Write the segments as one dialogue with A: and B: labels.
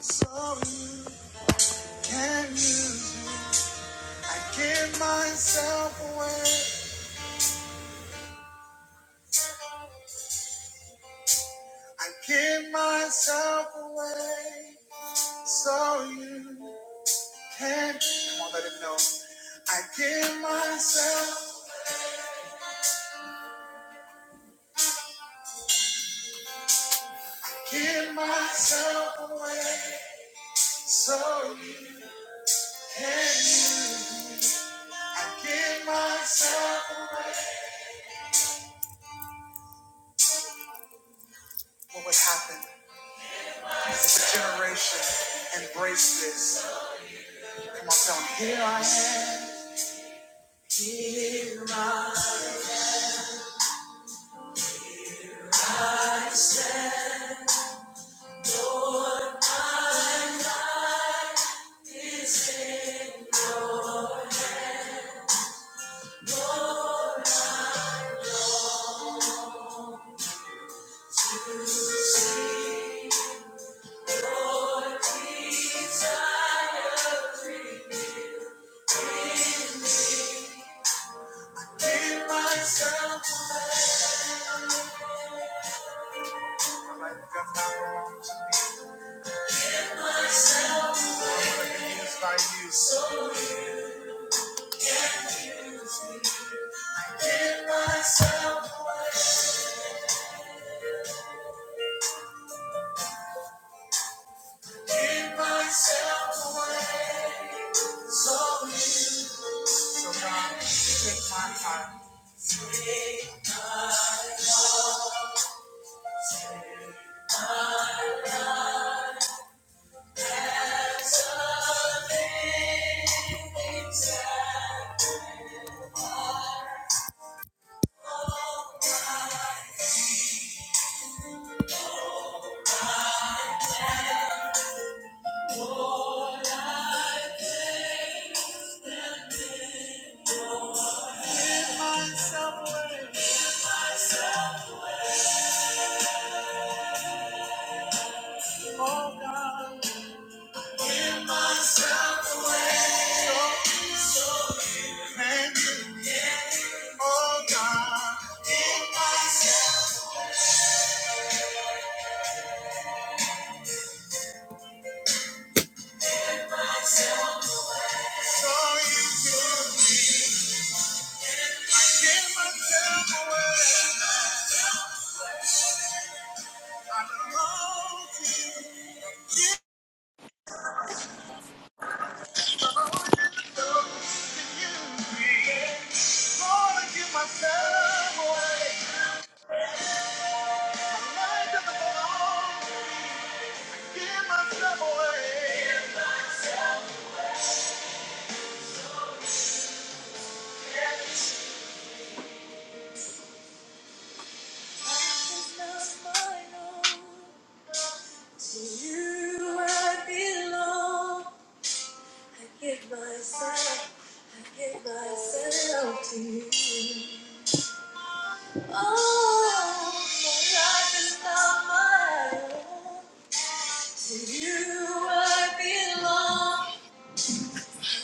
A: So you can use you. I give myself away. I give myself away. So you can. Come on, let it know. I give myself, give myself away. So you can use. I give myself away. What would happen if this generation embraced this? Come on, tell me. Here I am. Give myself away. My life you. So give myself away, give myself away. Lord, So God, take my heart. Give myself away, oh God. Give myself away. So, so thank you, oh God. Give myself so you can. I give myself away. I belong to you. So can you be? Lord, I give myself away. My life doesn't belong to me. Give myself away. Life is not mine own. To you I belong. I give myself. I give myself to you. Oh, my life is not mine own. To you I belong.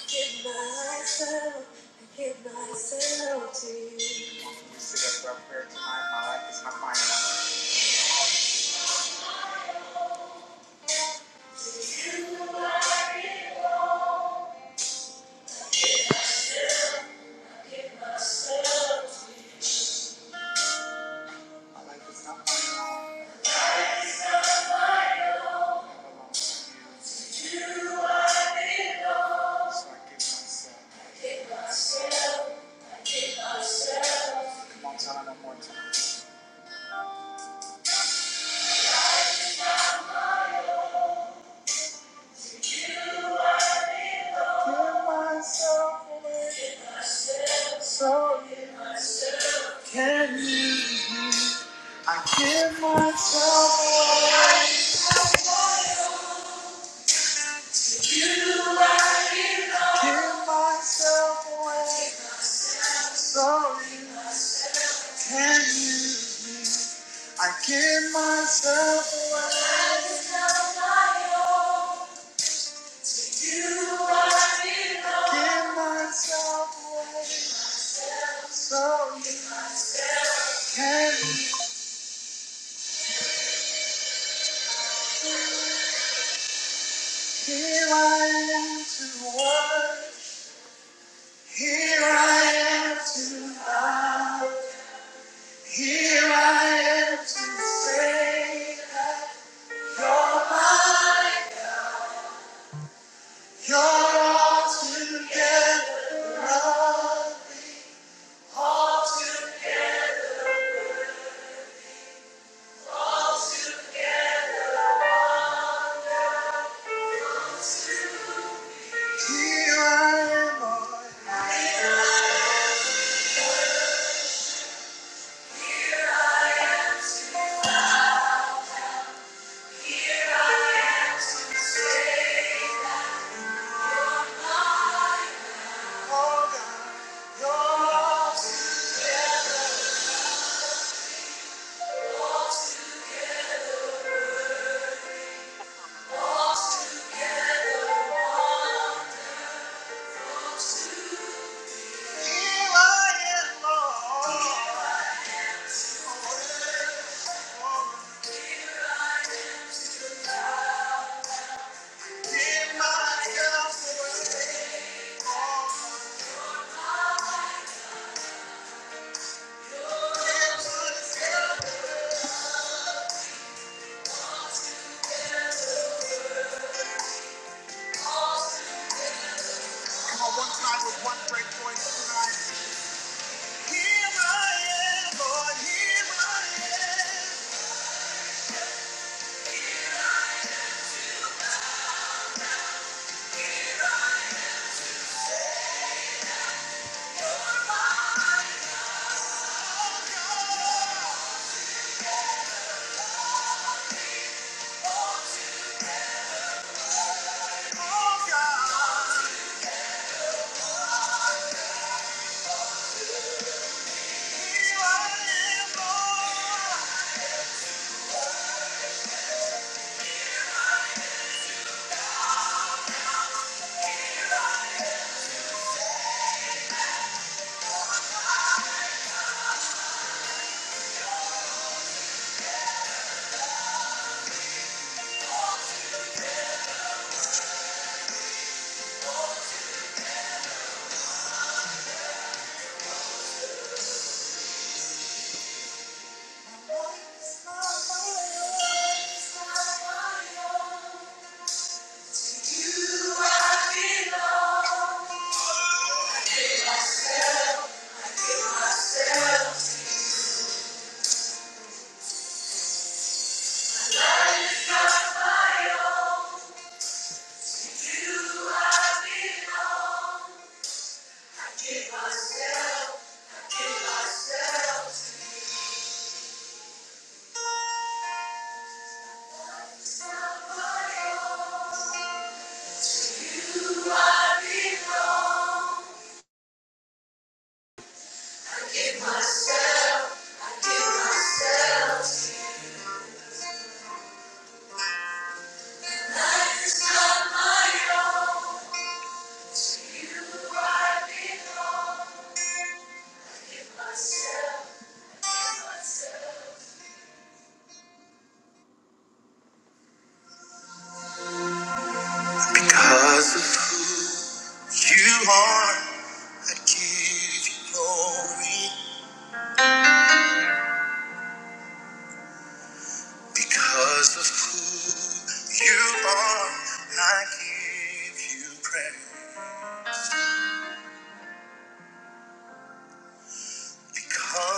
A: Give myself, I give myself to you. This is a rough prayer tonight. My life is not my own. My life is not my own. It belongs to you. So I give myself. Come on, tell me one more time. Give myself away so you can use me. I give myself away. Give myself away so you can use me. I give myself away. Give myself away so you can. be Here I am to work. Here I am to love. Here I am to say, You're mine. You're all together. Love all together. Here I am, Lord. Oh God. You're all together. Here I am, Lord. You are belong. I feel myself. not my own. Because of you are I give me because of who you are you pray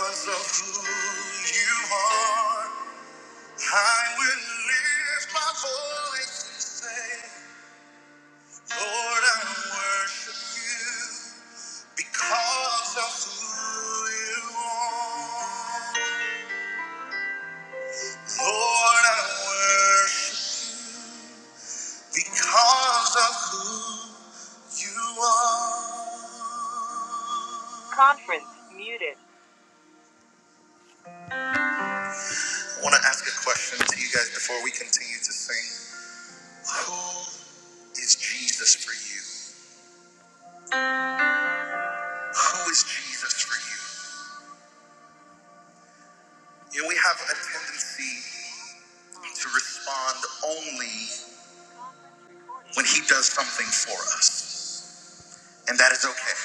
A: because of who you are I will lift my voice and say, Lord, I worship you. Because of who you are, Lord, I worship. Because of who you are. I want to ask a question to you guys before we continue to sing. Who is Jesus for you? Who is Jesus for you? You know, we have a tendency. to respond only when He does something for us. And that is okay.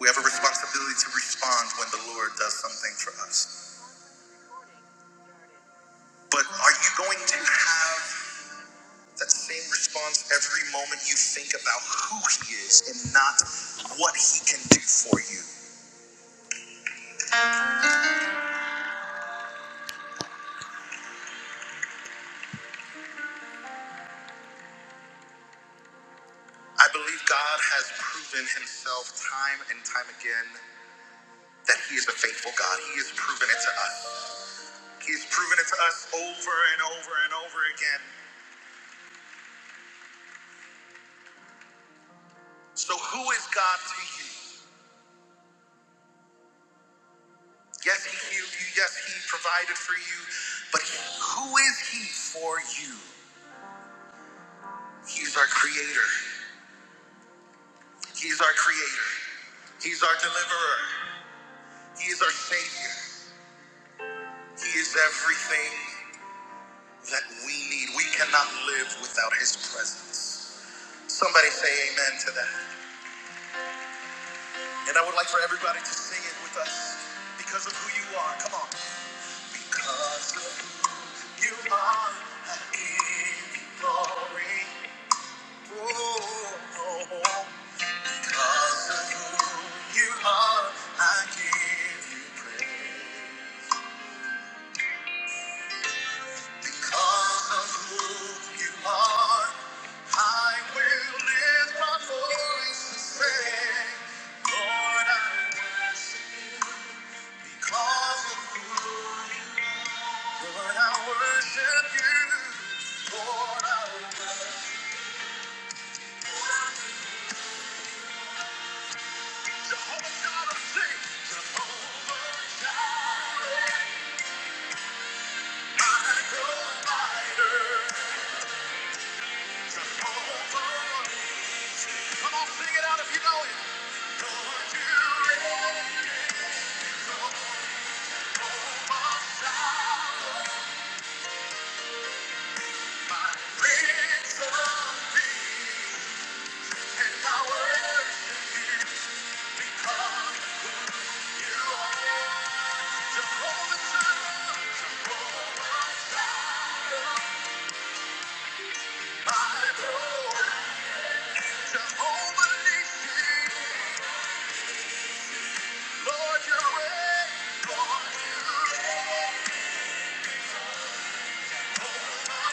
A: We have a responsibility to respond when the Lord does something for us. But are you going to have that same response every moment you think about who He is and not what He can do for you? I believe God has proven Himself time and time again that He is a faithful God. He has proven it to us. He's proven it to us over and over and over again. So, who is God to you? Yes, He healed you. Yes, He provided for you. But who is He for you? He's our Creator. He's our Creator. He's our Deliverer. He is our Savior. He is everything that we need. We cannot live without His presence. Somebody say amen to that. And I would like for everybody to sing it with us because of who you are. Come on. Because of who you are, I give you glory. Because of who you are, I give you praise. Because of who you are, I will lift my voice and say, Lord, I worship Because of who you are, Lord, I worship you. Lord, I worship Jehovah God, I sing. Jehovah God, my provider. Come on, sing it out if you know it. Lord, you reign, my Prince of Peace, and I worship you. Come, you are Jehovah Jireh, Jehovah Jireh, my Lord, Jehovah Nissi. Lord, you reign, Lord, you reign, my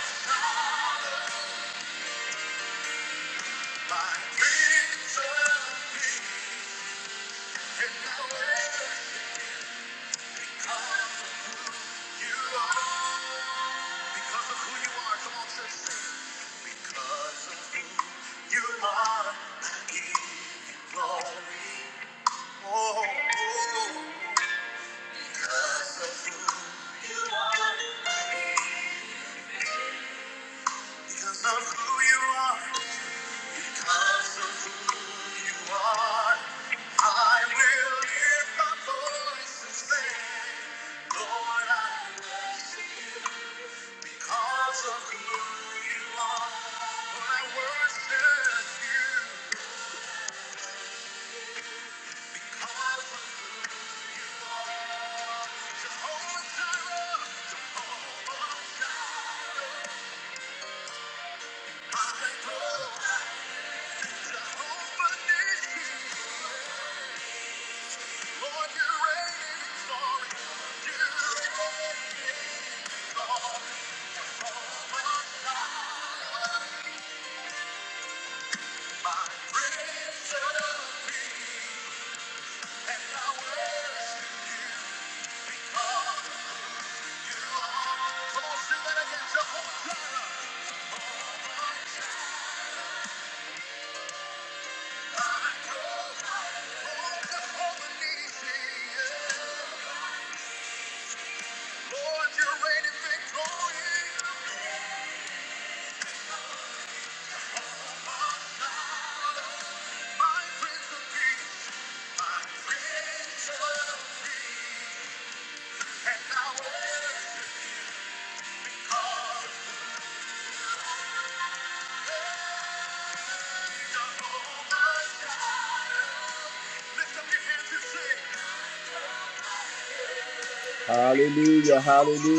A: Because of who you are. Because of who you are, I will lift my voice and say, Lord, I worship you. Because of who you are, Lord, I worship you. Because of oh, Jireh, I know over this Lord, you're reigning You're reigning sorry. My God, raise Hallelujah, hallelujah.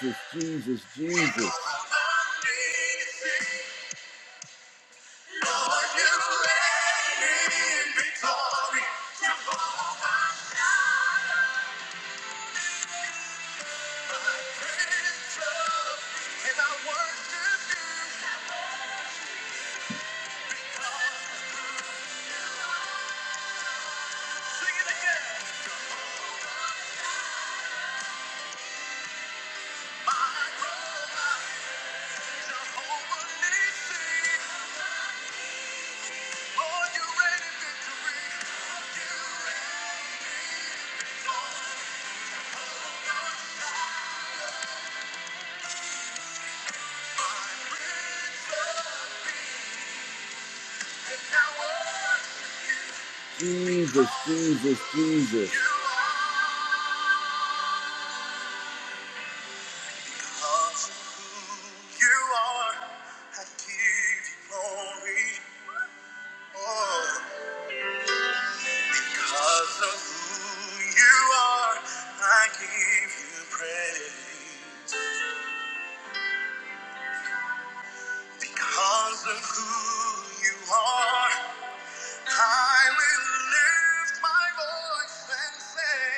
A: Jesus, Jesus, Jesus. Jesus, Jesus, Jesus. Because of who you are, I give you glory. Oh, because of who you are, I give you praise. Because of who you are, I will lift my voice and say,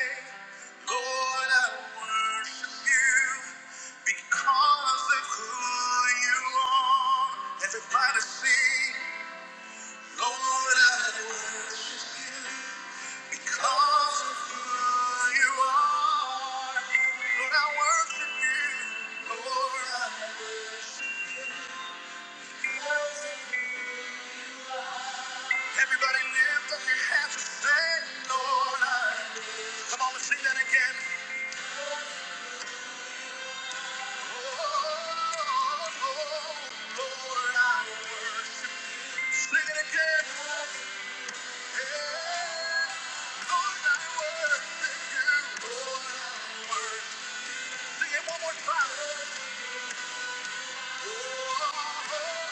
A: Lord, I worship you because of who you are. Everybody sing. Lord, I worship you because of who you are. Lord, I worship you. Lord, Everybody lift up your hands and say, Lord, Come on, let sing that again. Oh, Lord, I worship Sing it again. Yeah. Lord, I worship you. Lord, I worship Sing it one more time. Oh, Lord, I worship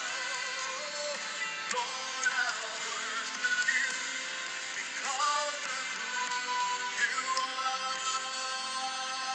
A: you because of who you are.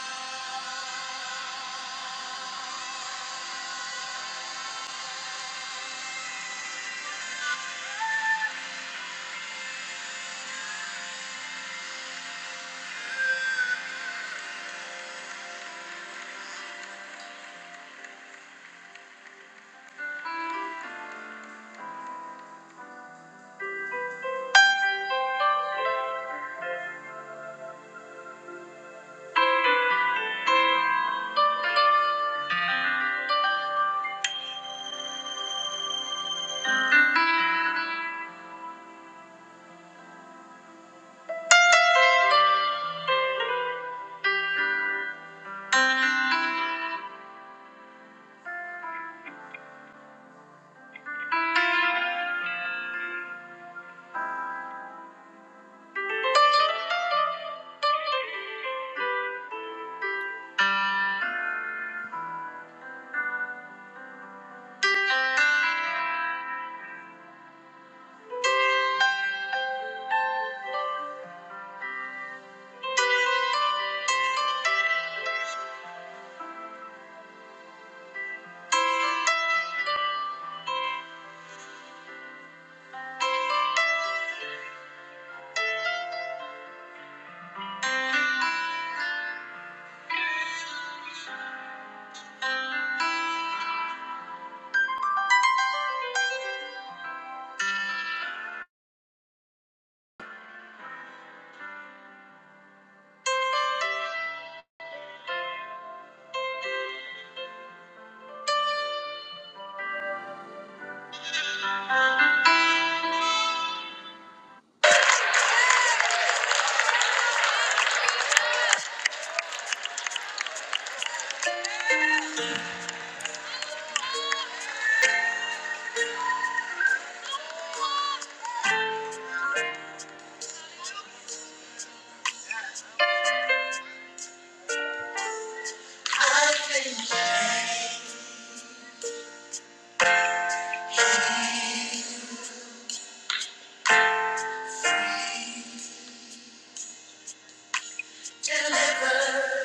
A: Deliver,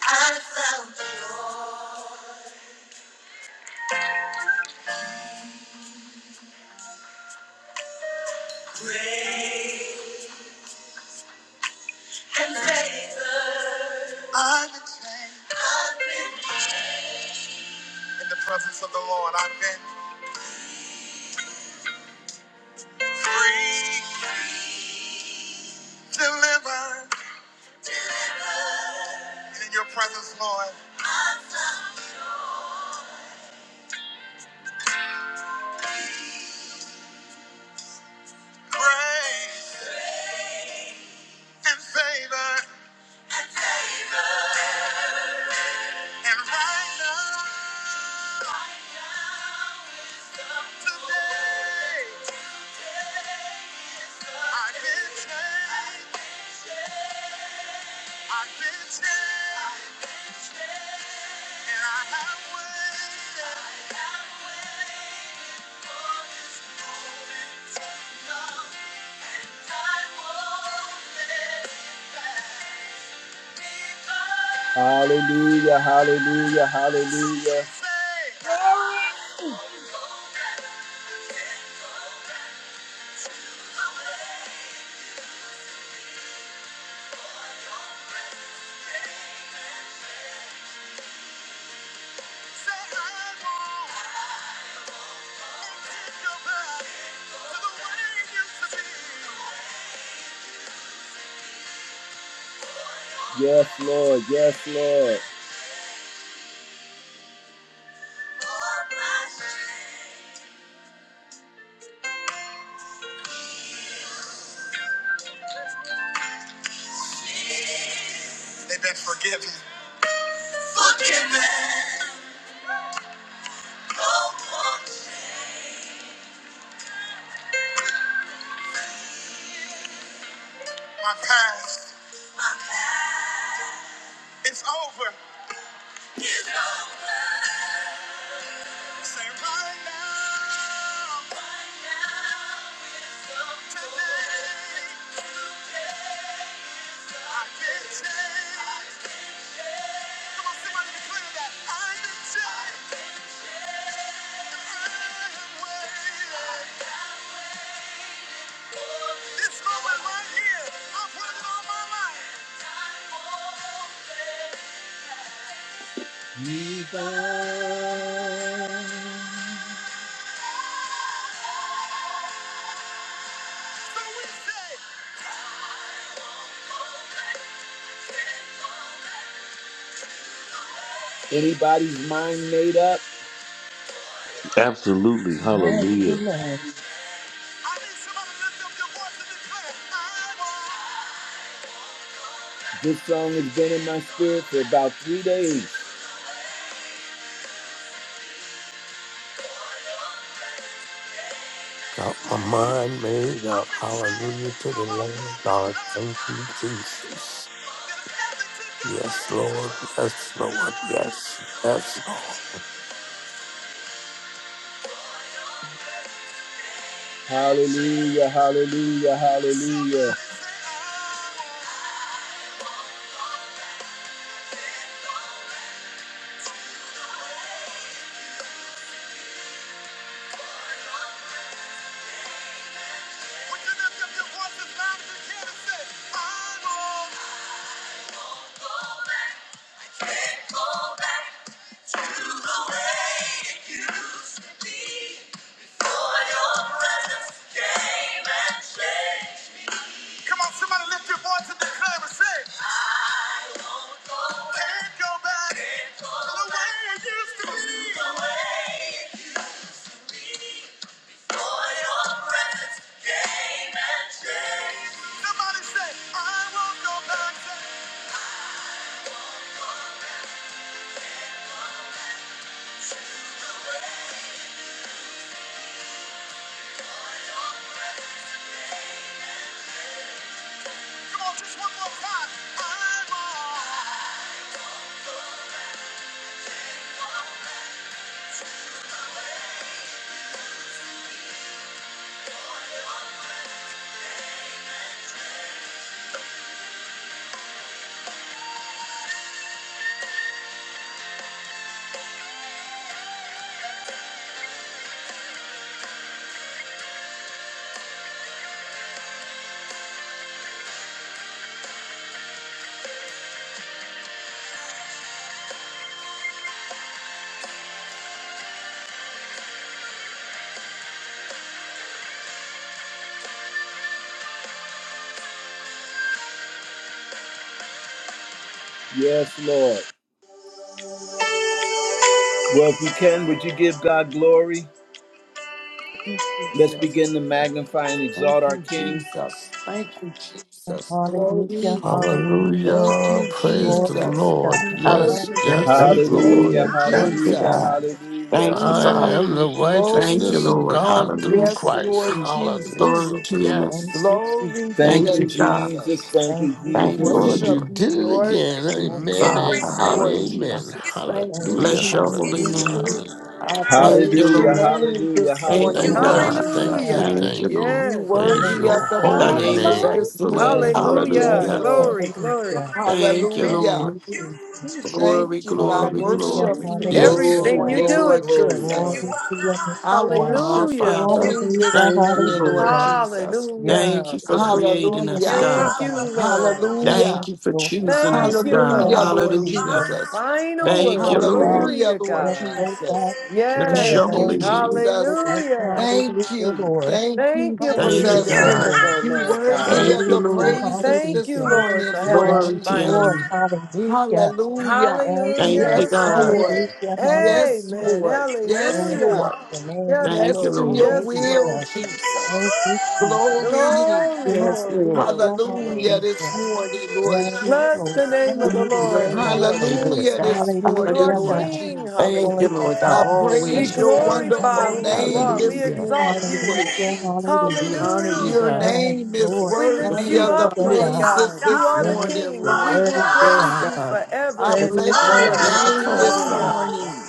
A: I found the Lord, and favor I've been. In the presence of the Lord, I've been delivered. And in your presence, Lord, grace and favor. And right now, today, I've been changed. Hallelujah, hallelujah, hallelujah.
B: Glory.
A: Yes, Lord, yes, Lord. They've been forgiven. My past, it's over. Say right now, today, I've been changed. Come on, somebody declare that. I've been changed. I am way. This moment right here, I put it on my life. Jesus. Anybody's mind made up?
C: Absolutely. Hallelujah.
D: Hallelujah,
A: This song has been in my spirit for about three days.
E: Got my mind made up. Hallelujah to the Lamb. God, thank you, Jesus. Yes, Lord. Yes, Lord. Yes, yes, Lord.
A: Hallelujah, hallelujah, hallelujah. Go back to the way it used to be before your presence came and changed. Come on, somebody lift your voice and declare and say, I won't go back. Can't go back Can't go to the way it used to be. The way it used to be before your presence came and changed. Somebody say, I won't go back. Come on, just one more time. I won't. Yes, Lord. Well, if you can, would you give God glory?
F: Thank you,
A: Let's
F: Jesus.
A: begin to magnify and
F: Thank
A: exalt our
F: you,
A: King.
F: Jesus. Thank you, Jesus.
D: hallelujah,
F: Glory.
D: hallelujah.
F: Thank
E: Hallelujah.
F: you,
E: Praise the
D: Glory to
F: Jesus.
E: Lord.
D: God.
F: You
G: Hallelujah.
E: Yes,
F: worthy.
D: Hallelujah.
E: yes,
G: Thank you,
F: Thank
E: Lord.
A: Hallelujah,
F: you,
G: Lord.
D: Thank
G: Thank you,
D: you,
A: hallelujah,
F: Jesus.
G: God.
D: Jesus.
A: hallelujah.
G: Thank you,
E: I
G: Father.
E: am the
F: Mm,
G: Thank you,
E: righteousness of
F: glory.
G: Lord.
E: God through
F: Yes,
G: Hallelujah.
E: Christ.
F: Lord
D: Jesus.
F: Jesus.
G: Glory
E: Hallelujah.
G: to your name.
D: Thank
E: Yes.
D: you, Jesus.
F: Glory be
A: Thank
G: Thank
F: to
G: you,
A: you,
G: God.
A: Jesus.
F: Jesus.
A: Thank
D: Thank
A: you,
D: you,
F: We
G: Thank
D: Jesus.
A: Jesus.
G: you,
E: Lord,
F: worship
E: you
G: Lord.
E: did
F: you,
E: it
F: Lord.
E: again.
G: Thank
D: Thank
G: you,
D: you,
E: Amen,
G: Father.
F: Yes,
E: amen,
F: Lord
G: Hallelujah.
E: amen.
F: Jesus. Thank
D: thank
F: you,
D: you,
E: Hallelujah,
G: Bless your
D: Jesus.
G: holy
F: Jesus.
E: hallelujah,
G: name.
E: hallelujah.
F: I
D: Thank
G: Thank
D: you,
G: you,
F: praise your
A: Hallelujah,
G: Lord.
D: Jesus.
F: name
A: hallelujah,
F: this
G: Thank
F: morning,
G: you,
E: Thank
A: hallelujah.
F: Lord
E: you,
G: God.
D: Hallelujah,
E: thank
F: Jesus.
E: you,
D: God.
H: Hallelujah.
G: Thank you,
E: thank you.
G: Lord.
F: You
H: Yes.
E: Praise
F: worthy
E: your
F: of the
D: Hallelujah,
G: Thy
D: God.
H: God
E: holy
G: name is
F: praises
H: alone.
E: name.
F: this
G: excellent.
F: morning,
A: Yes,
D: Yes,
F: Lord
A: Lord.
H: Hallelujah.
A: Yes,
D: Lord,
G: Hallelujah.
F: Jesus.
A: Lord.
H: Glory, glory.
D: hallelujah.
G: Thank you,
D: Thank
H: Thank
F: Hallelujah.
G: Lord.
D: you, Jesus.
H: you,
F: Thank
G: Glory,
H: Jesus.
F: you. I
G: glory,
D: Hallelujah,
F: worship
G: glory.
F: you
E: Yes.
F: this
D: hallelujah,
A: Glory,
H: Everything
D: God.
H: you
F: morning,
H: do
A: glory,
F: Lord
H: is
A: glory.
H: good,
D: Glory
F: Jesus.
H: glory.
D: to your name,
F: I
D: God.
G: Our
F: worship your
H: Hallelujah.
G: Father.
F: name this
D: Hallelujah,
G: Thank you,
F: morning, Lord
G: Lord.
D: hallelujah.
F: Jesus.
D: Yes,
G: Thank
H: Hallelujah.
G: you for
D: Lord.
G: creating us,
D: Hallelujah,
F: Hallelujah.
G: God.
H: Thank you,
D: God.
H: Lord.
G: Thank
D: Yes,
F: Hallelujah.
G: you for
D: Lord.
G: choosing
H: Thank
G: us,
H: you,
G: God.
D: Hallelujah,
F: Hallelujah,
H: Lord.
F: Lord
A: You
G: Hallelujah.
H: The
D: hallelujah.
A: have
F: Jesus.
H: final
D: Going
G: Thank
A: the
G: you,
H: word.
D: so fast,
G: Lord.
H: Glory
F: Hallelujah,
H: to
F: Lord
D: went
H: God.
D: so
F: Jesus.
D: fast to
G: Bless
D: the
G: your
H: Yes.
D: way
F: Thank you,
G: holy
D: you used
G: name.
D: to
F: Jesus.
D: be.
H: Hallelujah.
F: Thank
D: Hallelujah,
F: you.
D: Lord.
F: Thank you,
H: Thank you for
G: Thank you,
H: being
F: Jesus.
D: Hallelujah,
G: God.
D: Lord.
H: dependable,
F: You
H: Lord God.
F: worthy
G: Thank
F: of
G: you,
A: final
F: the
D: Hallelujah,
G: Lord.
A: word.
F: praises
H: Thank you,
F: this
D: hallelujah.
H: Lord,
F: morning,
A: Final
H: for
F: Lord
H: having
A: word.
D: Yes,
H: the
G: Glory to your
D: Lord.
F: Jesus.
G: name.
H: finals.
A: Final
D: Hallelujah.
A: word. Your word
F: Hallelujah.
D: Yes,
A: is
G: Thank
A: set
D: Lord.
G: you,
H: Hallelujah.
F: Yes,
A: right
G: God.
D: Hallelujah,
F: Lord.
A: there.
D: hallelujah.
F: Yes,
H: Amen.
F: Lord. Yes,
D: Oh,
H: Hallelujah.
D: bless
A: Dependable.
F: Lord.
D: the name,
H: Yes,
D: God.
G: Thank
F: Yes
G: you,
F: to
H: Lord.
G: Lord.
F: your
H: Yes,
A: Oh,
F: will,
H: Lord.
D: Hallelujah.
F: Jesus.
D: Thank you, Jesus.
A: na, na, na,
F: Glory.
A: na.
H: Glory,
A: na.
G: Yes,
H: glory,
G: Lord.
H: glory,
D: Hallelujah,
H: glory.
F: Hallelujah
D: hallelujah.
F: this morning,
D: Yes,
F: Lord
H: Bless
D: Lord.
H: the
F: Jesus.
H: name of the Lord,
D: Hallelujah,
H: for
G: Amen.
H: you
D: God.
H: are
G: Amen.
H: good.
F: Hallelujah
G: God.
F: this
D: Hallelujah,
H: You
F: morning,
H: are
G: Hallelujah.
F: Lord
D: God.
H: King.
F: Jesus.
G: Thank you,
D: Always
G: Lord
H: Hallelujah.
G: God.
F: I
D: returning,
H: We
F: praise
D: always
G: Always,
F: your
G: God.
H: glorify
F: wonderful
A: Everything
H: who you
D: hallelujah.
F: name
H: are. We
F: this
G: Hallelujah.
H: exalt
F: morning, Lord
H: you.
D: Hallelujah,
F: Jesus.
G: We
D: hallelujah.
G: honor you,
F: Your
H: Hallelujah.
G: God,
D: Yes,
F: name is
D: Lord.
H: We
G: with the
H: lift
F: worthy
H: you
G: fruit
F: of
G: of
F: the
H: up,
G: our
D: Hallelujah,
A: you
H: Lord
D: God.
G: lips.
A: are
F: praises
H: God. You
F: this
H: are the
D: Yes,
F: morning,
H: King,
D: you're
H: and we
F: Lord
H: will
D: worthy,
G: Yes,
H: praise
D: God.
A: done,
F: Jesus.
H: you
G: God.
H: forever
F: I
G: With
H: and
G: our
D: Worthy,
F: bless
G: walk
F: your
D: God.
H: ever.
G: and our
F: name
G: talk,
F: this
D: Yes,
G: God.
H: Hallelujah.
D: God.
F: morning.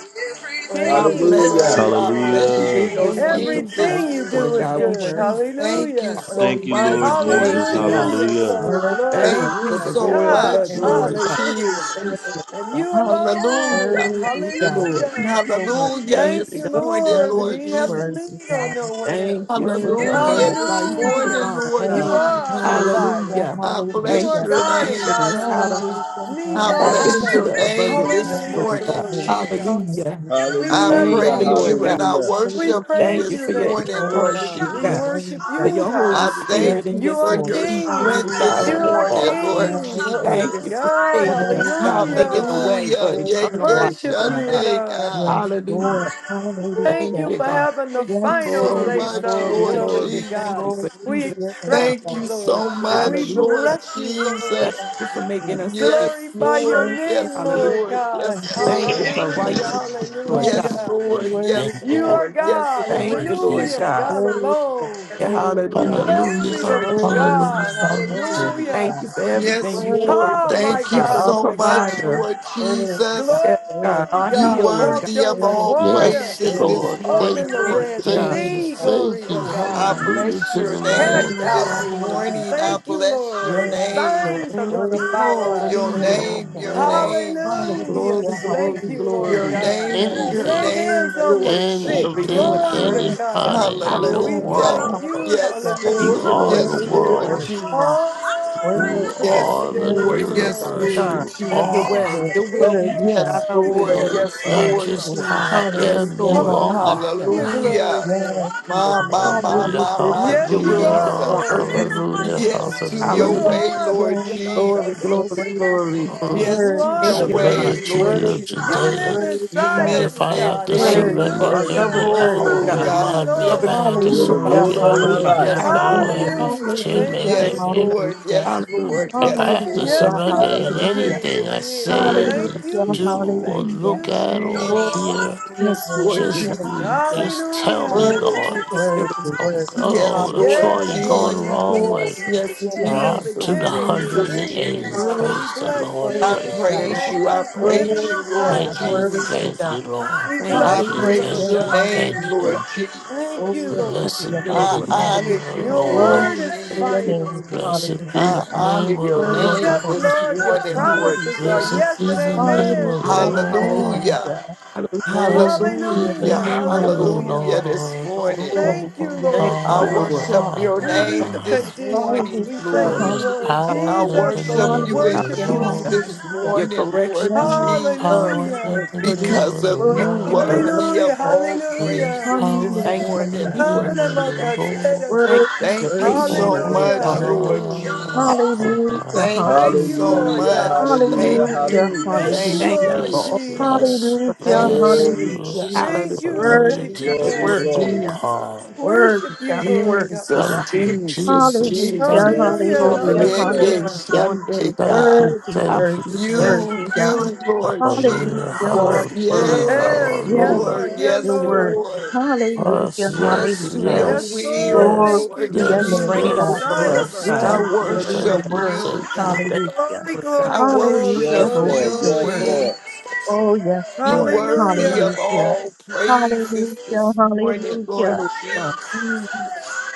D: Worthy,
F: I
H: King,
F: bless
H: glory,
F: you.
D: worthy.
F: I
H: glory.
G: We
F: bless you,
C: Hallelujah.
G: live
F: your
D: So
G: this
D: worthy,
G: kingdom
F: name
D: God.
F: this
H: Everything
G: life,
H: you do
G: Lord
H: is
F: morning.
G: God.
D: So
G: We
H: good.
D: worthy,
G: choose to thank
F: Thank you
H: Hallelujah.
F: so
C: Thank you,
D: worthy,
C: Lord
F: much,
D: worthy.
F: Lord
G: thank
C: Jesus.
G: you, God.
H: Hallelujah.
C: Hallelujah.
F: Jesus.
H: Glory,
D: Worthy,
G: Thank
H: glory.
G: you
D: worthy,
F: Thank you
H: You
G: for the
H: are
F: so
G: royal
H: God.
F: much,
D: worthy,
G: bloodline,
F: Lord
G: God.
H: Hallelujah.
G: Thank
F: Jesus.
G: you,
D: worthy,
H: And
D: God.
H: you alone.
F: Hallelujah.
D: Worthy,
G: Dear
D: God.
G: Lord.
D: You're
H: Hallelujah.
D: so worthy.
F: Hallelujah
G: Thank
H: Thank
G: you,
F: this
H: you,
G: God.
F: morning,
H: Lord. We
D: Worthy,
F: Lord
H: didn't have to
D: worthy
H: lean
F: Jesus.
H: on
D: God,
H: no one
G: Thank
H: else.
G: you for
D: worthy,
G: the
F: Hallelujah
D: worthy,
G: abundant
F: this
G: life you
H: Hallelujah.
F: morning,
G: provide,
F: Lord
H: You
G: God.
D: worthy,
H: are our
F: Jesus.
D: hallelujah,
H: provider.
G: Hallelujah.
F: I
H: You
G: Thank
F: bless
H: are
G: you
D: hallelujah,
G: for
F: your
H: God and
G: teaching
F: name.
H: God
G: us how to
H: alone.
D: hallelujah,
H: Need
F: I
H: no
G: tap
F: bless
D: hallelujah,
G: into
H: other.
F: your
G: the
F: name
G: abundant life,
F: this
D: yes,
H: Hallelujah.
G: Lord God.
F: morning,
H: Glory
D: Lord,
H: to God.
F: Jesus.
G: Hallelujah.
D: hallelujah,
H: We
F: I
H: bless
A: Hallelujah,
G: Thank
H: you,
G: you,
F: praise
G: Lord
F: you
H: Lord.
G: God.
F: and
D: hallelujah,
F: I
A: hallelujah.
H: We
F: worship you
D: hallelujah,
G: Thank
H: praise
G: you
H: your
G: for
F: this
G: your
H: name,
F: morning,
H: Lord
D: glory
F: Lord
H: God.
G: instruction,
D: to
H: We
G: God.
D: your
F: Jesus.
H: worship
D: name,
G: for
H: you,
G: your
D: God,
G: Holy
F: I
H: hallelujah.
F: thank
G: Spirit and
D: yes,
F: you
G: your
H: You
F: for
H: are
G: Son
D: Lord,
F: your
A: You are
H: King.
G: Jesus who
F: strength
D: hallelujah,
G: died
F: this
A: God
H: You
G: on
D: yes,
G: the
H: are
F: morning,
A: alone.
G: cross.
A: You
F: Lord
H: King.
A: are the
H: Glory
D: Lord,
G: Thank
H: to
G: you
F: Jesus.
G: for
H: God.
G: saving
A: final
G: us,
D: worthy,
G: God,
D: God,
G: making
A: word.
G: a
H: Hallelujah.
G: way
A: Final,
F: Hallelujah.
G: for
D: worthy,
G: eternal
A: word.
F: Yeke
G: life,
D: worthy,
H: Worship
G: Lord
D: God,
H: you,
G: God.
A: final
F: Sunday,
H: Lord.
F: God.
D: yes,
G: Hallelujah.
D: Lord,
A: final
D: hallelujah,
A: word.
H: Thank
G: Thank
D: yes,
H: you
G: you,
H: for
A: I'm
G: God.
H: having the
F: Thank you
H: final
F: so
D: Lord,
H: say
G: Glory,
D: yes,
F: much,
H: so.
G: glory,
D: Lord.
F: Lord
H: Glory to
G: glory. Thank
H: God.
G: you
D: Glory
G: for
F: Jesus.
D: to
G: using
H: We
D: your
G: us,
D: name,
G: God.
H: trust
F: Thank
D: God.
H: you,
F: you
H: Lord.
F: so
D: Hallelujah.
H: We
F: much,
G: Hallelujah.
D: God.
F: Lord
H: bless
A: the
H: you,
G: Thank
H: Lord.
F: Jesus.
A: final
D: Thank
A: word.
G: you for
D: you,
G: making us in
D: Jesus.
G: your
F: Yes,
H: Glorify
G: image.
H: your
F: Lord.
D: Thank you,
A: Final,
H: name,
F: Yes,
D: Jesus.
G: Hallelujah.
H: Lord
F: Lord.
A: final,
H: God.
F: Yes,
D: Thank you,
G: Thank
F: Lord.
G: you
D: thank
G: for
D: you,
H: Hallelujah.
D: Lord.
A: final
G: righteousness,
A: word.
G: Lord God.
D: Hallelujah.
F: Yes,
H: Hallelujah.
F: Lord.
E: Hallelujah.
D: Worthy
E: Thank
F: Yes,
E: you,
H: You
E: Father.
D: God.
H: are
F: Lord.
D: Worthy
F: Yes,
H: God.
E: Thank
D: God.
G: Thank
E: you,
F: Lord.
G: you,
F: Jesus.
G: Lord
E: Jesus.
H: Hallelujah.
G: God.
H: God
D: Worthy God.
H: alone.
G: Yeah,
F: Yes,
D: Worthy
F: Lord.
G: hallelujah.
D: God.
F: Yes,
A: You
E: Hallelujah,
H: Glory to
F: Lord.
A: have the
D: Worthy
E: hallelujah,
H: God.
F: Jesus.
A: final
E: hallelujah.
H: Hallelujah.
G: Thank
A: word.
G: you
D: God.
G: for everything
F: Yes,
G: you
D: Worthy
G: provide,
F: Lord.
D: God.
H: Oh,
G: Lord
H: my
F: Thank you
G: God.
D: Worthy
A: Final,
H: God,
G: Our
F: so
H: my
D: God.
F: much,
H: God.
G: provider.
A: final
F: Lord
D: Worthy God.
A: final
D: Worthy God.
F: Jesus.
A: word.
G: Yes, God,
D: Worthy
H: Glory,
G: our
A: Word
F: You
H: God.
G: healer. God,
H: Walked
F: worthy
H: on
F: of
D: God.
H: the
D: Worthy
F: all
D: God.
G: thank
H: water.
A: is
G: you,
E: Yes,
F: praises
D: Worthy
G: Lord.
A: the
F: this
E: Lord,
D: God.
F: morning,
H: Open
E: thank
H: the
G: Thank
E: you,
F: Lord
A: God.
G: you,
H: Red
G: God.
E: thank
D: Worthy
E: you,
H: Sea.
F: Jesus.
D: God.
A: You're
H: Glory
E: thank
A: the
E: you.
H: to
D: Worthy
F: I
D: God.
H: God.
E: Hallelujah
F: bless
A: ruler
E: to
F: your
E: the Lamb
G: Thank,
E: of
F: name
H: Cast
D: Hallelujah,
H: out
F: this
E: God.
H: demons.
F: morning. I
D: hallelujah.
H: Thank you,
F: bless
H: Lord.
F: your
H: The
D: Yes, Lord,
F: name.
H: signs are
G: thank
H: going
G: you.
H: to
G: God.
D: worthy
H: follow
D: God,
F: Oh, your
H: us.
E: You
D: worthy
G: Hallelujah.
E: are
F: name,
D: God.
F: your
E: more,
F: name,
D: Hallelujah,
E: more,
H: Hallelujah.
G: Glory,
F: Jesus.
E: more
H: Thank
G: glory,
H: you,
D: hallelujah.
H: Lord
F: Your
G: glory.
E: than
H: God.
F: name,
D: Yes,
F: your
H: Lay
E: anything,
D: Lord,
F: name,
H: hands on the
D: worthy
F: Lord
D: God,
G: For
H: sick.
G: renewing
E: anything,
F: Jesus.
H: Glory to
D: worthy
G: our God.
D: God.
E: anybody
H: God.
E: in the
H: We
D: Hallelujah,
G: Hallelujah.
F: Hallelujah.
H: thank
E: world.
H: you.
D: hallelujah.
F: Yes,
A: of my
G: Thank
E: You
G: you,
F: Lord.
H: Hallelujah.
E: are
G: Lord
E: the
A: heart.
F: Yes,
D: Worthy,
F: Lord
E: world.
D: worthy God,
F: Jesus.
A: I'm
H: Oh,
E: You
D: worthy
H: bless
D: God,
A: surrendering.
F: Yes,
H: the
E: are the
A: I'm
H: name
F: Lord.
H: of
D: worthy
H: the
F: Yes,
D: God.
E: universe.
H: Lord.
A: surrendering.
G: God.
F: Lord
E: You
A: The
G: Have your
D: Yes,
G: way.
F: Jesus.
E: are.
A: healing
D: Lord,
G: Your will
A: is
G: be done,
D: worthy
A: here.
G: not
D: God.
F: Yes,
G: our
H: Glory,
A: You
F: Lord.
G: will.
H: glory,
E: You're
F: Yes,
E: not
H: glory,
D: Yes,
A: live
F: Lord
E: just
H: glory.
D: Lord.
E: I
A: inside.
F: Jesus.
G: Yes,
E: am,
D: Hallelujah,
E: you
G: Lord.
E: are.
D: hallelujah.
H: Hallelujah,
A: You're
H: glory,
F: Hallelujah.
D: Yes,
H: glory.
D: Lord.
F: My, my, my,
E: Hallelujah,
D: Hallelujah,
F: my,
D: Jesus,
F: my
H: Yes,
G: Your
H: you
G: will be
H: are
G: done on
E: hallelujah,
F: Jesus.
G: earth
H: glory.
G: as it
D: Jesus,
G: is in
E: hallelujah,
G: heaven.
F: Yes
D: Jesus.
F: to
H: You
F: your
E: hallelujah.
G: Hallelujah.
F: way,
H: are the,
F: Lord
H: the-
D: Yes,
H: my
G: Glory,
D: Lord, your
H: salvation.
G: glory,
F: Jesus.
D: word
G: glory.
F: Yes
H: You
D: word
F: to
D: is
E: Mm,
H: are
F: your
G: Thank
H: the
D: so
G: you, God.
E: Surrender
F: way,
H: beginning
E: to
H: and
D: worthy,
F: Lord
H: end.
D: God,
E: you
D: worthy,
H: You
D: God,
F: Jesus.
E: today.
H: live
D: worthy,
H: inside
D: God,
H: of
E: If
H: me,
F: Miss
E: I
F: it,
E: have
H: God.
E: to
G: Thank
F: babe.
D: worthy,
G: you for
E: surrender
G: our
D: worthy,
G: government,
E: every
H: Hallelujah.
D: worthy,
G: Lord
E: hour,
F: Oh
H: Thank
G: God.
D: worthy.
H: you,
F: God,
E: remind me. If I
G: Government
F: yes,
H: Lord.
E: have to
G: you
A: the
F: Lord,
G: provide,
D: Hallelujah,
E: surrender
F: yes,
A: ruler of
G: Lord
A: my
E: every
F: Lord,
G: God.
A: life.
F: yes,
E: half
D: hallelujah,
E: hour,
F: Lord,
G: Hallelujah.
D: hallelujah,
E: every
H: Hallelujah.
E: 10
H: Thank
D: hallelujah,
G: Thank
H: you.
F: yes,
G: you,
E: minutes,
F: Lord,
G: God.
F: yes,
G: Hallelujah.
F: Lord,
E: If I
F: yes,
D: hallelujah,
E: have to
F: Lord.
H: Yes, you
E: surrender
H: are the
E: in
D: hallelujah,
F: Mm,
H: beginning
E: anything
H: and the
E: I
H: end.
G: Thank
E: say,
H: Thank
D: hallelujah,
G: you.
E: do,
F: Jesus,
H: you.
E: or
H: Thank
D: hallelujah.
E: look
H: you,
E: at,
A: You're the
E: or
A: one
H: glory.
D: Glory
F: Jesus,
E: hear,
A: who
D: to your
A: brought
F: yes,
A: my
D: name,
F: Lord,
G: Thank you,
A: life.
E: just
G: God.
F: Jesus,
A: You're
D: hallelujah.
E: just tell me,
A: the
H: Hallelujah.
A: king
E: Lord.
D: Worthy,
G: Thank
F: Jesus.
G: you,
D: worthy,
G: Lord.
E: I'm,
D: worthy,
A: You're the king
F: Yes,
A: of
E: oh, Troy,
F: Lord
A: my
H: Yes,
D: hallelujah.
E: you're going
G: Lord,
E: the
H: Lord
G: Lord,
E: wrong
H: God.
E: way.
F: Jesus.
D: Glory to
F: Yes,
D: your
H: Your
E: Out
D: name,
E: to
F: Jesus,
E: the
H: beginning,
A: You're
H: the
D: hallelujah.
F: Jesus,
A: the
H: ending,
E: 180.
H: Lord.
D: Worthy,
F: Jesus.
H: We
E: Praise
A: inside
E: the
D: God,
A: of
H: bless
E: Lord.
H: you,
D: worthy,
F: I
E: Praise
H: Lord.
D: God.
E: the
G: yes,
F: praise
H: Thank
F: you.
E: Lord.
G: God.
F: I
H: you for
A: me. You
H: living
F: praise
D: Worthy
F: you,
A: have
H: inside
F: Lord
D: God,
H: of
E: Thank
A: the
E: you.
H: us.
D: worthy
E: Thank
A: final,
F: Jesus.
D: God.
E: you, Lord.
H: We
G: Thank
A: final,
G: you,
F: I
E: Thank
H: bless
G: God.
E: you.
H: you,
A: final,
F: praise
H: Lord
D: Hallelujah,
E: Thank
F: your
E: you.
H: God.
A: final,
F: name,
E: Thank
D: hallelujah.
F: Lord
E: you.
A: final
H: Thank
A: word.
F: Jesus.
H: you,
D: Glory
A: Your
H: Lord
G: Thank
D: to
E: Blessed
D: your
A: word
G: you,
E: be
D: name,
G: Lord.
H: Jesus.
A: is
F: I
E: the
D: God.
E: name
F: honor
E: of the
F: you,
G: Hallelujah.
H: Your
A: dead.
F: Lord
E: Lord.
H: word
D: Glory
A: You
H: is
D: to
G: Thank
D: your
F: Jesus.
A: have
G: you.
H: final,
D: name,
H: glory to
E: Blessed be
H: God.
F: I
D: hallelujah.
E: the
F: honor
E: name
F: your
E: of
G: Thank
D: Thank
G: you,
D: you,
H: Yes,
F: name
E: the
G: Lord.
E: Lord.
F: this
H: Lord,
A: the
D: Jesus.
H: your
A: final,
F: morning, Lord
H: promises are
D: Hallelujah,
E: Blessed
H: yes
E: be
H: and
F: Jesus.
E: the
G: Thank
E: name of
H: amen.
E: the
G: you.
D: hallelujah,
H: Thank you, Lord
A: final,
E: Lord.
F: Hallelujah.
A: final.
D: hallelujah.
H: God.
G: Hallelujah.
E: Blessed
D: Glory to
E: be
D: your
E: the
D: name,
F: Hallelujah.
H: Hallelujah,
G: Thank
E: name
G: you,
E: of the
G: Lord.
H: hallelujah.
F: Hallelujah
D: hallelujah.
F: this
E: Lord.
F: morning.
D: Glory
H: Thank
D: to
H: you,
E: on
D: your
G: Thank
H: Lord
D: name,
F: I
G: you,
D: God.
H: God.
G: Lord.
F: worship your
D: Hallelujah,
H: We
G: Thank
H: meet
F: name
H: the
E: high.
F: this
H: conditions.
F: morning,
H: We
D: hallelujah,
H: thank
E: There
G: you,
F: Lord.
H: you,
E: is
H: Lord
G: God.
D: hallelujah.
E: power
F: I
E: in
H: Jesus.
E: the
H: So
F: worship
H: we
E: name
F: you
E: of the
F: in
H: worship
D: Hallelujah,
H: you.
F: truth
G: Hallelujah.
E: Lord.
F: this
D: hallelujah.
G: Your
F: morning,
G: correction
F: Lord
D: Yes,
G: is
E: There is
D: yes,
F: Jesus,
G: love.
D: the
E: power in
H: Hallelujah.
D: word,
E: the
G: God. Hallelujah.
E: name
F: because
E: of the
F: of
G: Thank
F: you
G: you
D: worthy,
G: for
E: Lord.
D: worthy,
G: love.
F: worthy
H: Hallelujah.
F: of
D: worthy.
F: all
E: There is
H: Hallelujah.
F: praises this
E: power
D: Hallelujah.
G: Thank you
E: in
G: for
E: the
F: morning,
G: keeping us.
E: name
F: Lord
G: God.
E: of the
D: Hallelujah.
F: Jesus.
E: Lord.
G: Thank
H: Alemakasherako.
D: Worthy,
G: you for your
F: Thank you
D: worthy,
G: patience,
F: so
E: on
G: Lord
D: worthy,
H: Hallelujah.
G: God.
F: much,
D: worthy.
F: Lord
H: Hallelujah.
F: Jesus.
G: Hallelujah.
D: Hallelujah,
E: high.
F: Thank you
H: Thank you,
F: so
D: hallelujah.
H: Lord
A: Hallelujah,
F: much.
H: God.
A: hallelujah,
F: Thank
D: Hallelujah,
F: you.
A: hallelujah.
H: Thank
F: Thank
H: you,
E: Bless,
G: Thank
D: hallelujah.
G: you for
H: Lord
F: you.
E: bless,
G: always being.
H: Jesus.
E: bless,
G: first.
D: Hallelujah,
F: Thank
E: bless,
A: Glory,
F: you,
D: hallelujah.
E: bless.
H: Thank
F: Jesus.
G: Hallelujah.
H: you.
D: Worthy
E: Hallelujah
H: Thank
E: to
D: God,
H: you,
E: the
G: You're the
A: glory,
G: way
F: Jesus.
H: Daddy.
E: Lamb of
D: worthy
A: glory.
D: God,
F: Jesus.
E: God.
H: Worship
D: worthy God,
H: you,
G: God.
H: Lord
D: worthy
H: God.
F: Jesus,
D: God.
E: Thank you,
F: Jesus,
E: Jesus.
F: Jesus,
E: Thank,
D: Hallelujah,
A: Yes,
H: Hallelujah.
G: It's
A: Lord.
G: already
A: Yes,
D: hallelujah,
A: Lord.
F: Naked
G: what
H: Hallelujah.
G: you're
D: hallelujah.
G: going to do.
F: Sunday,
E: thank
F: God.
E: you,
D: Worthy,
E: thank you,
D: worthy,
E: thank
G: Hallelujah.
F: You,
D: worthy
E: you.
D: God.
F: you, Lord
E: Hallelujah,
D: Hallelujah,
G: You are
F: Jesus.
G: the
D: worthy God.
G: word,
E: hallelujah,
G: God.
F: Yes,
H: Hey,
G: We
H: yes,
D: Yes,
E: hallelujah.
H: Lord.
F: Lord.
D: Lord,
G: Thank
H: Yeah,
D: you're
F: Yes,
G: you.
H: Lord.
D: worthy.
F: Lord.
E: Yes,
D: Hallelujah,
G: Thank
F: Yes,
G: you,
E: yes,
F: to
D: hallelujah.
F: your
G: God.
H: Yes,
E: yes,
H: Lord.
F: will,
D: Glory
E: yes,
H: Thank
F: Lord
D: to
H: you
D: your
H: for
G: You
E: yes,
D: name,
H: living
G: reign
D: God.
E: yes,
G: over
F: Jesus.
H: inside of
G: us,
E: yes.
G: God.
F: I
D: Yes,
H: us.
E: Thank you,
D: Lord,
E: thank
D: the
G: Hallelujah.
F: worship
E: you,
D: word.
E: thank
F: you, God.
E: you.
G: Thank
D: Hallelujah.
G: you,
H: Glory,
G: Lord God.
F: I
H: glory, glory,
D: Hallelujah,
F: worship
A: Yes,
H: glory,
D: Lord,
A: Lord.
F: you,
D: the
A: Yes,
H: glory.
D: word.
G: Lord,
A: Lord.
F: Jesus.
D: Oh, yes,
F: You
D: Lord.
G: thank
F: worthy of
H: Hallelujah.
D: Hallelujah.
F: all praises
D: Hallelujah.
F: this morning,
G: you,
D: Hallelujah.
F: Lord
G: Lord God.
D: Mm,
F: Jesus.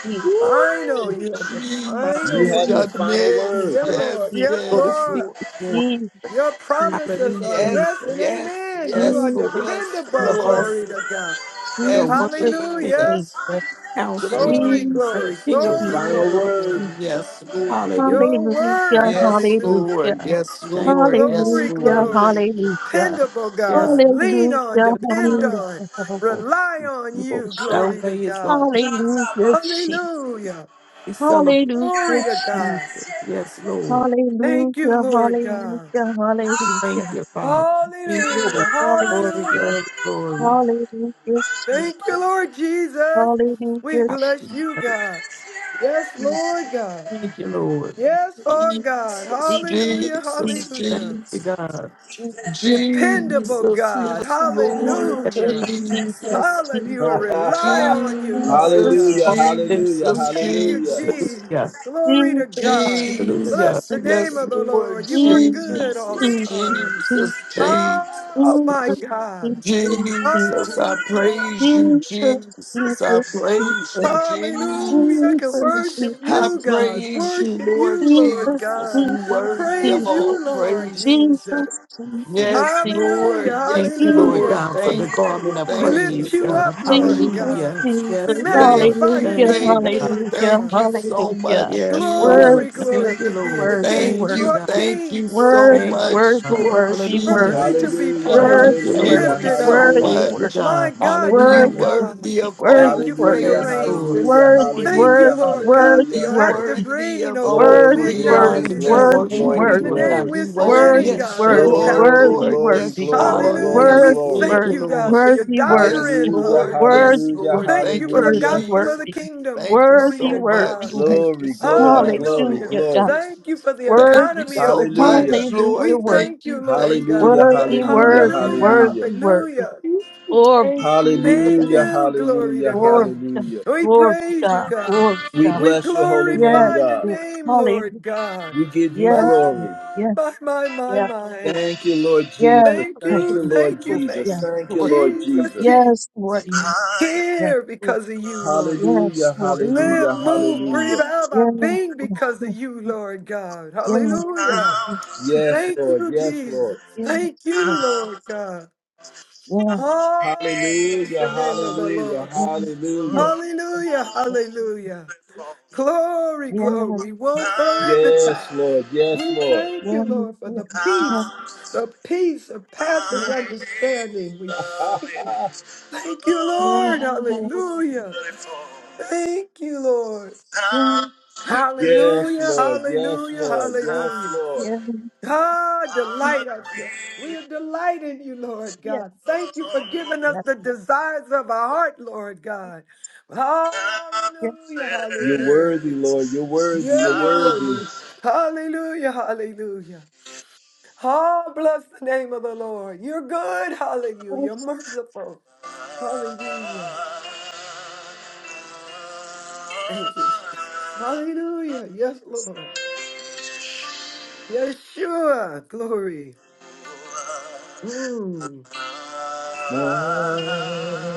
D: Jesus,
H: Final.
F: Woo,
H: You
D: Jesus,
H: have the
G: Right
A: You
H: final
F: Jesus,
A: have
H: word.
A: the
D: Jesus,
A: final
F: yes,
A: word.
H: Yeah,
D: Jesus,
G: on.
H: Lord.
F: yes,
H: Yes,
F: yes,
G: Go
D: Jesus,
G: to sleep
H: Lord.
F: Lord.
G: with you on.
D: Jesus,
H: Your
D: Jesus,
H: promises are
G: Hallelujah.
F: Yes,
H: yes
D: Jesus,
H: and
F: yes,
D: Jesus,
H: amen. You
G: Yes,
H: are
D: Jesus,
F: yes,
G: Lord.
F: yes,
G: You're
H: dependable.
F: Lord.
G: awesome.
H: Glory to God.
G: You're a
F: Yes,
G: wonderful King,
H: Hallelujah.
F: Jesus,
D: Jesus, Jesus,
G: Counselor,
H: Glory,
D: Jesus,
H: glory,
F: Jesus.
G: King of
A: The
H: glory,
G: Kings,
A: final
D: Jesus,
H: glory,
G: Lord.
A: word.
F: Mm,
H: glory.
D: Jesus.
F: yes, Lord.
G: Hallelujah.
H: Your
D: Hallelujah,
H: word.
F: Yes,
H: Hallelujah.
F: Lord.
D: hallelujah,
F: Yes,
G: Thank
F: Lord. Yes,
D: hallelujah,
H: Glory,
F: Lord.
H: glory.
D: hallelujah,
H: Dependable
G: you. Yes.
H: God. Lean
D: hallelujah,
H: on, depend
G: Hallelujah.
D: hallelujah,
H: on,
D: hallelujah,
H: rely on you.
G: Your
D: Jesus,
H: Glory to
G: way is the
H: God.
G: only
D: hallelujah,
H: Hallelujah.
G: celebrate.
H: Glory to
D: Jesus,
H: God.
G: Yes, Lord.
H: Thank you,
D: hallelujah,
H: Lord God.
D: hallelujah,
G: Thank
D: hallelujah,
G: you, Father. Thank you,
D: Lord,
G: Lord.
H: Hallelujah.
G: Glory,
H: Hallelujah.
D: hallelujah,
G: glory, glory.
D: hallelujah,
H: Thank you,
D: Jesus,
H: Lord Jesus.
D: hallelujah,
H: We
G: Hallelujah.
D: Jesus, Jesus, Jesus,
H: bless
D: Jesus,
H: you, God. Yes, Lord God.
G: Thank you, Lord.
H: Yes, our God.
F: Jesus,
H: Hallelujah.
D: Jesus, Jesus.
F: Jesus,
G: Thank
H: Hallelujah.
G: you,
F: Jesus.
G: God.
D: Jesus.
H: Dependable
F: Jesus,
H: God.
F: yes, Lord,
G: Yes, God,
H: Hallelujah.
F: Jesus,
H: Hallelujah. Rely on you, Lord
F: Jesus,
A: hallelujah,
G: Lord.
H: God.
G: live.
A: hallelujah,
F: Jesus,
H: Thank you,
A: hallelujah.
F: Jesus,
G: Hallelujah.
H: Jesus. Glory to God.
G: Hallelujah.
H: Bless
F: Jesus,
H: the name
F: yes,
H: of the
F: Lord,
H: Lord. You
G: Give
H: are good all the
F: Jesus,
H: time.
F: Jesus,
G: thanks.
H: Oh,
F: Jesus,
H: my
G: Hallelujah.
H: God.
F: Jesus, I
H: Hallelujah.
F: praise you, Jesus, I praise you,
H: Hallelujah. I can worship
F: Jesus, I
H: you, God.
F: praise you,
H: Worship
F: Lord
H: you, Lord
F: Jesus,
H: God.
F: you worthy of
H: Praise
F: all
H: you, Lord
F: praises.
H: Jesus.
F: Yes,
H: Hallelujah.
F: Lord.
G: Thank
F: Yes,
G: you, Lord
F: Lord.
H: Hallelujah.
G: God, for the
F: Thank
G: garment
F: you.
G: of
H: We
F: Thank
H: lift
F: you.
G: praise,
H: you
F: Thank
G: God.
H: up,
F: you,
H: Lord
D: Jesus,
H: God.
G: Hallelujah.
F: Jesus.
H: We
G: Yes,
D: Jesus,
G: Lord.
F: Thank
H: magnify
F: you.
H: your
D: hallelujah,
G: Thank you,
H: name,
F: Thank
G: God.
F: you.
H: Lord
D: hallelujah,
F: Thank
H: God.
F: you so
D: hallelujah.
F: much,
G: Yes, Lord.
H: Glory,
D: Worthy,
F: Jesus.
G: Thank
H: glory
G: you,
H: be
D: worthy,
H: to the
G: Lord.
D: worthy,
H: King.
G: Thank
F: Thank
H: You
G: you,
F: you.
H: are
G: God.
D: worthy.
F: Thank you
H: King, glory
F: so
D: Worthy,
G: Thank you,
H: God.
F: much,
D: worthy,
G: God.
F: Lord
D: worthy,
G: Hallelujah.
H: Worthy
D: worthy.
H: to
F: Jesus.
H: be
A: Hallelujah,
F: Thank
H: praised,
F: you.
G: Thank you,
D: Worthy,
F: Thank
A: hallelujah,
G: Lord.
F: you
D: worthy,
H: lifted up.
F: so
G: Thank
A: hallelujah,
G: you,
F: much.
H: My
G: God.
H: God, my
F: You
G: Hallelujah.
H: God.
F: worthy
D: worthy, worthy. Worthy, worthy,
F: of
H: Thank
F: all
H: you for your
A: hallelujah,
D: worthy,
G: Yes,
H: reign.
F: praises
G: Lord.
F: this
A: hallelujah,
D: worthy. Worthy, worthy,
H: Thank
F: morning.
H: you,
A: hallelujah,
H: Lord God, for
D: worthy,
A: hallelujah.
F: You
H: your active
D: worthy.
F: worthy
H: reigning
F: of
H: over
F: all
H: us.
A: Glory,
H: We
D: Worthy,
G: We are
A: glory,
H: acknowledge
D: worthy,
G: the
F: praises
H: you,
G: true
F: this
H: God.
A: glory,
D: worthy,
A: glory,
G: worshipers,
H: In
F: morning.
H: the
G: Lord
D: worthy.
H: name
G: God.
A: glory.
G: We
H: we're
F: Oh,
G: worship
H: submitting,
D: Worthy,
G: you in
H: God,
F: yes,
H: Lord
F: you
G: spirit
D: worthy,
G: and
F: are,
G: in
H: child.
A: Glory,
G: truth.
D: worthy,
F: Lord.
A: glory,
F: Yes,
D: worthy.
F: you
A: glory,
F: are.
H: Hallelujah.
A: glory,
G: Hallelujah.
F: Yes,
H: We
D: Worthy,
A: glory.
G: Thank
H: thank
G: you,
F: Lord.
H: you,
D: worthy,
H: God,
G: Lord.
H: for your
D: worthy,
F: Yes,
D: worthy,
H: doctrine,
A: Hallelujah,
H: Lord
F: Lord.
H: God.
F: Yes,
D: worthy,
A: hallelujah,
F: Lord.
H: Thank
D: worthy,
H: you
F: Thank
H: for
F: you,
H: the
D: worthy,
A: hallelujah.
H: gospel of the
D: worthy,
F: Jesus.
H: kingdom.
F: Thank you
H: Glory
D: worthy,
H: to
F: so
D: worthy,
H: God.
F: much.
D: worthy.
F: Thank you
A: Glory,
F: so
A: glory,
F: much,
A: glory,
H: Hallelujah.
F: Lord.
D: Hallelujah, God.
A: glory.
H: Thank you for the
F: Thank you
D: Worthy, God.
H: economy of the
F: so
A: Hallelujah,
H: kingdom.
F: much,
D: Hallelujah,
H: We
F: Lord.
D: worthy,
H: thank
F: Thank
H: you,
F: you.
H: Lord
F: Thank
H: God.
A: hallelujah,
F: you.
D: worthy,
F: Thank
A: hallelujah,
D: worthy,
H: Hallelujah.
F: you.
D: worthy,
A: hallelujah.
D: worthy.
H: Hallelujah.
F: Thank you.
D: Glory,
F: Thank
D: God.
H: Thank
A: Hallelujah,
F: you.
H: you. Glory
A: hallelujah,
H: to
D: glory,
H: God.
D: God.
A: hallelujah.
H: We
D: Glory,
H: praise you,
D: God.
H: God.
D: Glory,
A: We
D: God.
H: We
A: bless your holy name,
H: glorify
D: Yes,
H: your
A: God.
D: Lord.
H: name,
D: Hallelujah.
H: Lord God.
A: We give you
D: Yes,
H: My,
D: Lord.
A: glory.
D: Yes,
H: my, my, my,
D: yes,
H: my.
D: Lord.
A: Thank you, Lord
D: Yes,
A: Jesus.
H: Thank
D: Lord.
A: Thank
H: you,
A: you,
D: Yes,
A: Lord
H: thank you,
D: Lord.
H: thank
A: Jesus.
H: you.
D: Yes,
A: Thank you,
D: Lord.
A: Lord
H: Jesus,
A: Jesus.
H: Jesus.
D: Yes, Lord. Yes, Lord. Yes,
H: Here
D: Lord.
H: because of you, Lord.
D: Yes,
A: Hallelujah,
D: Lord. Yes,
H: Live,
A: hallelujah,
D: yes,
H: move, breathe
A: hallelujah.
H: out my
D: yes,
H: being because of
D: Lord.
H: you, Lord God.
D: Yes, Lord.
H: Hallelujah.
D: Yes, Lord.
A: Yes,
H: Thank
A: Lord.
H: you,
A: Yes, Lord.
H: Jesus.
D: Yes,
H: Thank
D: Lord.
H: you, Lord God.
D: Yes,
H: Oh, bless
A: Hallelujah.
H: the name of the
A: Hallelujah.
H: Lord.
D: Lord. Yes,
A: Hallelujah.
H: Hallelujah, hallelujah. Glory, glory.
D: Lord.
H: We won't throw in the towel.
A: Yes, Lord. Yes,
H: We
A: Lord.
H: thank you,
D: Yes,
H: Lord, for the peace, the peace of passes understanding. We thank you, Thank you, Lord.
D: Lord. Yes,
H: Hallelujah. Thank you, Lord.
D: Yes,
A: Yes,
H: Hallelujah,
A: Lord. Yes,
H: hallelujah,
A: Lord.
H: hallelujah.
A: Yes,
D: yes, yes,
H: God,
D: yes,
H: delight us.
D: yes,
H: We are delighting you, Lord
D: yes, Lord. yes, yes, yes, yes, yes,
H: God. Thank you
A: Lord.
H: for
D: yes,
H: giving
D: yes,
H: us
D: yes.
H: the desires of our heart, Lord God.
D: yes.
H: Hallelujah,
A: You're
H: hallelujah.
A: worthy, Lord. You're worthy.
H: Yeah,
A: You're
H: you're
A: worthy.
H: worthy. Hallelujah, hallelujah. Oh, bless the name of the Lord. You're good, hallelujah. You're merciful, hallelujah. Thank you, Jesus. Hallelujah. Yes, Lord. Yeshua, glory. Mm.
A: Let's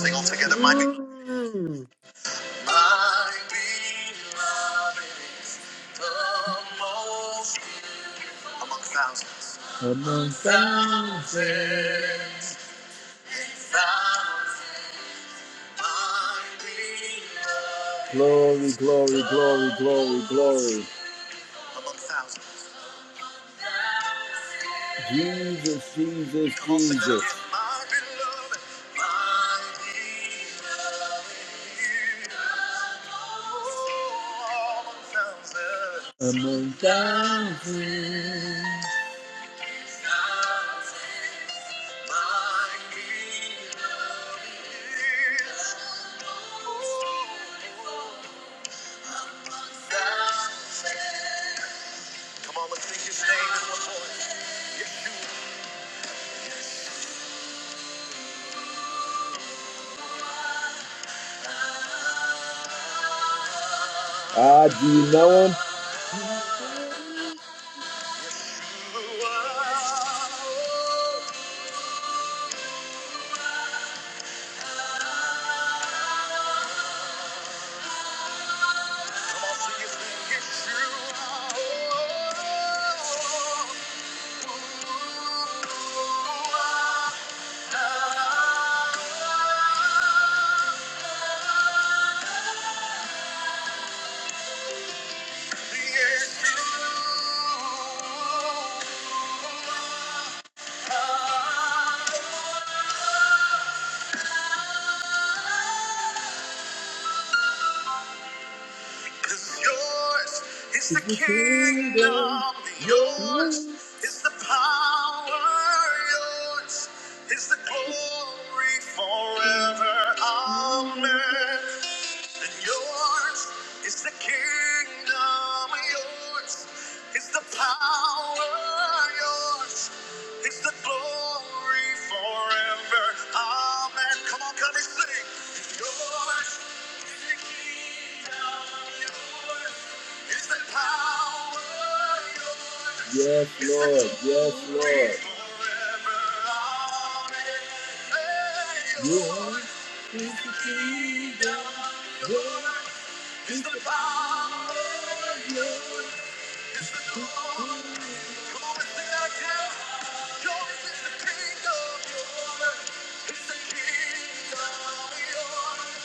A: sing all together, my be-
H: Mm.
A: My beloved is the most among thousands. Among thousands. Glory, glory, glory, glory, glory. Among thousands. Jesus, Jesus, Jesus. art my beloved, my beloved. Oh, among thou- Ah, do you know him? Thank you. Cause yours is the kingdom, yours is the power, yours is the glory forever. Amen. And yours is the kingdom kingdom yours. Is the power yours? Is the glory forever? Amen. Come on, come and sing. Yours is the kingdom. Yours is the power. Yours Yes, is the Lord. Yes, glory Lord. forever. Amen. Yours is the kingdom. He's the power. He's the glory. Come on again. Yours is the kingdom. Yours is the kingdom. Yours is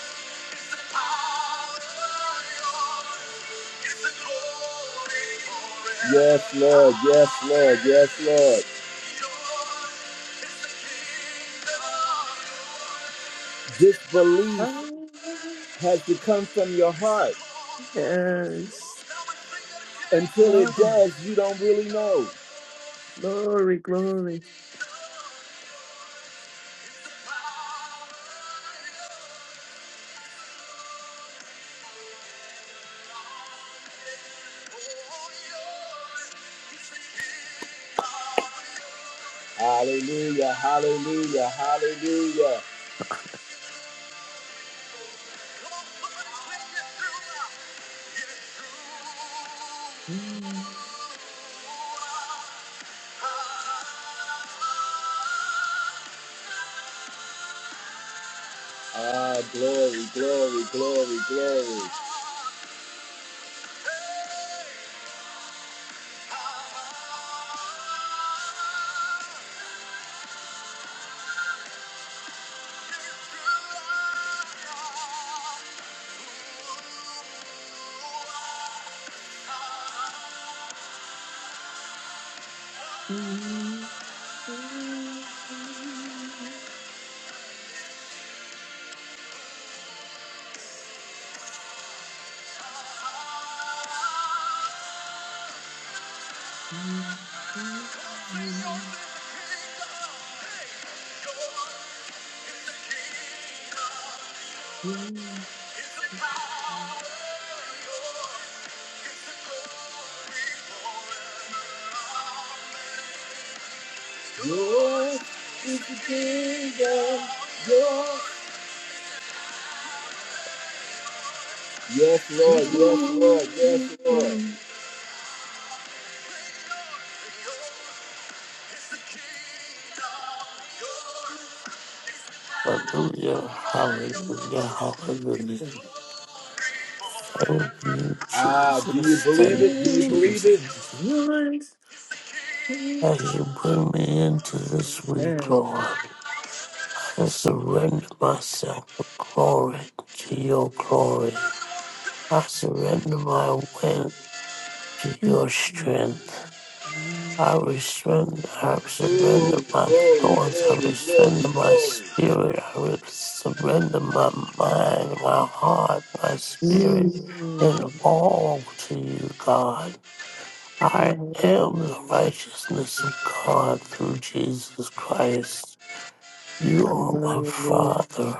A: the power. Yours is the glory forever. Yes, Lord. Yes, Lord. Yes, Lord. Yours is the kingdom. This belief has to come from your heart.
H: Yes.
A: Until it
H: Oh,
A: does, you don't really know.
H: glory, glory.
A: Hallelujah, hallelujah, hallelujah. Ah, glory, glory, glory, glory. Yours is the kingdom, yours Yes, Lord. Yes, Lord. Yes, Lord.
E: Hallelujah, hallelujah, hallelujah. Thank you,
A: Ah, do you
E: Jesus.
A: believe
E: Thank
A: it? Do
E: you,
A: you believe it?
E: Jesus.
H: You
E: As you
H: Amen.
E: bring me into this week, Lord, I surrender myself for glory to your glory. I surrender my will to your strength.
H: Mm.
E: I surrender, I
A: Ooh,
E: surrender my
A: glory,
E: thoughts.
A: glory,
E: I
A: glory,
E: surrender my
A: glory.
E: spirit. I surrender my mind, my heart, my spirit, and all to you, God. I am the
H: Hallelujah.
E: righteousness of God through Jesus Christ. You are my father,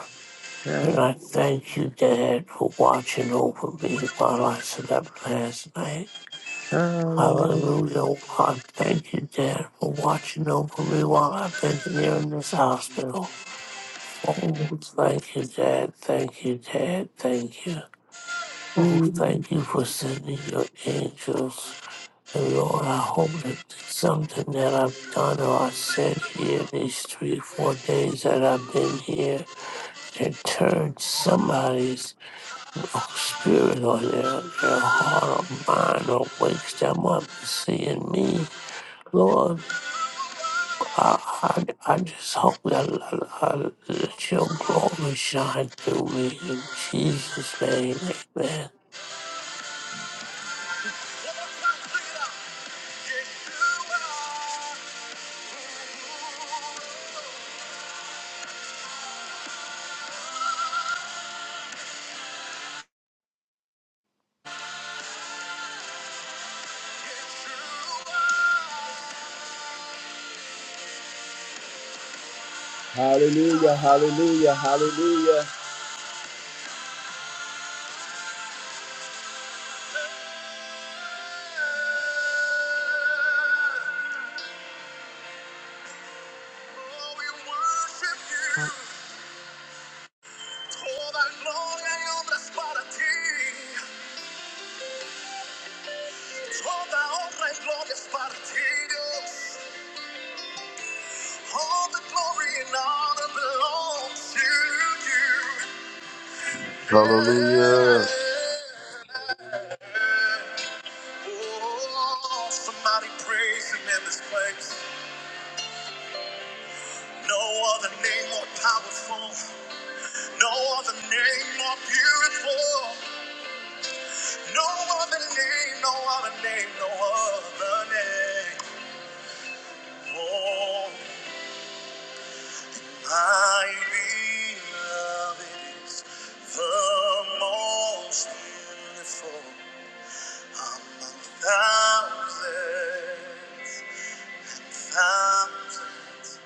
E: and I thank you, Dad, for watching over me while I slept last night.
H: Hallelujah.
E: Hallelujah.
H: Hallelujah.
E: I thank you, Dad, for watching over me while I've been here in this hospital. Oh,
H: Thank
E: thank you, Dad. Thank you, Dad. Thank you. Oh, thank you for sending your angels. And Lord, I hope that something that I've done or I said here in these three, four days that I've been here that turned somebody's spirit or their, their heart or mind or wakes them up to seeing me. Lord, I, I, I just hope that, I, I, that your glory shine through me in Jesus' name. Amen.
A: Hallelujah, hallelujah, hallelujah.
C: Hallelujah.
A: Oh, somebody praise him in this place. No other name more powerful. No other name more beautiful. No other name, no other name, no other name. Oh, my beloved is the most beautiful among thousands. Comfort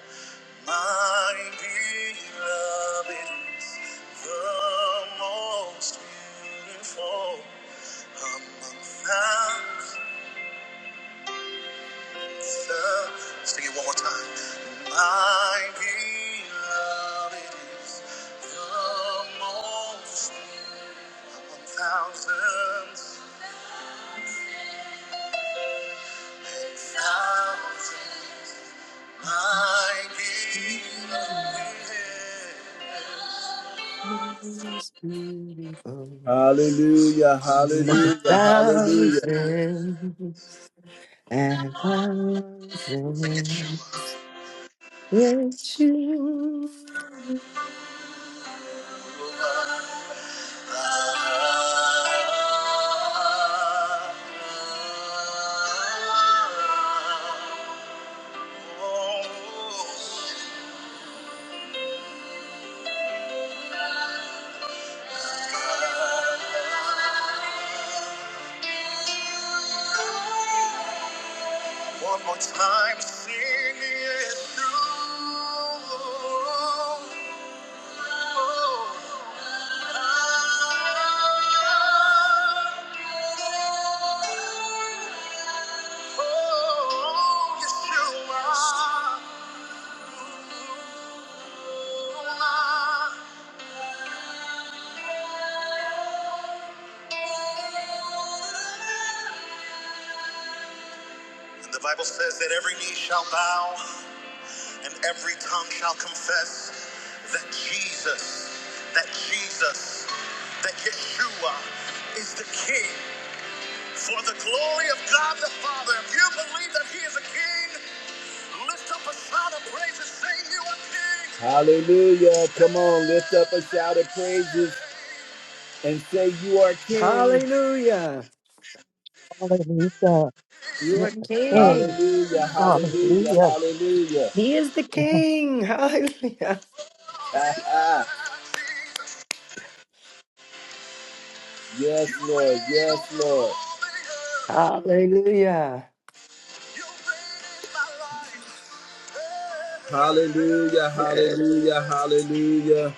A: my beloved is the most beautiful among thousands. of- Sing it one more time. My beloved is the most among thousands. thousands. My beloved.
H: you. Most beautiful
A: Hallelujah,
H: among
A: hallelujah, hallelujah.
H: thousands and thousands. Yes, you.
A: One more time, sing it through. Oh, Yeshua. And the Bible says that every knee shall bow and every tongue shall confess that Jesus, that Jesus, that Yeshua is the King for the glory of God the Father, if you believe that He is a King, lift up a shout of praise and say, You are King. Hallelujah. Come on, lift up a shout of praises and say, You are King.
H: Hallelujah.
D: Hallelujah.
H: You
D: You're
H: are
D: the King.
H: king.
A: Hallelujah, hallelujah,
D: Hallelujah.
A: hallelujah.
H: He is the king. Hallelujah.
A: Ha-ha. yes, Lord, yes, Lord.
H: Hallelujah.
A: Hallelujah,
H: Yes.
A: hallelujah, hallelujah.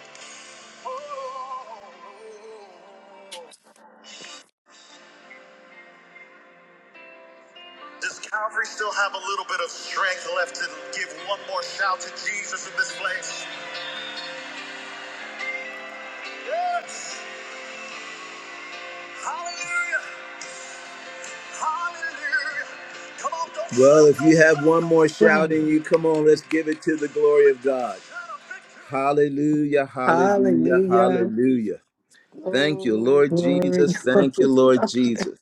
A: Does Calvary still have a little bit of strength left to give one more shout to Jesus in this place? Yes! Hallelujah! Hallelujah! Come on, don't Well, if you have one more shout in you, come on, let's give it to the glory of God. Hallelujah, hallelujah,
H: Hallelujah.
A: hallelujah. Thank you,
H: Glory,
A: Lord
H: glory,
A: Jesus.
H: glory.
A: Thank you, Lord Jesus.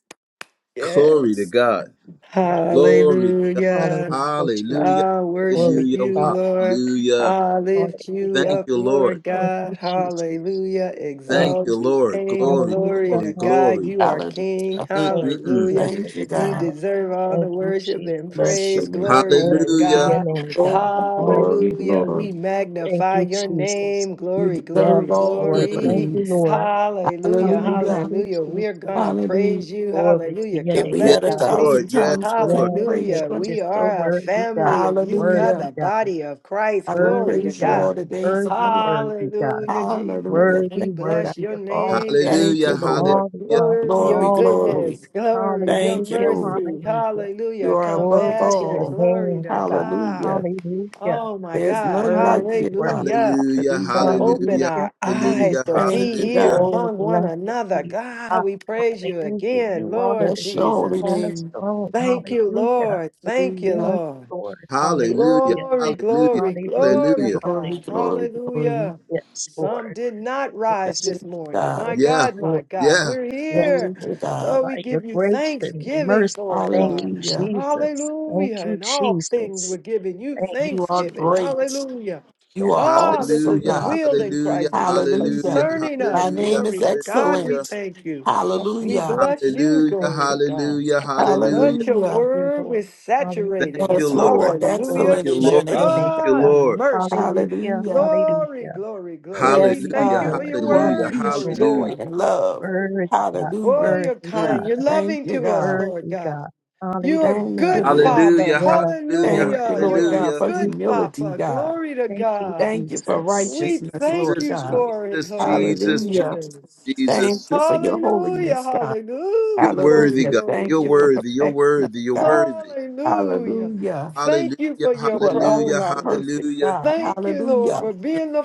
A: Glory to
H: Yes.
A: God.
D: Hallelujah.
A: Glory to God.
H: Hallelujah.
D: Hallelujah.
A: Hallelujah,
D: Jesus.
H: I
D: Glory
H: worship
D: to
A: hallelujah,
H: you,
D: God.
H: Lord.
A: hallelujah.
H: I lift you
D: Hallelujah.
A: Thank
H: up,
A: you, Lord.
H: Lord
D: Thank
H: God.
D: you, Jesus.
H: Hallelujah.
D: Thank
A: Thank
D: you.
A: you,
H: Exalt your
D: Lord.
A: Lord.
H: name.
A: Glory,
H: Glory
D: Hallelujah.
A: glory,
H: to God.
A: glory.
H: You are
D: Hallelujah.
H: King.
G: Hallelujah.
D: Thank you,
A: Mm-mm-mm.
H: Hallelujah.
G: Thank
D: Jesus.
G: you,
H: You
G: God.
H: deserve all the
D: Thank you,
H: worship and
D: Jesus.
G: Bless your
H: praise.
G: name.
H: Glory
D: Glory
H: to
D: to your
A: Hallelujah.
H: God.
D: name, God.
G: Glory, glory,
H: Hallelujah.
D: Hallelujah.
G: glory.
H: We
D: Thank
H: magnify
D: you,
H: your
D: Jesus.
H: name.
G: You
H: Glory,
D: Yes,
G: deserve
H: glory,
G: all the
D: Lord.
A: Mm.
D: Thank
H: glory.
D: you,
G: praise.
D: Lord.
H: Hallelujah.
D: Hallelujah,
G: Hallelujah.
D: Jesus.
H: Hallelujah. We're going to
G: Hallelujah.
H: praise you.
D: Glory to
H: Hallelujah.
D: your
G: If
D: name,
G: we
A: Yes,
G: had a
D: God.
H: Collectively.
A: Lord.
G: thousand
A: Yes,
G: tongues, we
A: Lord.
G: couldn't
D: Yes,
G: praise
H: Hallelujah.
G: you.
D: Lord.
G: enough.
H: We
D: Just so
H: are a
D: worthy, God.
H: family of you, God,
G: Hallelujah.
D: Worthy,
H: the
D: God.
H: body of Christ.
G: I will
H: Glory
D: Worthy,
H: to
G: praise you
D: God.
G: all
H: God.
G: the days of
D: Worthy,
G: my life.
D: worthy, God.
H: Hallelujah, Jesus.
G: Hallelujah. Thank
H: We
D: Worthy,
G: you, God.
H: bless
D: worthy
H: your
D: of all the
H: name, Daddy.
G: Thank you,
A: Hallelujah.
D: praises and
G: Lord.
D: all the
A: Hallelujah.
D: honor
H: Glory,
D: and
H: your
G: Glory,
D: all the glory.
G: glory.
H: goodness. Glory, your
G: Thank you,
D: Hallelujah,
G: Lord.
H: mercy.
D: hallelujah.
G: You
H: Hallelujah.
G: are above
D: Glory to your
H: Compassion.
G: all.
H: Glory
D: name,
H: to
D: God.
H: God.
G: Hallelujah.
D: Hallelujah.
H: Oh, my
G: There's
H: God.
G: none like you,
D: Worthy,
G: God.
D: worthy.
H: Hallelujah.
A: Hallelujah.
H: To
G: Hallelujah.
H: open
A: Hallelujah.
D: Hallelujah,
H: our eyes to
D: hallelujah.
H: be
G: Thank you,
H: here
A: Hallelujah.
G: God.
D: Oh,
H: among one
D: blessed
H: another.
D: be the God.
H: God, we praise you
D: Hallelujah.
H: again,
D: You are
H: Lord
D: the
G: Bless your
D: chief
G: holy
H: Jesus.
G: name.
D: cornerstone.
H: Thank you,
D: Hallelujah.
H: Lord. Thank you,
G: Hallelujah.
D: Yes,
H: Lord.
D: Lord.
A: Hallelujah. Hallelujah.
D: Hallelujah.
H: Glory,
G: Hallelujah.
A: Hallelujah.
H: glory,
D: Hallelujah,
H: glory,
A: Hallelujah.
G: Glory,
H: God.
D: hallelujah.
G: glory, glory.
H: Hallelujah.
D: Yes,
H: Some
D: Lord.
H: did not rise
D: Yes,
G: Thank
H: this
G: you,
H: morning.
G: God.
H: My
A: Yeah.
H: God,
D: Lord.
H: my God,
A: Yeah.
H: we're
D: Yes,
H: here.
G: Thank
D: Lord.
G: you,
H: So
G: God.
D: By
H: we
D: your
H: give you
D: grace and
H: thanksgiving
D: mercy.
H: for it,
D: Thank
H: Lord.
D: you,
G: Hallelujah.
D: Jesus. Thank
H: Hallelujah.
D: you,
H: In all things,
D: Jesus.
H: we're giving you
D: Thank you,
G: You are
H: thanksgiving.
D: Jesus.
G: great.
H: Hallelujah.
G: You are
D: Yes,
H: Ah,
D: Lord.
H: this
G: awesome,
H: is
D: Thank
H: the
A: Hallelujah.
G: God.
D: you,
H: will in
D: Jesus.
A: Hallelujah.
H: Christ Jesus
A: Hallelujah.
G: Hallelujah.
H: concerning
G: Thy
H: us.
D: Hallelujah.
A: Hallelujah.
G: name
D: Thank
G: is
H: Glory
D: you,
H: to God. We
D: Jesus.
A: Hallelujah.
G: excellent.
H: thank you.
D: Thank you,
H: We
G: Hallelujah.
D: Jesus.
H: bless you.
A: Hallelujah.
D: Thank
H: Glory to
D: you,
H: God.
A: Hallelujah.
D: Jesus.
A: Hallelujah.
H: Let your
D: Thank
G: Hallelujah.
D: you,
H: word
D: Lord.
H: is
A: Thank
H: saturating
D: Hallelujah.
H: us.
A: you,
G: Yes,
A: Lord.
G: Lord.
D: Oh,
H: Hallelujah.
A: Thank
G: Excellent
A: you,
G: is
D: bless
A: Lord.
G: your
D: the
G: name.
A: Thank
D: name,
A: you,
D: God.
H: God,
A: Lord.
H: mercy. in you.
D: Hallelujah.
G: Hallelujah.
H: Glory,
D: Hallelujah.
H: glory, glory.
D: Yes,
H: We
G: Yes,
H: thank
A: Hallelujah.
H: you
G: God.
H: for
D: Lord.
H: your
G: You are
D: Yes,
A: Hallelujah.
H: word.
G: peace,
H: Glory
D: Lord.
H: to
G: joy,
A: Hallelujah.
H: God.
G: and love.
D: Worthy God.
H: Oh,
G: Hallelujah.
H: you're
D: Worthy
H: kind.
A: Mm.
D: God.
H: You're
G: Thank
H: loving
G: you,
H: to us,
G: God.
H: Lord
D: Worthy
H: God.
D: God.
H: You are
G: Thank you,
H: good,
D: Hallelujah.
G: Lord.
H: Father.
A: Hallelujah.
D: Yes,
A: Hallelujah.
G: Thank
D: Lord.
G: you,
H: Hallelujah.
D: Thank
H: You
G: Lord
H: are
D: you,
G: God,
A: Hallelujah.
G: for
H: good,
D: Jesus.
G: humility,
H: Papa.
G: God.
H: Glory to
D: Thank you,
H: God.
G: Thank you for
D: Jesus.
H: We
G: righteousness,
H: thank
G: Lord
A: Jesus,
H: you
G: God.
H: for it,
A: Jesus,
H: Lord
A: Jesus, Jesus,
G: Hallelujah.
H: Jesus.
G: Thank
A: Jesus.
G: you for your
H: Hallelujah.
G: holiness, God.
H: Hallelujah.
A: You're
H: Glory,
A: worthy,
G: Hallelujah.
A: God.
H: glory,
G: Thank
A: You're
G: you for
H: glory.
A: worthy. You're
G: perfecting us,
A: worthy. You're
G: God.
A: worthy.
H: Hallelujah.
G: Hallelujah.
H: Thank you
A: Hallelujah.
H: for
G: You
H: your
G: alone
A: Hallelujah.
G: are
H: promises.
G: perfect,
A: Hallelujah.
G: God.
H: Thank you, Lord,
G: Hallelujah.
H: for being the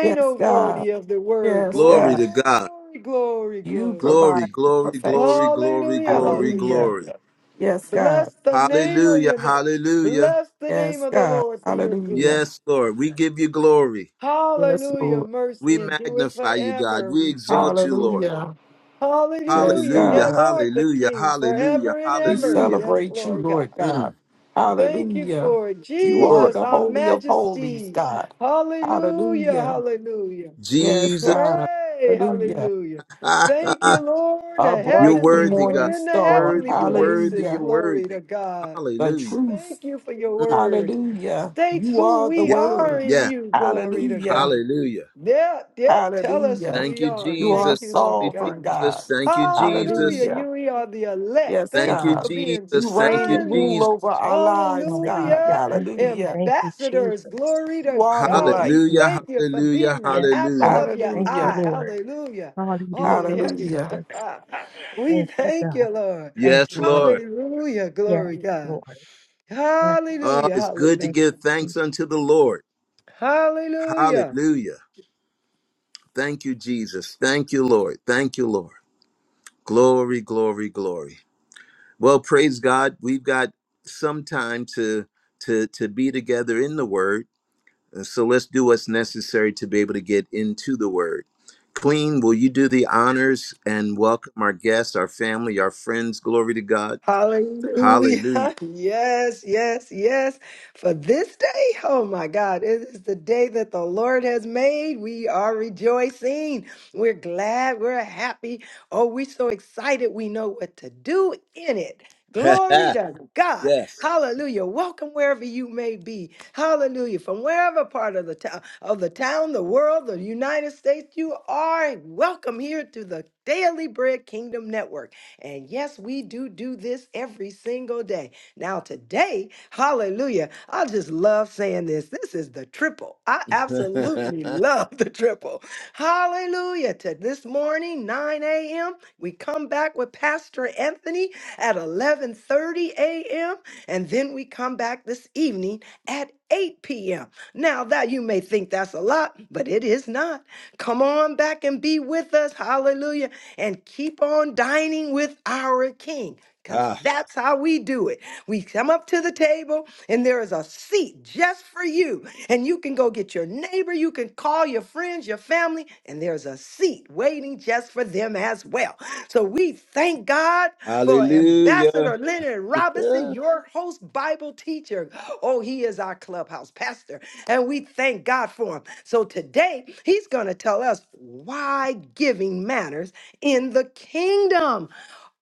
G: Yes, God.
H: authority of the word.
G: Yes,
A: Glory
G: God.
A: to God.
H: Glory, glory,
G: You
H: glory.
A: Glory,
G: provide the
A: glory,
G: perfection.
A: glory, glory,
H: Hallelujah,
A: glory,
G: Hallelujah.
A: glory.
H: hallelujah.
G: Yes, God.
H: Bless the name of
A: Hallelujah.
H: your name.
A: Hallelujah.
H: Bless the name
G: Yes,
H: of the
G: God.
H: Lord for your good.
G: Hallelujah.
A: Yes, Lord. We give you glory.
G: Yes,
H: Hallelujah,
G: Lord.
A: We
H: mercy, and do it
A: magnify you, God.
H: forever.
A: We
H: We thank
A: exalt
H: you
A: you,
H: for
A: Lord.
H: it.
G: Hallelujah. Yes,
H: Hallelujah.
A: Hallelujah,
H: Yeah,
G: God.
H: Lord, the
A: hallelujah,
H: King,
A: hallelujah,
H: forever and
G: We
H: ever.
A: hallelujah.
H: Yes,
G: celebrate you,
H: Lord God.
G: Lord God.
A: Mm, thank
H: Thank you
G: Hallelujah.
H: for it.
A: you,
G: You are
A: Lord.
H: Jesus,
G: the
H: our
G: holy of holies,
H: majesty.
G: God.
H: Hallelujah.
G: Hallelujah.
H: Hallelujah.
G: Yes,
A: Jesus,
G: God.
H: Pray.
G: Hallelujah.
H: Hallelujah. Thank you, Lord.
G: Our
H: The
A: you're
G: bright and
H: heavenlies.
A: worthy,
G: morning
A: God.
H: We're in the
G: star.
H: heavenly
A: Worthy, you're worthy,
H: places.
A: you're
G: Hallelujah.
H: Glory
A: worthy.
H: to God.
G: The
A: Hallelujah.
G: truth.
H: Thank you for your
A: Mm,
H: word.
G: Hallelujah.
H: States
G: You
H: who
G: are the
H: we
A: yeah,
H: are
G: word.
H: in
A: yeah,
H: you, glory to
G: Hallelujah.
H: God.
A: hallelujah.
H: Yep, yep, tell us
G: Hallelujah.
H: who
A: Thank
H: we
A: you,
H: are.
G: You
H: Thank
G: are
A: Jesus.
H: you, Lord
A: Thank
G: sovereign,
H: God.
A: you, Jesus.
G: God.
A: Thank you, Jesus.
H: Hallelujah.
G: Hallelujah.
H: You we are the elect.
G: Yes,
A: Thank
H: Thank you
A: you,
H: for
G: God.
H: being
G: You
A: Jesus. Thank
G: reign
A: you,
G: and rule
H: sons.
A: Jesus.
G: over our lives,
D: Hallelujah.
G: God.
H: Hallelujah.
D: Thank you.
G: Hallelujah.
D: Thank you,
H: Ambassadors.
D: Jesus.
H: Glory
G: You
H: to
G: are the
D: Thank
H: God.
D: you,
G: light.
H: We
A: Hallelujah,
D: Jesus.
H: thank you for
A: hallelujah,
H: being the
D: Yes,
H: apple
D: God.
A: hallelujah.
H: of your
D: Thank you,
G: Hallelujah.
H: eye.
D: Lord.
H: Hallelujah.
D: Hallelujah,
H: Oh, yes.
G: Hallelujah.
D: Jesus.
H: we
D: Thank you,
H: thank
D: God.
H: you, Lord.
D: Thank
A: Yes,
D: you, Lord.
A: Lord.
H: Hallelujah.
D: Yes,
H: Glory God.
D: Lord. Yes,
A: Oh,
H: Hallelujah.
A: it's good to
D: thank
H: Hallelujah.
D: you,
A: give
D: Jesus.
A: thanks unto the Lord.
H: Hallelujah.
A: Hallelujah. Thank you, Jesus. Thank you, Lord. Thank you, Lord. Glory, glory, glory. Well, praise God. We've got some time to to to be together in the Word. And So let's do what's necessary to be able to get into the Word. Queen, will you do the honors and welcome our guests, our family, our friends? Glory to God. Hallelujah.
H: Hallelujah. Yes, yes, yes. For this day, oh my God, it is the day that the Lord has made. We are rejoicing. We're glad. We're happy. Oh, we're so excited. We know what to do in it. Glory to God.
A: yes.
H: Hallelujah. Welcome wherever you may be. Hallelujah. From wherever part of the town, of the town, the world, the United States you are, welcome here to the Daily Bread Kingdom Network. And yes, we do do this every single day. Now, today, hallelujah, I just love saying this. This is the triple. I absolutely love the triple. Hallelujah. To this morning, 9 a.m., we come back with Pastor Anthony at 11:30 a.m., and then we come back this evening at 8 p.m. Now, that you may think that's a lot, but it is not. Come on back and be with us. Hallelujah and keep on dining with our King. Because
A: ah,
H: that's how we do it. We come up to the table, and there is a seat just for you. And you can go get your neighbor, you can call your friends, your family, and there's a seat waiting just for them as well. So we thank God for
A: hallelujah.
H: Ambassador Leonard Robinson, your host, Bible teacher. Oh, he is our clubhouse pastor, and we thank God for him. So today, he's going to tell us why giving matters in the kingdom.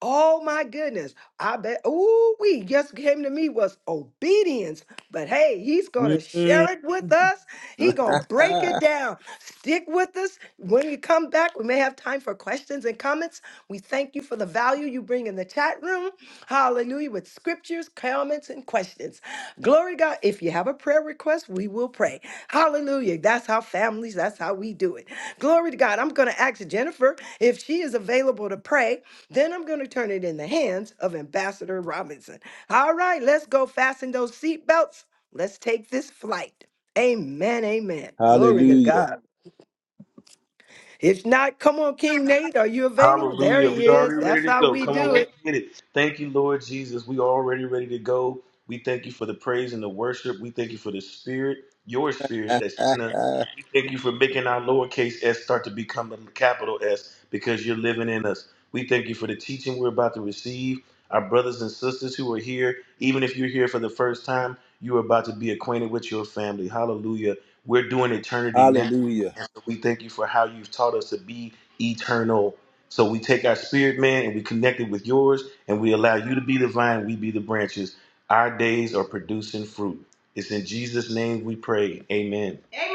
H: Oh my goodness. I bet ooh we just came to me was obedience. But hey, he's gonna
A: Mm.
H: share it with us. He gonna break it down. Stick with us. When you come back, we may have time for questions and comments. We thank you for the value you bring in the chat room. Hallelujah. With scriptures, comments, and questions. Glory to God. If you have a prayer request, we will pray. Hallelujah. That's how families, that's how we do it. Glory to God. I'm gonna ask Jennifer if she is available to pray. Then I'm going to turn it in the hands of Ambassador Robinson. All right, let's go fasten those seatbelts. Let's take this flight. Amen, amen. Glory to
A: Hallelujah.
H: God. If not, come on, King Nate. Are you available? There
C: Hallelujah. We
H: he is.
C: already
H: That's
C: ready to
H: how
C: go.
H: we
C: Come on,
H: do
C: let's
H: it.
C: get it. Thank you, Lord Jesus. We already ready to go. We thank you for the praise and the worship. We thank you for the spirit, your spirit that's in us Thank you for making our lowercase s start to become a capital S because you're living in us. We thank you for the teaching we're about to receive. Our brothers and sisters who are here, even if you're here for the first time, you are about to be acquainted with your family. Hallelujah. We're doing eternity now.
A: Hallelujah.
C: And so we thank you for how you've taught us to be eternal. So we take our spirit, man, and we connect it with yours, and we allow you to be the vine, we be the branches. Our days are producing fruit. It's in Jesus' name we pray. Amen. Amen.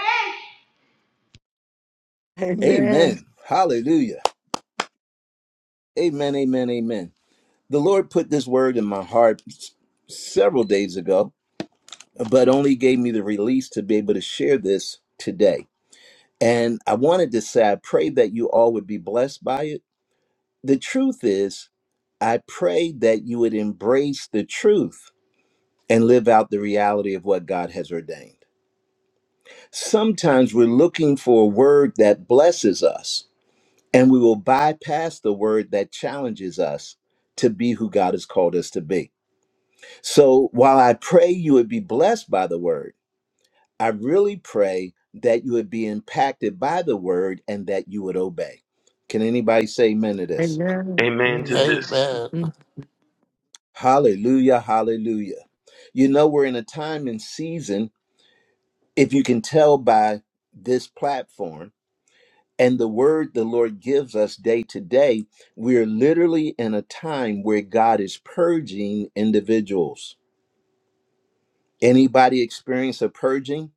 H: Amen.
A: Amen. Hallelujah. Amen. Amen. Amen. The Lord put this word in my heart s- several days ago, but only gave me the release to be able to share this today. And I wanted to say, I pray that you all would be blessed by it. The truth is, I pray that you would embrace the truth and live out the reality of what God has ordained. Sometimes we're looking for a word that blesses us, and we will bypass the word that challenges us to be who God has called us to be. So while I pray you would be blessed by the word, I really pray that you would be impacted by the word and that you would obey. Can anybody say amen to this?
H: Amen.
C: Amen to
H: Amen.
C: this.
E: Amen.
H: Mhm.
A: Hallelujah, hallelujah. You know, we're in a time and season, if you can tell by this platform And the word the Lord gives us day to day, we're literally in a time where God is purging individuals. Anybody experience a purging?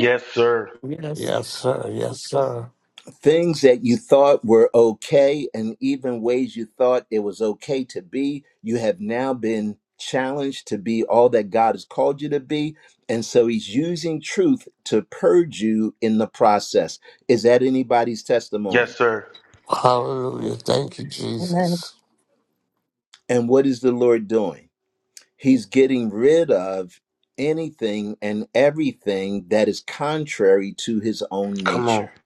C: Yes, sir.
G: Yes.
E: Yes, sir. Yes, sir.
A: Things that you thought were okay, and even ways you thought it was okay to be, you have now been challenged to be all that God has called you to be. And so He's using truth to purge you in the process. Is that anybody's
C: Yes,
A: testimony?
C: sir.
E: Hallelujah. Thank you,
D: Amen.
E: Jesus.
A: And what is the Lord doing? He's getting rid of anything and everything that is contrary to his own
C: Come on.
A: nature.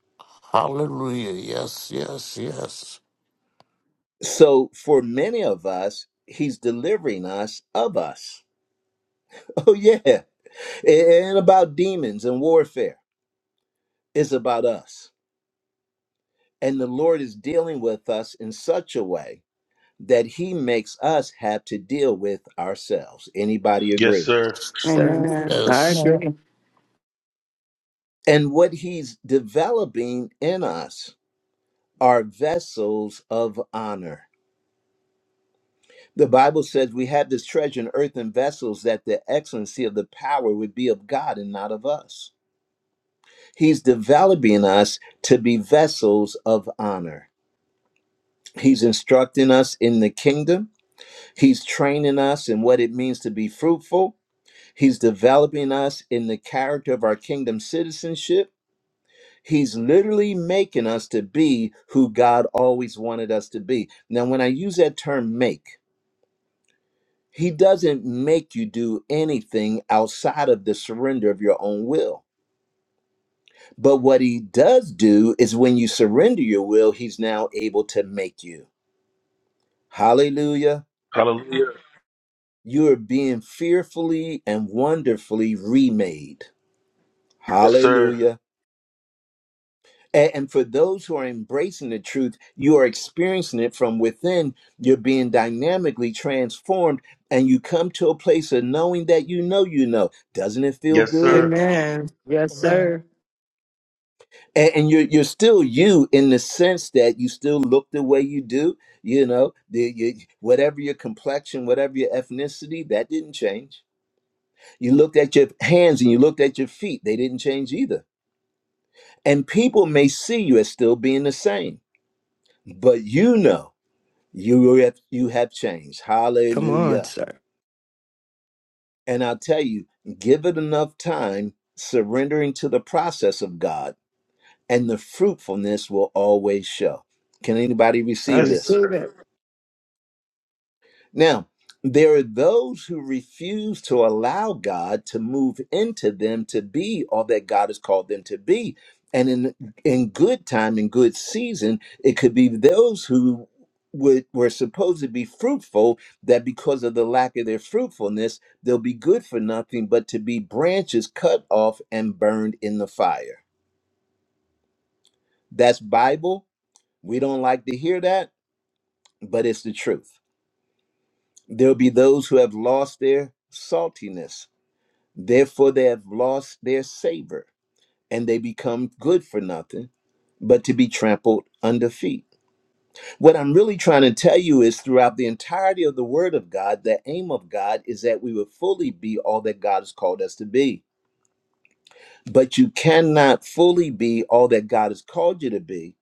E: Hallelujah. Yes, yes, yes.
A: So for many of us, he's delivering us of us. Oh, yeah. It ain't about demons and warfare, it's about us. And the Lord is dealing with us in such a way that he makes us have to deal with ourselves. Anybody
C: Yes,
A: agree?
C: sir.
H: Sir,
G: Amen.
H: I
E: Yes.
D: Amen.
H: agree.
A: And what he's developing in us are vessels of honor. The Bible says we have this treasure in earthen vessels that the excellency of the power would be of God and not of us. He's developing us to be vessels of honor. He's instructing us in the kingdom. He's training us in what it means to be fruitful. He's developing us in the character of our kingdom citizenship. He's literally making us to be who God always wanted us to be. Now, when I use that term make, He doesn't make you do anything outside of the surrender of your own will. But what he does do is when you surrender your will, he's now able to make you. Hallelujah.
C: Hallelujah.
A: You are being fearfully and wonderfully remade.
C: Yes, sir.
A: Hallelujah. A- And for those who are embracing the truth, you are experiencing it from within. You're being dynamically transformed, and you come to a place of knowing that you know you know. Doesn't it feel
C: Yes,
A: good?
C: sir.
H: Amen. Yes,
D: Amen.
H: sir.
A: and, and you're you're still you in the sense that you still look the way you do. You know, the, you, whatever your complexion, whatever your ethnicity, that didn't change. You looked at your hands and you looked at your feet; they didn't change either. And people may see you as still being the same, but you know you have, you have changed.
H: Come on,
A: Hallelujah!
H: sir.
A: And I'll tell you, give it enough time, surrendering to the process of God, and the fruitfulness will always show. Can anybody
H: I
A: receive
C: Yes,
A: this?
H: receive
C: sir.
H: it.
A: Now, there are those who refuse to allow God to move into them to be all that God has called them to be. And in in good time, in good season, it could be those who would, were supposed to be fruitful that because of the lack of their fruitfulness, they'll be good for nothing but to be branches cut off and burned in the fire. That's Bible. We don't like to hear that, but it's the truth. There'll be those who have lost their saltiness Therefore, they have lost their savor and they become good for nothing but to be trampled under feet. What I'm really trying to tell you is throughout the entirety of the Word of God, the aim of God is that we would fully be all that God has called us to be. But you cannot fully be all that God has called you to be,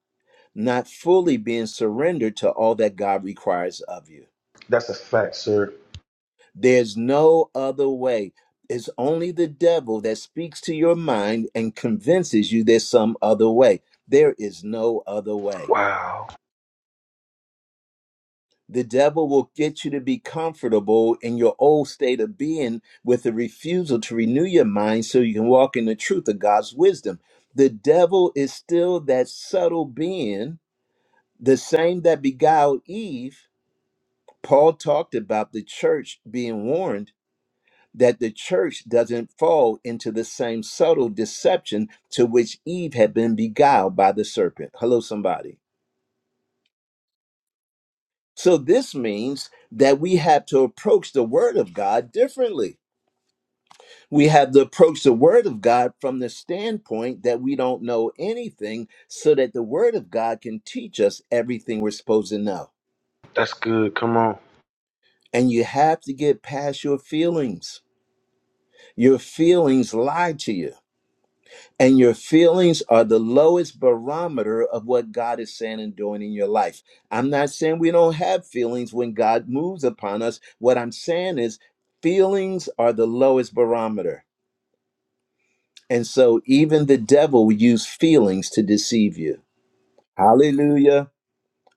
A: not fully being surrendered to all that God requires of you.
C: That's a fact, sir.
A: There's no other way. It's only the devil that speaks to your mind and convinces you there's some other way. There is no other way.
C: Wow.
A: The devil will get you to be comfortable in your old state of being with a refusal to renew your mind so you can walk in the truth of God's wisdom. The devil is still that subtle being, the same that beguiled Eve. Paul talked about the church being warned that the church doesn't fall into the same subtle deception to which Eve had been beguiled by the serpent. Hello, somebody. So, this means that we have to approach the Word of God differently. We have to approach the Word of God from the standpoint that we don't know anything, so that the Word of God can teach us everything we're supposed to know.
C: That's good. Come on.
A: And you have to get past your feelings. Your feelings lie to you And your feelings are the lowest barometer of what God is saying and doing in your life. I'm not saying we don't have feelings when God moves upon us. What I'm saying is, feelings are the lowest barometer. And so even the devil will use feelings to deceive you. Hallelujah.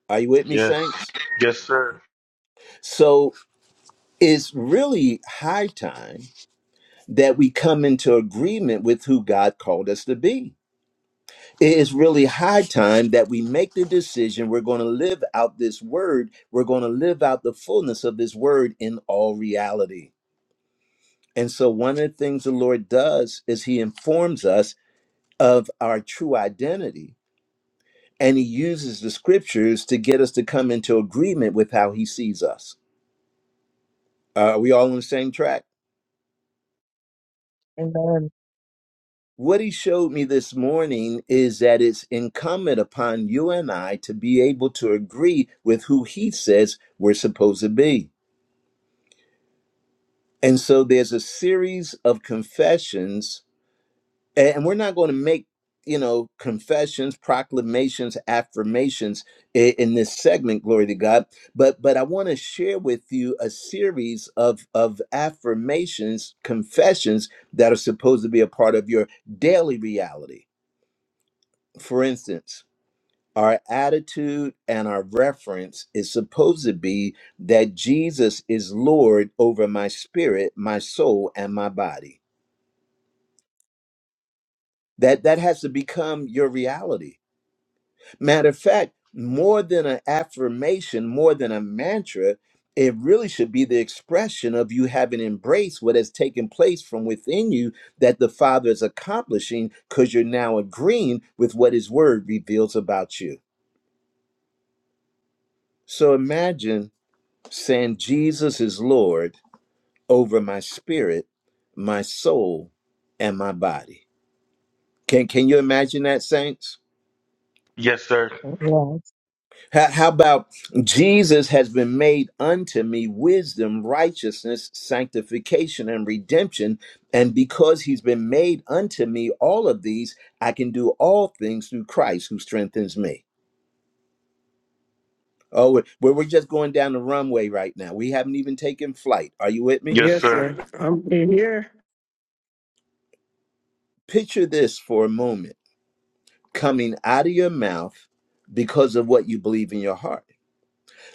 A: Are you with me,
C: Yes.
A: saints?
C: Yes, sir.
A: So it's really high time that we come into agreement with who God called us to be. It is really high time that we make the decision we're going to live out this word. We're going to live out the fullness of this word in all reality. And so, one of the things the Lord does is He informs us of our true identity, and He uses the scriptures to get us to come into agreement with how He sees us. are we all on the same track?
D: Amen.
A: What He showed me this morning is that it's incumbent upon you and I to be able to agree with who He says we're supposed to be. And so there's a series of confessions, and we're not going to make, you know, confessions, proclamations, affirmations i- in this segment, glory to God. But but I want to share with you a series of of affirmations, confessions that are supposed to be a part of your daily reality. For instance, our attitude and our reference is supposed to be that Jesus is Lord over my spirit, my soul, and my body That that has to become your reality. Matter of fact, more than an affirmation, more than a mantra, it really should be the expression of you having embraced what has taken place from within you that the Father is accomplishing because you're now agreeing with what His Word reveals about you. So imagine saying, Jesus is Lord over my spirit, my soul, and my body. Can, can you imagine that, saints?
C: Yes, sir.
D: Yes.
A: How, how about Jesus has been made unto me wisdom, righteousness, sanctification, and redemption. And because he's been made unto me all of these, I can do all things through Christ who strengthens me. Oh, we're, we're we're just going down the runway right now. We haven't even taken flight. Are you with me?
C: Yes,
H: Yes,
C: sir.
H: sir. I'm in here.
A: Picture this for a moment coming out of your mouth because of what you believe in your heart.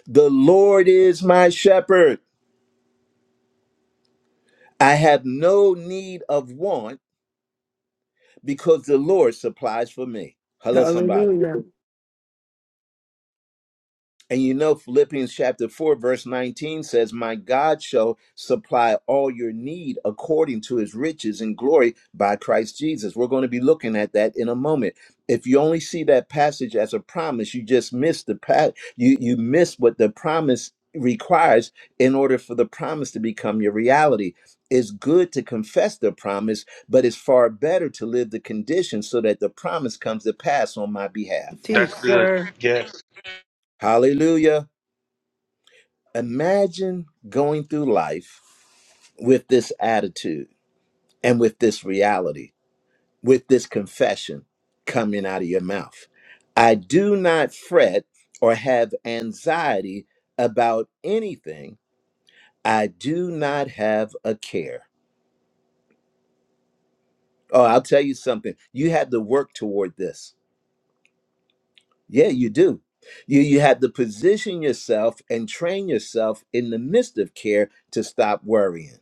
A: The Lord is my shepherd. I have no need of want because the Lord supplies for me. Hello, somebody.
H: Hallelujah.
A: And you know, Philippians chapter 4, verse 19 says, My God shall supply all your need according to his riches and glory by Christ Jesus. We're going to be looking at that in a moment. If you only see that passage as a promise, you just miss the pa- you you miss what the promise requires in order for the promise to become your reality. It's good to confess the promise, but it's far better to live the condition so that the promise comes to pass on my behalf.
C: That's
H: Teach,
C: good.
H: sir.
C: Yes.
A: Hallelujah. Imagine going through life with this attitude and with this reality, with this confession coming out of your mouth. I do not fret or have anxiety about anything. I do not have a care. Oh, I'll tell you something. You have to work toward this. Yeah, you do. You, you have to position yourself and train yourself in the midst of care to stop worrying.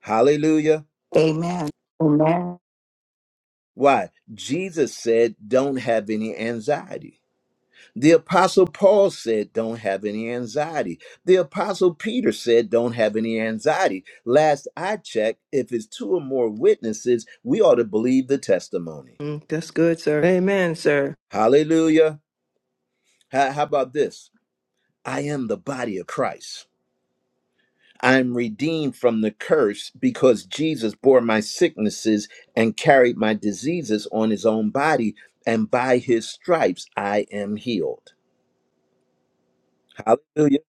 A: Hallelujah.
F: Amen. Amen.
A: Why? Jesus said, don't have any anxiety. The apostle Paul said, don't have any anxiety. The apostle Peter said, don't have any anxiety. Last I checked, if it's two or more witnesses, we ought to believe the testimony.
H: Mm, That's good, sir. Amen, sir.
A: Hallelujah. How, how about this? I am the body of Christ. I'm redeemed from the curse because Jesus bore my sicknesses and carried my diseases on his own body, and by his stripes I am healed. Hallelujah.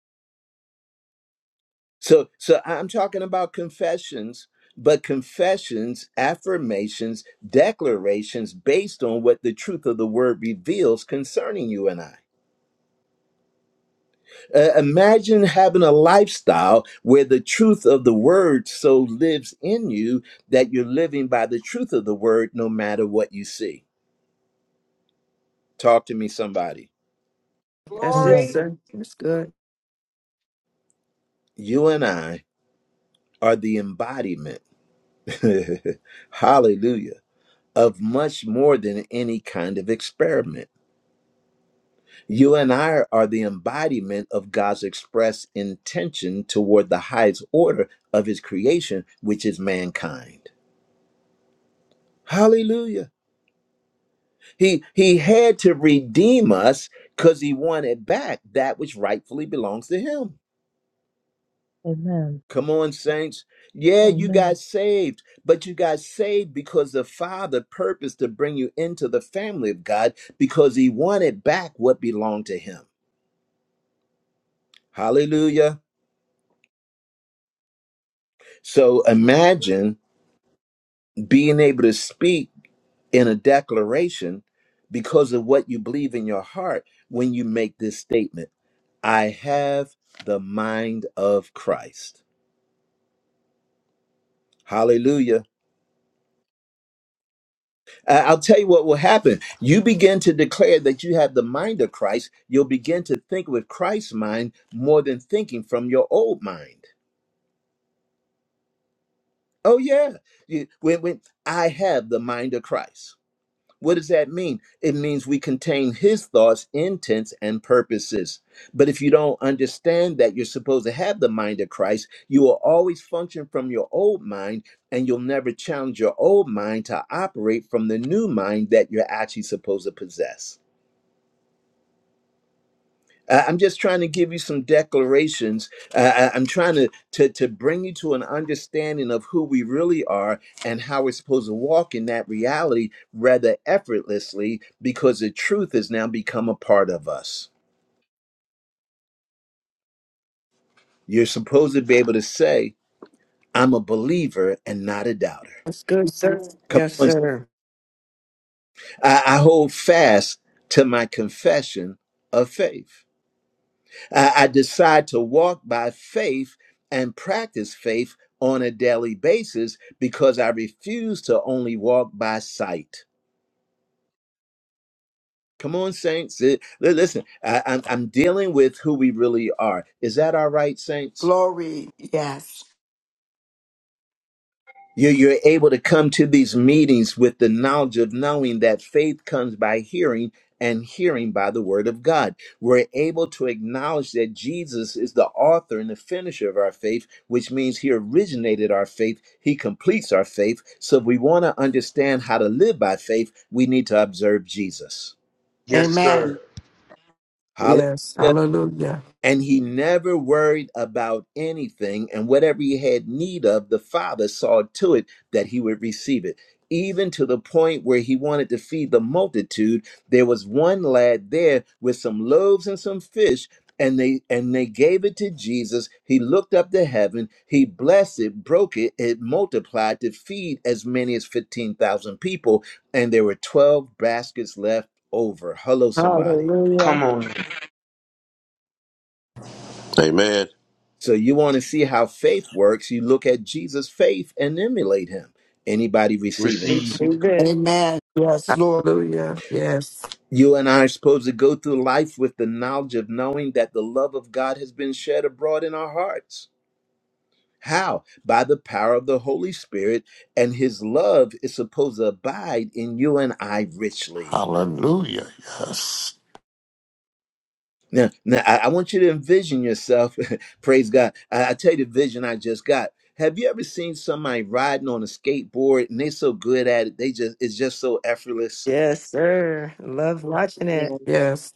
A: So so I'm talking about confessions, but confessions, affirmations, declarations based on what the truth of the word reveals concerning you and I. Uh, imagine having a lifestyle where the truth of the word so lives in you that you're living by the truth of the word no matter what you see. Talk to me somebody.
H: That's it,
D: Amen.
B: Glory.
H: sir. That's good.
A: You and I are the embodiment. Hallelujah of much more than any kind of experiment. You and I are the embodiment of God's express intention toward the highest order of his creation, which is mankind. Hallelujah. He he had to redeem us cuz he wanted back that which rightfully belongs to him.
D: Amen.
A: Come on saints. Yeah, you
D: Amen.
A: got saved, but you got saved because the Father purposed to bring you into the family of God because he wanted back what belonged to him. Hallelujah. So imagine being able to speak in a declaration because of what you believe in your heart when you make this statement I have the mind of Christ. Hallelujah. I- I'll tell you what will happen. You begin to declare that you have the mind of Christ. You'll begin to think with Christ's mind more than thinking from your old mind. Oh, yeah. You- When, when I have the mind of Christ. What does that mean? It means we contain his thoughts, intents, and purposes. But if you don't understand that you're supposed to have the mind of Christ, you will always function from your old mind and you'll never challenge your old mind to operate from the new mind that you're actually supposed to possess. Uh, I'm just trying to give you some declarations. Uh, I- I'm trying to, to to bring you to an understanding of who we really are and how we're supposed to walk in that reality rather effortlessly, because the truth has now become a part of us. You're supposed to be able to say, "I'm a believer and not a doubter."
H: That's good, sir.
A: Come
H: Yes,
A: on,
H: sir.
A: I, I hold fast to my confession of faith. I, I decide to walk by faith and practice faith on a daily basis because I refuse to only walk by sight. Come on, saints. It- li- listen, I, I'm, I'm dealing with who we really are. Is that all right, saints?
F: Glory. Yes.
A: You're, you're able to come to these meetings with the knowledge of knowing that faith comes by hearing and hearing by the word of God. We're able to acknowledge that Jesus is the author and the finisher of our faith, which means he originated our faith, he completes our faith. So if we want to understand how to live by faith, we need to observe Jesus.
C: Yes, sir.
F: Amen.
A: Hallelujah.
G: Yes. Hallelujah.
A: And he never worried about anything. And whatever he had need of, the Father saw to it that he would receive it. Even to the point where he wanted to feed the multitude, there was one lad there with some loaves and some fish. And they and they gave it to Jesus. He looked up to heaven. He blessed it, broke it, it multiplied to feed as many as fifteen thousand people. And there were twelve baskets left over. Hello, somebody.
H: Hallelujah.
C: Come on.
I: Amen.
A: So you want to see how faith works, you look at Jesus' faith and emulate him. Anybody receiving
C: Receive.
A: this?
H: Receive it.
F: Amen. Yes, Lord.
G: Hallelujah. Yes.
A: You and I are supposed to go through life with the knowledge of knowing that the love of God has been shed abroad in our hearts. How? By the power of the Holy Spirit, and his love is supposed to abide in you and I richly.
E: Hallelujah. Yes.
A: Now, now I, I want you to envision yourself. Praise God. I, I tell you the vision I just got. Have you ever seen somebody riding on a skateboard and they so good at it, they just it's just so effortless?
H: Yes, sir. Love watching it.
D: Yes.
G: Yes.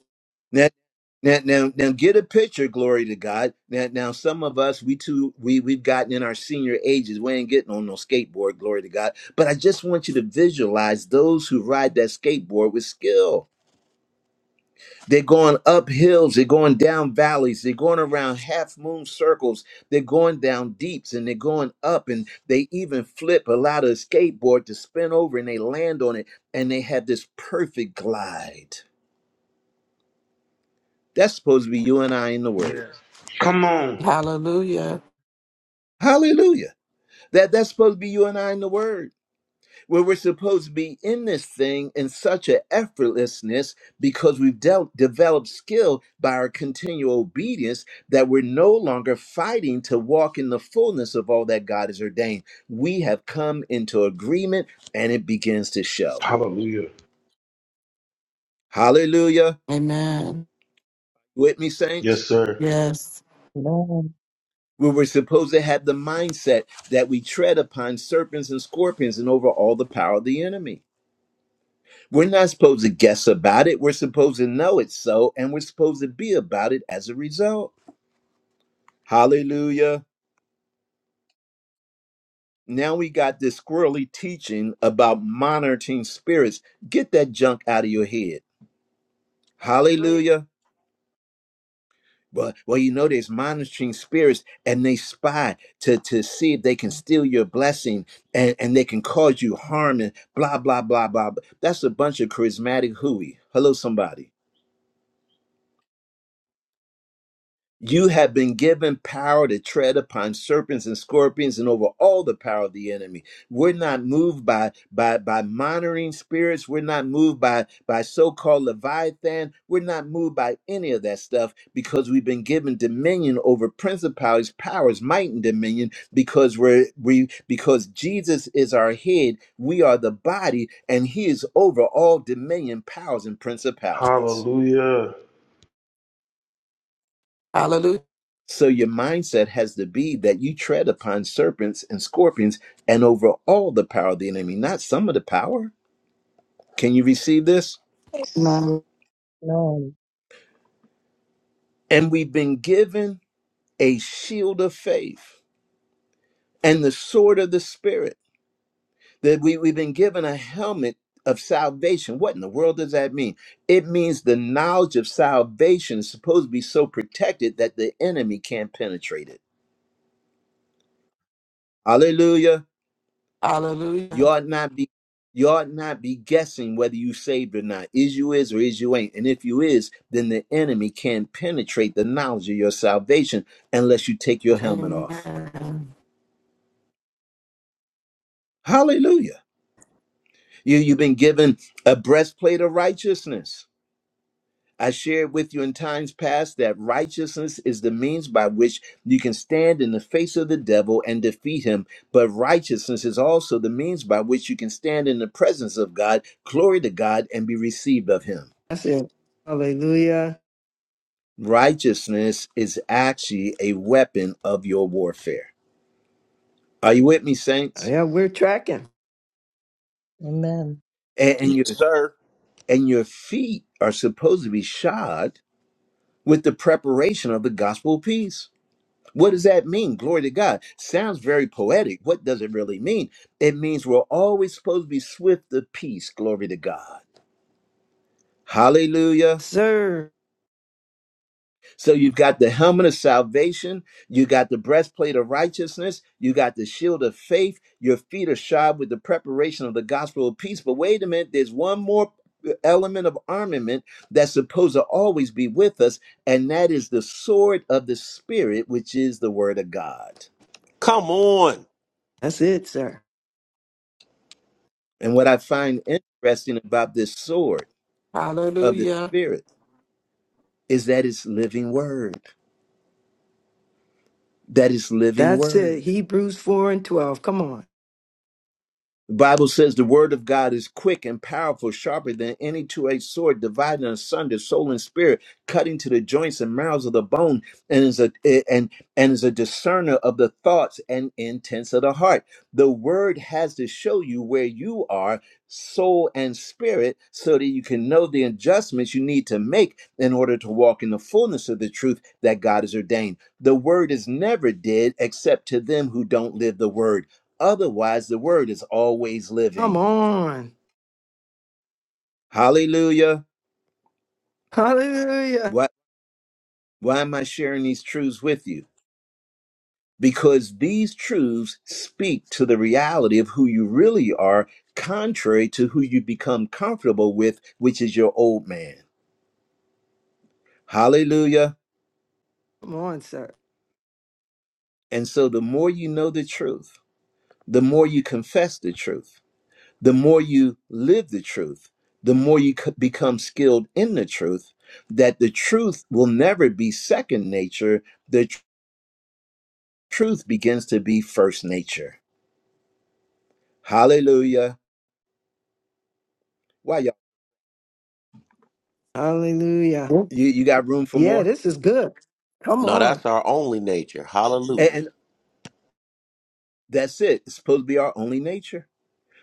A: Now, now, now, now get a picture, glory to God. Now, now some of us, we too, we we've gotten in our senior ages. We ain't getting on no skateboard, glory to God. But I just want you to visualize those who ride that skateboard with skill. They're going up hills, they're going down valleys, they're going around half moon circles, they're going down deeps and they're going up, and they even flip, allow the skateboard to spin over and they land on it, and they have this perfect glide. That's supposed to be you and I in the Word.
C: Yes. Come on.
G: Hallelujah.
A: Hallelujah. That that's supposed to be you and I in the Word. where we're supposed to be in this thing in such an effortlessness because we've dealt, developed skill by our continual obedience that we're no longer fighting to walk in the fullness of all that God has ordained. We have come into agreement and it begins to show.
C: Hallelujah.
A: Hallelujah.
G: Amen.
A: With me,
C: Yes,
A: saints?
C: sir.
G: Yes.
D: Amen.
A: Where we're supposed to have the mindset that we tread upon serpents and scorpions and over all the power of the enemy. We're not supposed to guess about it. We're supposed to know it's so, and we're supposed to be about it as a result. Hallelujah. Now we got this squirrely teaching about monitoring spirits. Get that junk out of your head.
B: I agree.
A: Hallelujah. Well, well, you know, there's monitoring spirits and they spy to, to see if they can steal your blessing and, and they can cause you harm and blah, blah, blah, blah. blah. That's a bunch of charismatic hooey. Hello, somebody. You have been given power to tread upon serpents and scorpions and over all the power of the enemy. We're not moved by by by monitoring spirits. We're not moved by by so-called Leviathan. We're not moved by any of that stuff because we've been given dominion over principalities, powers, might, and dominion because we're we because Jesus is our head, we are the body, and he is over all dominion, powers, and principalities.
C: Hallelujah.
G: Hallelujah.
A: So your mindset has to be that you tread upon serpents and scorpions and over all the power of the enemy, not some of the power. Can you receive this?
F: Amen.
D: Amen.
A: And we've been given a shield of faith and the sword of the spirit. That we, we've been given a helmet of salvation. What in the world does that mean? It means the knowledge of salvation is supposed to be so protected that the enemy can't penetrate it. Hallelujah. You
G: Hallelujah.
A: ought not be you ought not be guessing whether you saved or not. Is you is or is you ain't. And if you is, then the enemy can't penetrate the knowledge of your salvation unless you take your helmet off.
G: Amen.
A: Hallelujah. You you've been given a breastplate of righteousness. I shared with you in times past that righteousness is the means by which you can stand in the face of the devil and defeat him. But righteousness is also the means by which you can stand in the presence of God, glory to God, and be received of him.
H: That's it. Hallelujah.
A: Righteousness is actually a weapon of your warfare. Are you with me, saints?
H: Yeah, we're tracking.
D: Amen.
A: And, and your
I: Yes, sir.
A: and your feet are supposed to be shod with the preparation of the gospel of peace. What does that mean? Glory to God. Sounds very poetic. What does it really mean? It means we're always supposed to be swift of peace. Glory to God. Hallelujah.
H: Yes, Sir.
A: So you've got the helmet of salvation, you got the breastplate of righteousness, you got the shield of faith, your feet are shod with the preparation of the gospel of peace. But wait a minute, there's one more uh, element of armament that's supposed to always be with us, and that is the sword of the spirit, which is the word of God.
I: Come on.
H: That's it, sir.
A: And what I find interesting about this sword of the
G: Hallelujah.
A: spirit is that it's living word. That is living
H: That's it.
A: word.
H: Hebrews 4 and 12. Come on.
A: The Bible says the word of God is quick and powerful, sharper than any two edged sword, dividing asunder soul and spirit, cutting to the joints and marrows of the bone, and is a eh, and and is a discerner of the thoughts and intents of the heart. The word has to show you where you are, soul and spirit, so that you can know the adjustments you need to make in order to walk in the fullness of the truth that God has ordained. The word is never dead except to them who don't live the word Otherwise, the word is always
H: Come
A: living.
H: on.
A: Hallelujah.
H: Hallelujah.
A: Why, why am I sharing these truths with you? Because these truths speak to the reality of who you really are, contrary to who you become comfortable with, which is your old man. Hallelujah.
H: Come on, sir.
A: And so, the more you know the truth, the more you confess the truth, the more you live the truth, the more you c- become skilled in the truth, that the truth will never be second nature The Truth begins to be first nature. Hallelujah. Wow, y'all.
H: Hallelujah.
A: You, you got room for
H: Yeah,
A: more?
H: this is good. Come
I: No,
H: on.
I: that's our only nature.
A: And
I: Hallelujah.
A: that's it. It's supposed to be our only nature.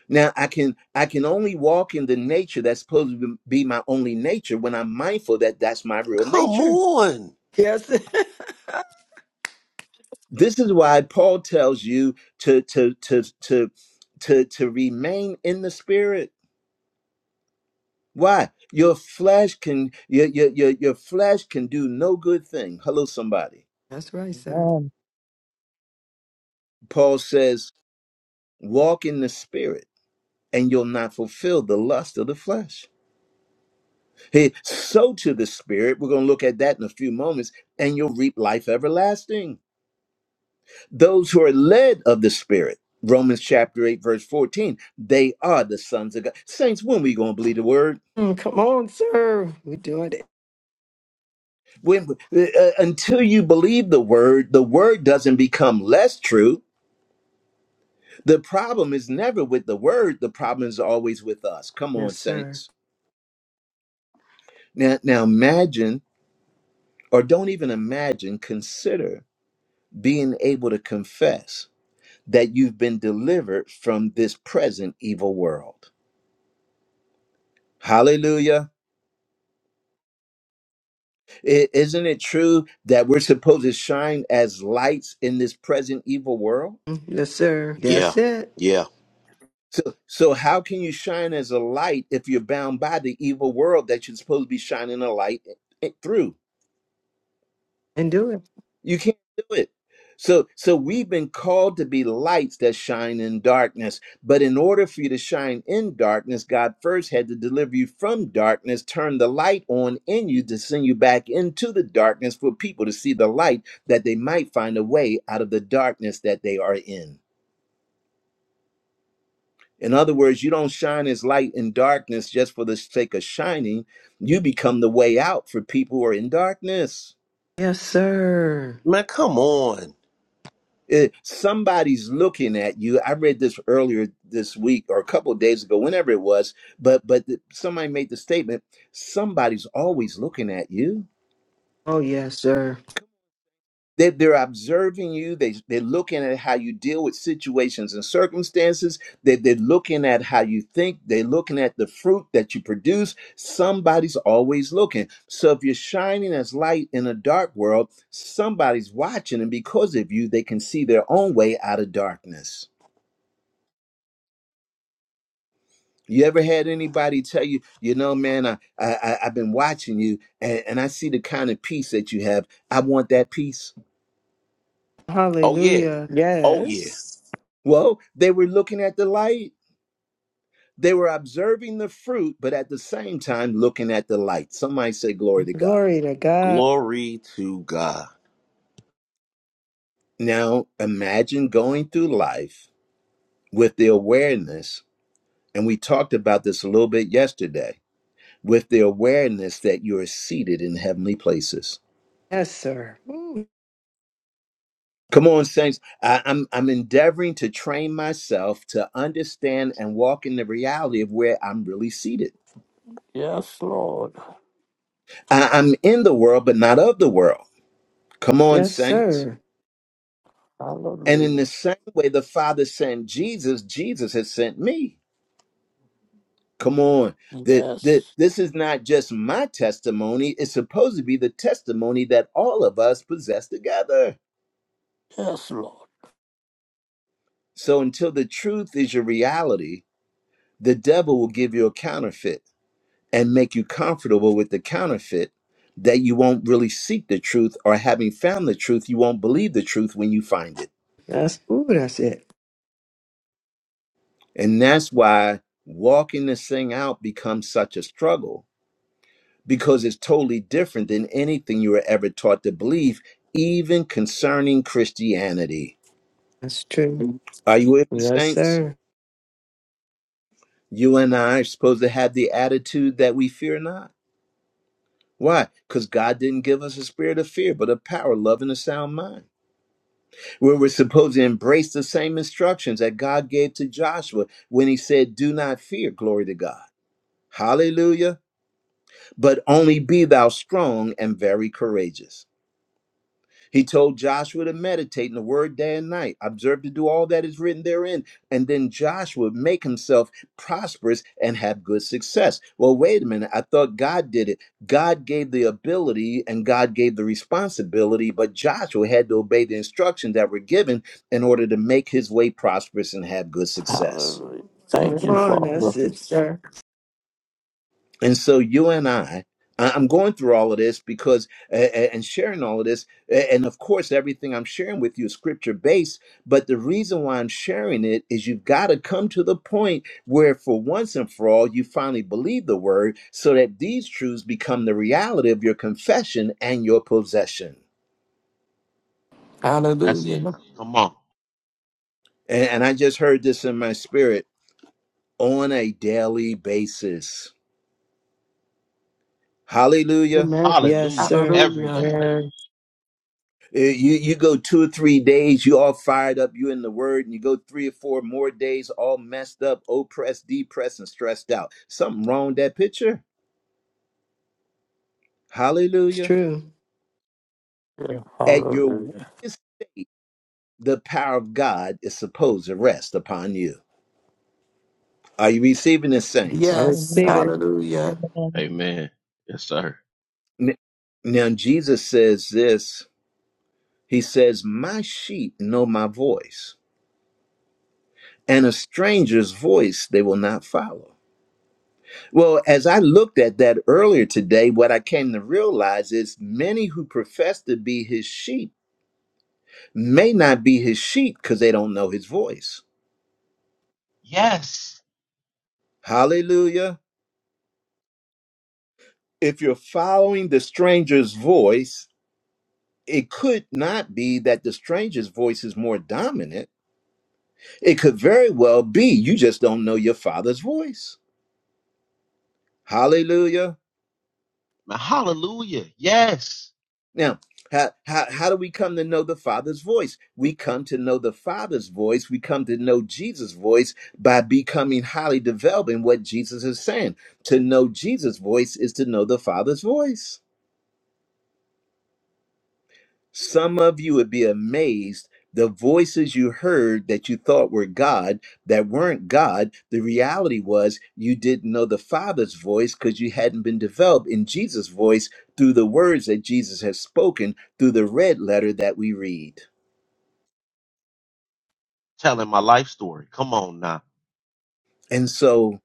A: Now I can I can only walk in the nature that's supposed to be my only nature when I'm mindful that that's my real
I: Come
A: nature.
I: on.
H: Yes.
A: This is why Paul tells you to to to to to to remain in the spirit. Why? Your flesh can your your your, your flesh can do no good thing. Hello somebody.
H: That's right, sir.
D: Amen.
A: Paul says Walk in the Spirit, and you'll not fulfill the lust of the flesh. Hey, sow to the Spirit. We're going to look at that in a few moments, and you'll reap life everlasting. Those who are led of the Spirit, Romans chapter 8, verse 14, they are the sons of God. Saints, when we going to believe the word?
H: Mm, come on, sir. We're doing it.
A: When, uh, uh, until you believe the word, the word doesn't become less true. The problem is never with the word, the problem is always with us. Come on,
H: Yes, sir.
A: saints. Now, now imagine or don't even imagine, consider being able to confess that you've been delivered from this present evil world. Hallelujah. I- isn't it true that we're supposed to shine as lights in this present evil world?
H: Mm, Yes, sir.
I: Yeah.
H: That's it.
I: Yeah.
A: So, so how can you shine as a light if you're bound by the evil world that you're supposed to be shining a light i- through?
H: And do it.
A: You can't do it. So so we've been called to be lights that shine in darkness. But in order for you to shine in darkness, God first had to deliver you from darkness, turn the light on in you to send you back into the darkness for people to see the light that they might find a way out of the darkness that they are in. In other words, you don't shine as light in darkness just for the sake of shining. You become the way out for people who are in darkness.
H: Yes, sir.
I: Man, come on.
A: It, somebody's looking at you. I read this earlier this week or a couple of days ago, whenever it was, but but the, somebody made the statement, somebody's always looking at you.
H: Oh, yes, sir.
A: They, they're observing you. They, they're looking at how you deal with situations and circumstances. They, they're looking at how you think. They're looking at the fruit that you produce. Somebody's always looking. So if you're shining as light in a dark world, somebody's watching. And because of you, they can see their own way out of darkness. You ever had anybody tell you, you know, man, I, I I- I've been watching you, and, and I see the kind of peace that you have. I want that peace.
I: Oh, yeah.
H: Hallelujah.
I: Oh, yeah.
H: Yes.
A: Well, they were looking at the light. They were observing the fruit, but at the same time looking at the light. Somebody say, "Glory to God."
H: Glory to God.
I: Glory to God.
A: Now, imagine going through life with the awareness, and we talked about this a little bit yesterday, with the awareness that you are seated in heavenly places
H: Yes, sir. Ooh,
A: Come on, saints. I, I'm I'm endeavoring to train myself to understand and walk in the reality of where I'm really seated.
E: Yes, Lord.
A: I, I'm in the world, but not of the world. Come on,
H: yes,
A: saints.
H: sir.
A: And in the
E: Hallelujah.
A: same way the Father sent Jesus, Jesus has sent me. Come on. The, the,
E: Yes.
A: this is not just my testimony, it's supposed to be the testimony that all of us possess together.
E: Yes, Lord.
A: So until the truth is your reality, the devil will give you a counterfeit and make you comfortable with the counterfeit that you won't really seek the truth or having found the truth you won't believe the truth when you find it
H: That's ooh, that's it.
A: and that's why walking this thing out becomes such a struggle because it's totally different than anything you were ever taught to believe even concerning christianity
H: That's true.
A: are you with me
H: Yes,
A: saints
H: sir.
A: you and i are supposed to have the attitude that we fear not why because god didn't give us a spirit of fear but a power love and a sound mind where we're supposed to embrace the same instructions that God gave to Joshua when he said, Do not fear, glory to God. Hallelujah. But only be thou strong and very courageous. He told Joshua to meditate in the word day and night, observe to do all that is written therein. And then Joshua would make himself prosperous and have good success. Well, wait a minute. I thought God did it. God gave the ability and God gave the responsibility, but Joshua had to obey the instructions that were given in order to make his way prosperous and have good success.
E: Hallelujah.
H: Come
E: Thank you,
H: on,
E: Father.
H: that's it, sir.
A: And so you and I, I- I'm going through all of this because, a- a- and sharing all of this. a- And of course, everything I'm sharing with you is scripture based. But the reason why I'm sharing it is you've got to come to the point where, for once and for all, you finally believe the word so that these truths become the reality of your confession and your possession.
J: That's it.
G: Hallelujah.
J: Come on.
A: And, and I just heard this in my spirit on a daily basis. Hallelujah.
G: Amen.
H: Yes,
J: Hallelujah.
H: sir.
J: Every
G: Hallelujah.
J: day.
H: Yeah,
A: Uh, You you go two or three days, you all fired up, you in the word, and you go three or four more days, all messed up, oppressed, depressed, and stressed out. Something wrong with that picture.
H: it's
A: Hallelujah.
H: true.
E: Yeah.
A: At your
E: Hallelujah.
A: weakest, the power of God is supposed to rest upon you. Are you receiving this, saints?
H: I
G: Yes.
D: Amen.
H: receive it.
G: Hallelujah.
D: Amen.
J: Amen. Yes, sir.
A: N- Now Jesus says this. He says, "My sheep know my voice, and a stranger's voice they will not follow." Well, as I looked at that earlier today, what I came to realize is many who profess to be his sheep may not be his sheep because they don't know his voice.
J: Yes.
A: Hallelujah. If you're following the stranger's voice, it could not be that the stranger's voice is more dominant. It could very well be you just don't know your father's voice. Hallelujah.
J: Now, hallelujah. Yes.
A: Now, how, how, how do we come to know the Father's voice? We come to know the Father's voice. We come to know Jesus' voice by becoming highly developed in what Jesus is saying. To know Jesus' voice is to know the Father's voice. Some of you would be amazed the voices you heard that you thought were God that weren't God. The reality was you didn't know the Father's voice because you hadn't been developed in Jesus' voice through the words that Jesus has spoken through the red letter that we read.
J: Telling my life story. Come on now.
A: And so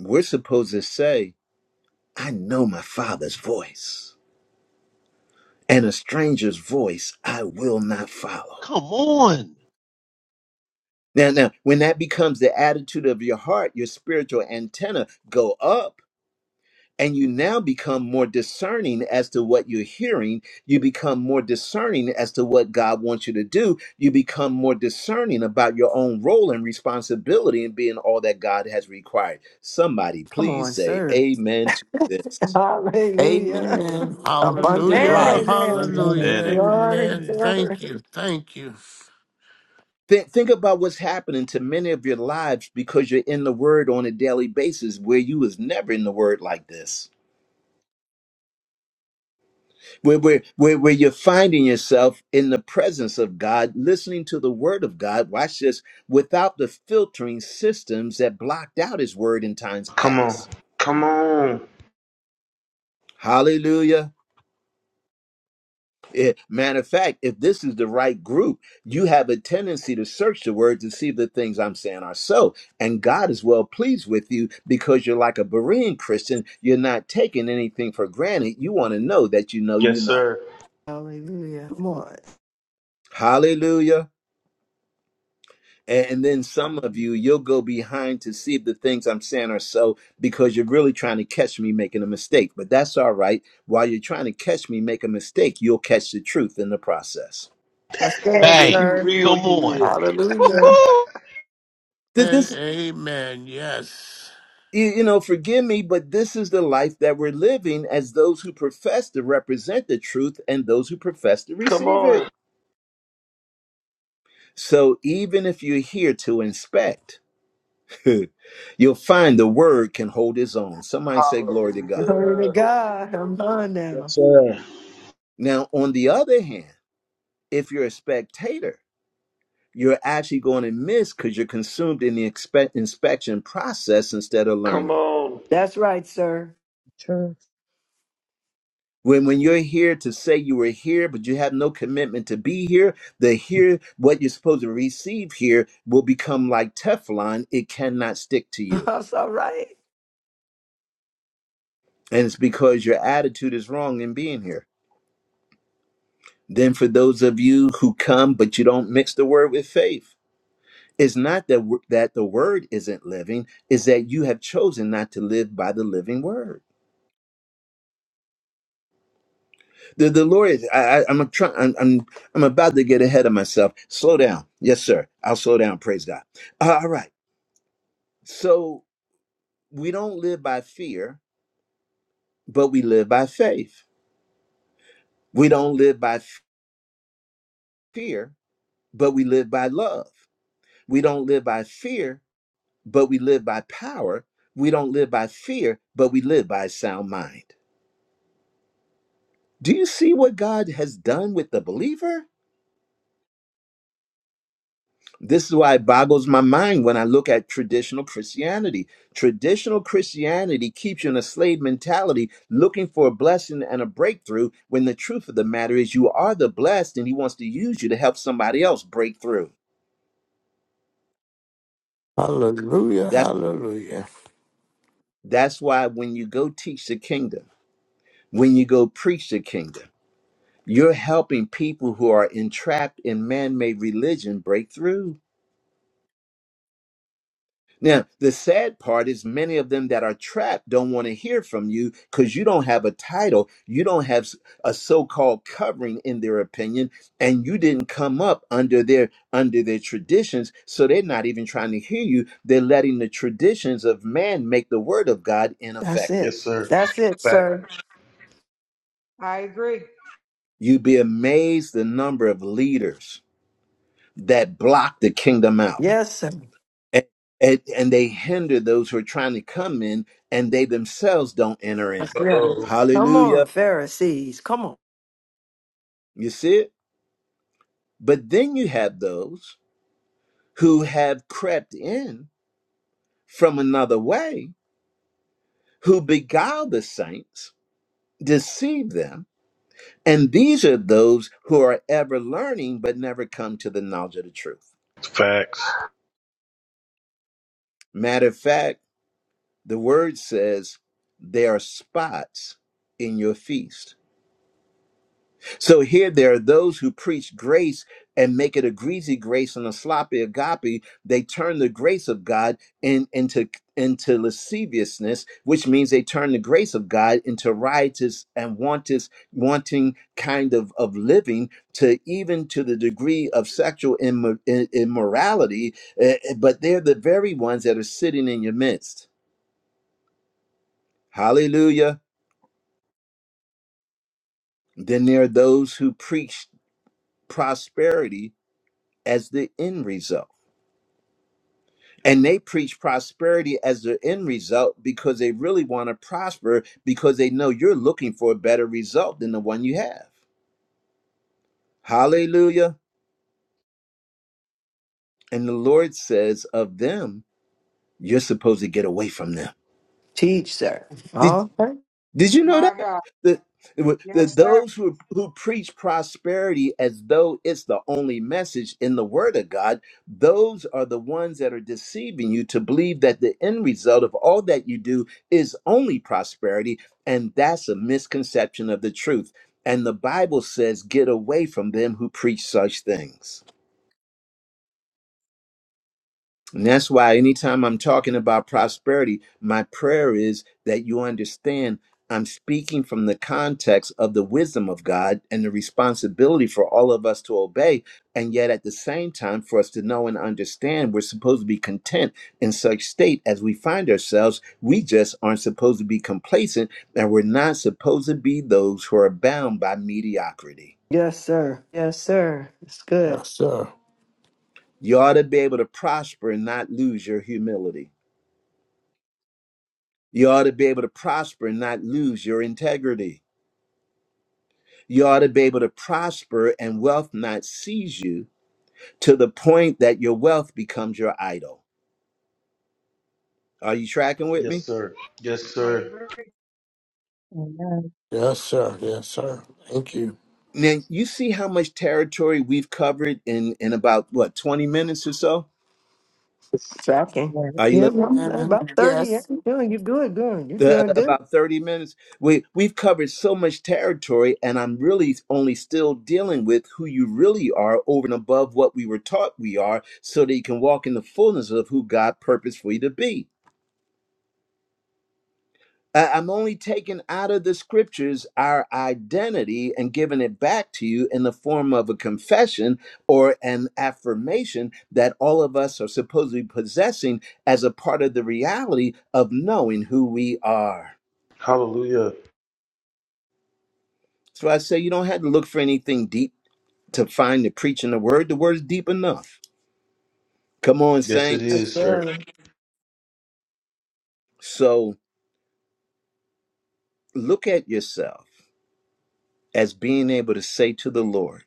A: we're supposed to say, I know my father's voice, and a stranger's voice I will not follow.
J: Come on.
A: Now, now, when that becomes the attitude of your heart, your spiritual antenna go up, and you now become more discerning as to what you're hearing. You become more discerning as to what God wants you to do. You become more discerning about your own role and responsibility in being all that God has required. Somebody,
H: Come
A: please
H: on,
A: say
H: sir.
A: amen to this.
H: Hallelujah.
G: Amen. Abundant
H: Amen,
E: Hallelujah.
J: Amen.
G: life.
H: amen.
E: Hallelujah.
D: Amen.
J: Amen. Amen.
H: Glory,
E: Amen.
J: Amen.
H: glory.
E: Thank you. Thank you.
A: Think, think about what's happening to many of your lives because you're in the word on a daily basis where you was never in the word like this. Where, where, where, where you're finding yourself in the presence of God, listening to the word of God, watch this, without the filtering systems that blocked out his word in times
C: Come on.
A: past.
C: Come on.
A: Hallelujah. It, matter of fact, if this is the right group, you have a tendency to search the word to see if the things I'm saying are so. And God is well pleased with you because you're like a Berean Christian. You're not taking anything for granted. You want to know that you know you
C: Yes,
A: know.
C: sir.
H: Hallelujah. Come on.
A: Hallelujah. And and then some of
J: Hallelujah.
A: you, you'll go behind to see if the things I'm saying are so because you're really trying to catch me making a mistake. But that's all right. While you're trying to catch me make a mistake, you'll catch the truth in the process.
H: I said,
C: Yeah, you
J: Bang.
H: sir.
C: real,
J: Come
C: you
J: on.
C: real.
G: Hallelujah.
J: Woo-hoo.
A: Did
E: And
A: this?
E: amen. Yes.
A: you, you know, forgive me, but this is the life that we're living as those who profess to represent the truth and those who profess to
C: Come
A: receive it.
C: on.
A: So even if you're here to inspect, you'll find the word can hold its own. Somebody say, Glory to God.
H: Glory to
C: Hallelujah.
H: God. I'm done now.
K: Yes, sir.
A: Now, on the other hand, if you're a spectator, you're actually going to miss because you're consumed in the expe- inspection process instead of
C: Come
A: learning.
C: on.
H: That's right, sir.
D: Truth.
A: When, when you're here to say you were here, but you have no commitment to be here, the here, what you're supposed to receive here, will become like Teflon. It cannot stick to you.
H: That's all right.
A: And it's because your attitude is wrong in being here. Then, for those of you who come, but you don't mix the word with faith, it's not that, w- that the word isn't living, it's that you have chosen not to live by the living word. The the Lord, I, I, I'm trying. I'm, I'm I'm about to get ahead of myself. Slow down, yes, sir. I'll slow down. Praise God. Uh, all right. So we don't live by fear, but we live by faith. We don't live by f- fear, but we live by love. We don't live by fear, but we live by power. We don't live by fear, but we live by sound mind. Do you see what God has done with the believer? This is why it boggles my mind when I look at traditional Christianity. Traditional Christianity keeps you in a slave mentality, looking for a blessing and a breakthrough, when the truth of the matter is you are the blessed and he wants to use you to help somebody else break through.
E: Hallelujah.
A: That's
E: Hallelujah.
A: that's why when you go teach the kingdom, when you go preach the kingdom, you're helping people who are entrapped in man-made religion break through. Now, the sad part is many of them that are trapped don't want to hear from you because you don't have a title. You don't have s- a so-called covering in their opinion, and you didn't come up under their under their traditions, so they're not even trying to hear you. They're letting the traditions of man make the word of God
H: That's it.
C: Yes,
A: ineffective.
C: sir.
H: That's it,
C: Back.
H: sir.
A: You'd be amazed the number of leaders that block the kingdom out.
H: Yes, sir.
A: and, and and they hinder those who are trying to come in and they themselves don't enter in
H: That's it.
C: Uh-oh.
H: Come
A: hallelujah
H: on, Pharisees. Come on.
A: you see it but then you have those who have crept in from another way who beguile the saints deceive them and these are those who are ever learning but never come to the knowledge of the truth
C: Facts.
A: matter of fact the word says there are spots in your feast So here there are those who preach grace and make it a greasy grace and a sloppy agape. They turn the grace of God in, into into lasciviousness, which means they turn the grace of God into riotous and wantous, wanting kind of of living to even to the degree of sexual immo- i- immorality. Eh, eh, But they're the very ones that are sitting in your midst. Hallelujah. Then there are those who preach prosperity as the end result And they preach prosperity as their end result because they really want to prosper because they know you're looking for a better result than the one you have. Hallelujah. And the Lord says of them, you're supposed to get away from them.
H: Teach, sir.
A: Did,
H: Okay.
A: Did you know
B: My
A: that?
B: God.
A: The, the,
B: Yes, sir.
A: those who, who preach prosperity as though it's the only message in the Word of God, those are the ones that are deceiving you to believe that the end result of all that you do is only prosperity. And that's a misconception of the truth. And the Bible says, get away from them who preach such things. And that's why anytime I'm talking about prosperity, my prayer is that you understand I'm speaking from the context of the wisdom of God and the responsibility for all of us to obey. And yet at the same time, for us to know and understand, we're supposed to be content in such state as we find ourselves. We just aren't supposed to be complacent and we're not supposed to be those who are bound by mediocrity.
H: Yes, sir. Yes, sir. It's good.
E: Yes, sir.
A: You ought to be able to prosper and not lose your humility. You ought to be able to prosper and not lose your integrity. You ought to be able to prosper and wealth not seize you to the point that your wealth becomes your idol. Are you tracking with
C: Yes,
A: me?
C: sir. Yes,
B: I
C: sir.
B: agree.
D: Amen.
E: Yes, sir. Yes, sir. Thank you.
A: Now, you see how much territory we've covered in, in about, what, 20 minutes or so?
H: It's tracking.
D: Yes,
A: Are you
H: Yeah,
A: listening?
H: well,
G: Amen.
H: about 30. Yeah,
G: Yes.
H: you're doing, you're good, good. You're
A: the, uh,
H: doing good.
A: about 30 minutes. We we've covered so much territory and I'm really only still dealing with who you really are over and above what we were taught we are so that you can walk in the fullness of who God purposed for you to be. I- I'm only taking out of the scriptures our identity and giving it back to you in the form of a confession or an affirmation that all of us are supposedly possessing as a part of the reality of knowing who we are.
C: Hallelujah.
A: So I say you don't have to look for anything deep to find the preaching the word. The word is deep enough. Come on,
C: Yes, it
A: saints.
H: Yes,
C: is, sir.
H: sir.
A: So look at yourself as being able to say to the Lord,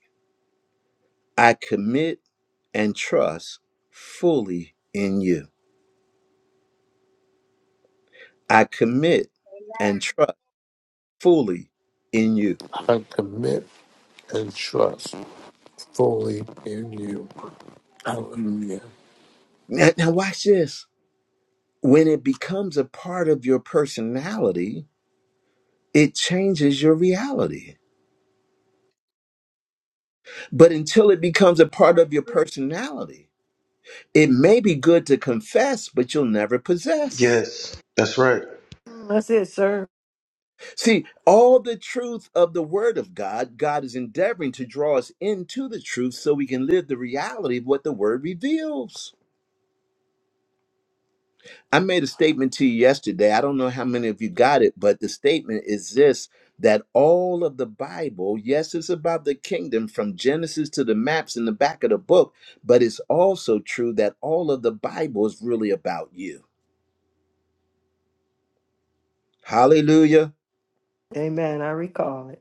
A: I commit and trust fully in you. I commit and trust fully in you.
E: I commit and trust fully in you. Hallelujah.
A: Now, now watch this. When it becomes a part of your personality, it changes your reality. But until it becomes a
B: I
A: part of your
B: agree.
A: personality, It may be good to confess, but you'll never possess.
C: Yes. That's right.
H: That's it, sir.
A: See, all the truth of the Word of God, God is endeavoring to draw us into the truth so we can live the reality of what the Word reveals. I made a statement to you yesterday. I don't know how many of you got it, but the statement is this that all of the Bible, yes, it's about the kingdom from Genesis to the maps in the back of the book, but it's also true that all of the Bible is really about you. Hallelujah.
H: Amen. I recall it.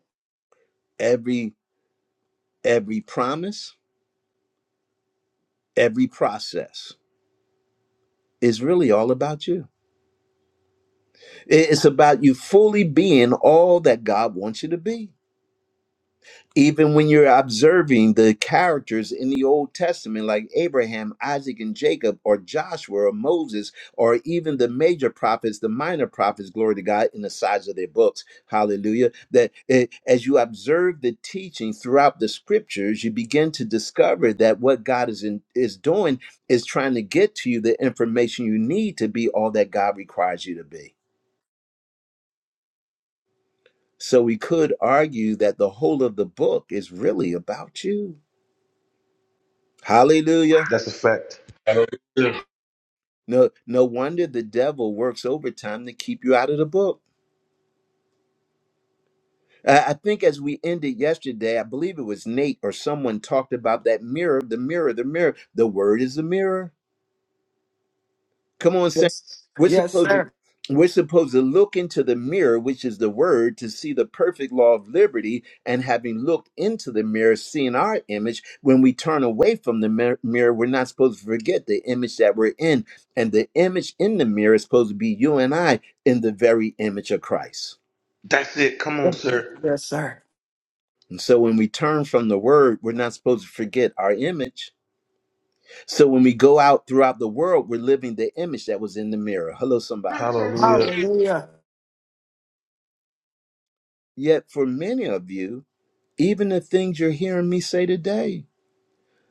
A: Every every promise, every process is really all about you. It's about you fully being all that God wants you to be. even when you're observing the characters in the Old Testament, like Abraham, Isaac, and Jacob, or Joshua, or Moses, or even the major prophets, the minor prophets, glory to God, in the size of their books, hallelujah. That eh, as you observe the teaching throughout the scriptures, you begin to discover that what God is, in, is doing is trying to get to you the information you need to be all that God requires you to be. So we could argue that the whole of the book is really about you. Hallelujah.
C: That's a fact. Yeah.
A: No, no wonder the devil works overtime to keep you out of the book. I I think as we ended yesterday, I believe it was Nate or someone talked about that mirror, the mirror, the mirror. The word is the mirror. Come on, Saint.
H: Yes,
A: We're
H: yes,
A: supposed to
H: sir.
A: we're supposed to look into the mirror, which is the word, to see the perfect law of liberty. And having looked into the mirror, seeing our image, when we turn away from the mir- mirror, we're not supposed to forget the image that we're in. And the image in the mirror is supposed to be you and I in the very image of Christ.
C: That's it. Come on, sir.
H: Yes, sir.
A: And so when we turn from the word, we're not supposed to forget our image. So when we go out throughout the world, we're living the image that was in the mirror. Hello, somebody.
C: Hallelujah.
H: Hallelujah.
A: Yet for many of you, Even the things you're hearing me say today,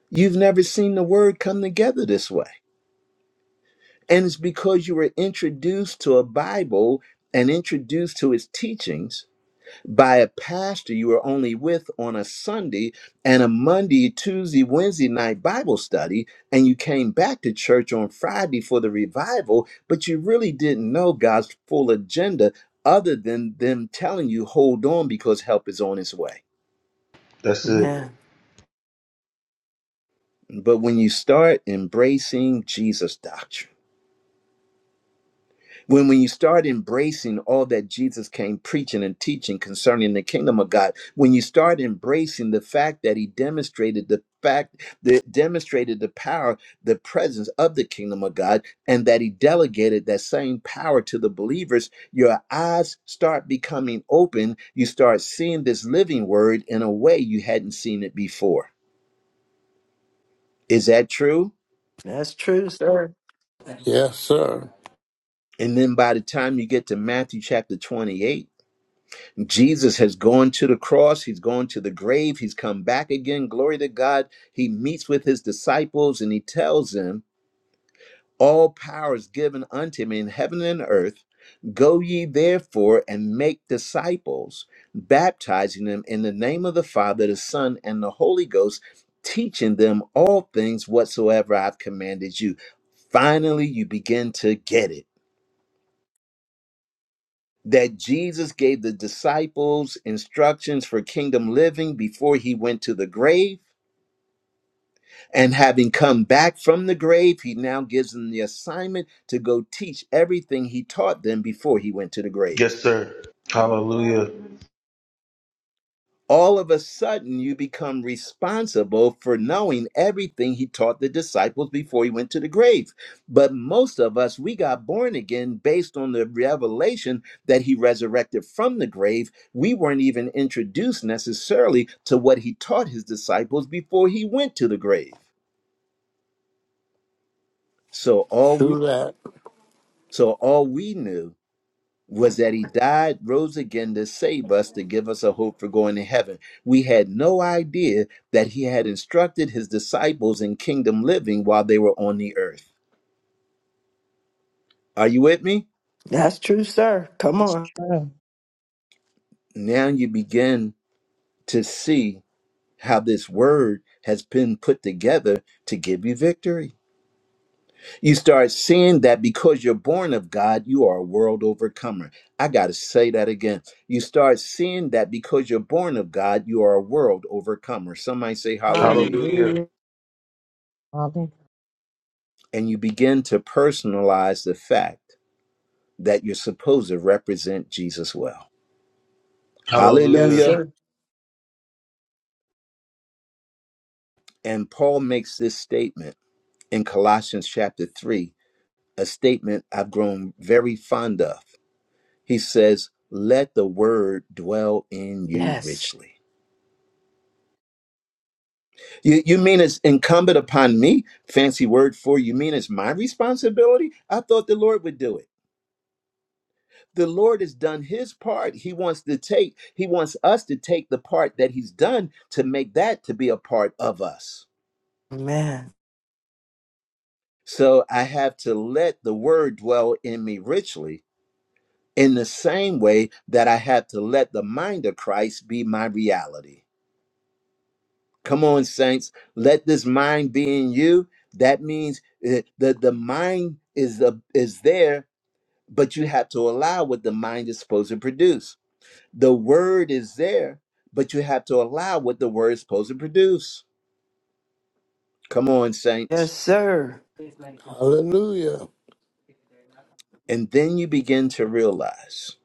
A: you've never seen the word come together this way. And it's because you were introduced to a Bible and introduced to its teachings by a pastor you were only with on a Sunday and a Monday, Tuesday, Wednesday night Bible study. And you came back to church on Friday for the revival, but you really didn't know God's full agenda other than them telling you, hold on because help is on its way.
C: That's it.
H: Man,
A: But when you start embracing Jesus' doctrine, when when you start embracing all that Jesus came preaching and teaching concerning the kingdom of God, when you start embracing the fact that he demonstrated the fact that demonstrated the power, the presence of the kingdom of God, and that he delegated that same power to the believers, your eyes start becoming open. You start seeing this living word in a way you hadn't seen it before. Is that true?
H: that's true, sir.
E: Yes, sir.
A: And then by the time you get to Matthew chapter 28, Jesus has gone to the cross, he's gone to the grave, he's come back again. Glory to God. He meets with his disciples and he tells them, All power is given unto me in heaven and earth. Go ye therefore and make disciples, baptizing them in the name of the Father, the Son, and the Holy Ghost, teaching them all things whatsoever I've commanded you. Finally, you begin to get it that Jesus gave the disciples instructions for kingdom living before he went to the grave. And having come back from the grave, he now gives them the assignment to go teach everything he taught them before he went to the grave.
C: Yes, sir. Hallelujah.
A: all of a sudden you become responsible for knowing everything he taught the disciples before he went to the grave. But most of us, we got born again based on the revelation that he resurrected from the grave. We weren't even introduced necessarily to what he taught his disciples before he went to the grave. So all we
E: True that.
A: so all we knew was that he died, rose again to save us, to give us a hope for going to heaven. We had no idea that he had instructed his disciples in kingdom living while they were on the earth. Are you with me?
H: That's true, sir. Come
D: that's
H: on.
D: true.
A: Now you begin to see how this word has been put together to give you victory. You start seeing that because you're born of God, you are a world overcomer. I got to say that again. You start seeing that because you're born of God, you are a world overcomer. Somebody say hallelujah.
C: Hallelujah.
H: Hallelujah.
D: Hallelujah.
A: And you begin to personalize the fact that you're supposed to represent Jesus well.
H: Yes,
C: Hallelujah.
A: Hallelujah.
H: sir.
A: And Paul makes this statement in Colossians chapter 3, a statement I've grown very fond of. He says, Let the word dwell in you
H: Yes.
A: richly. You, you mean it's incumbent upon me? Fancy word for you mean it's my responsibility? I thought the Lord would do it. The Lord has done his part. He wants to take, he wants us to take the part that he's done to make that to be a part of us.
H: Man.
A: So I have to let the word dwell in me richly in the same way that I have to let the mind of Christ be my reality. Come on, saints. Let this mind be in you. That means uh, the the mind is the is there, but you have to allow what the mind is supposed to produce. The word is there, but you have to allow what the word is supposed to produce. Come on,
H: Yes,
A: saints.
H: sir.
E: Hallelujah.
A: And then you begin to realize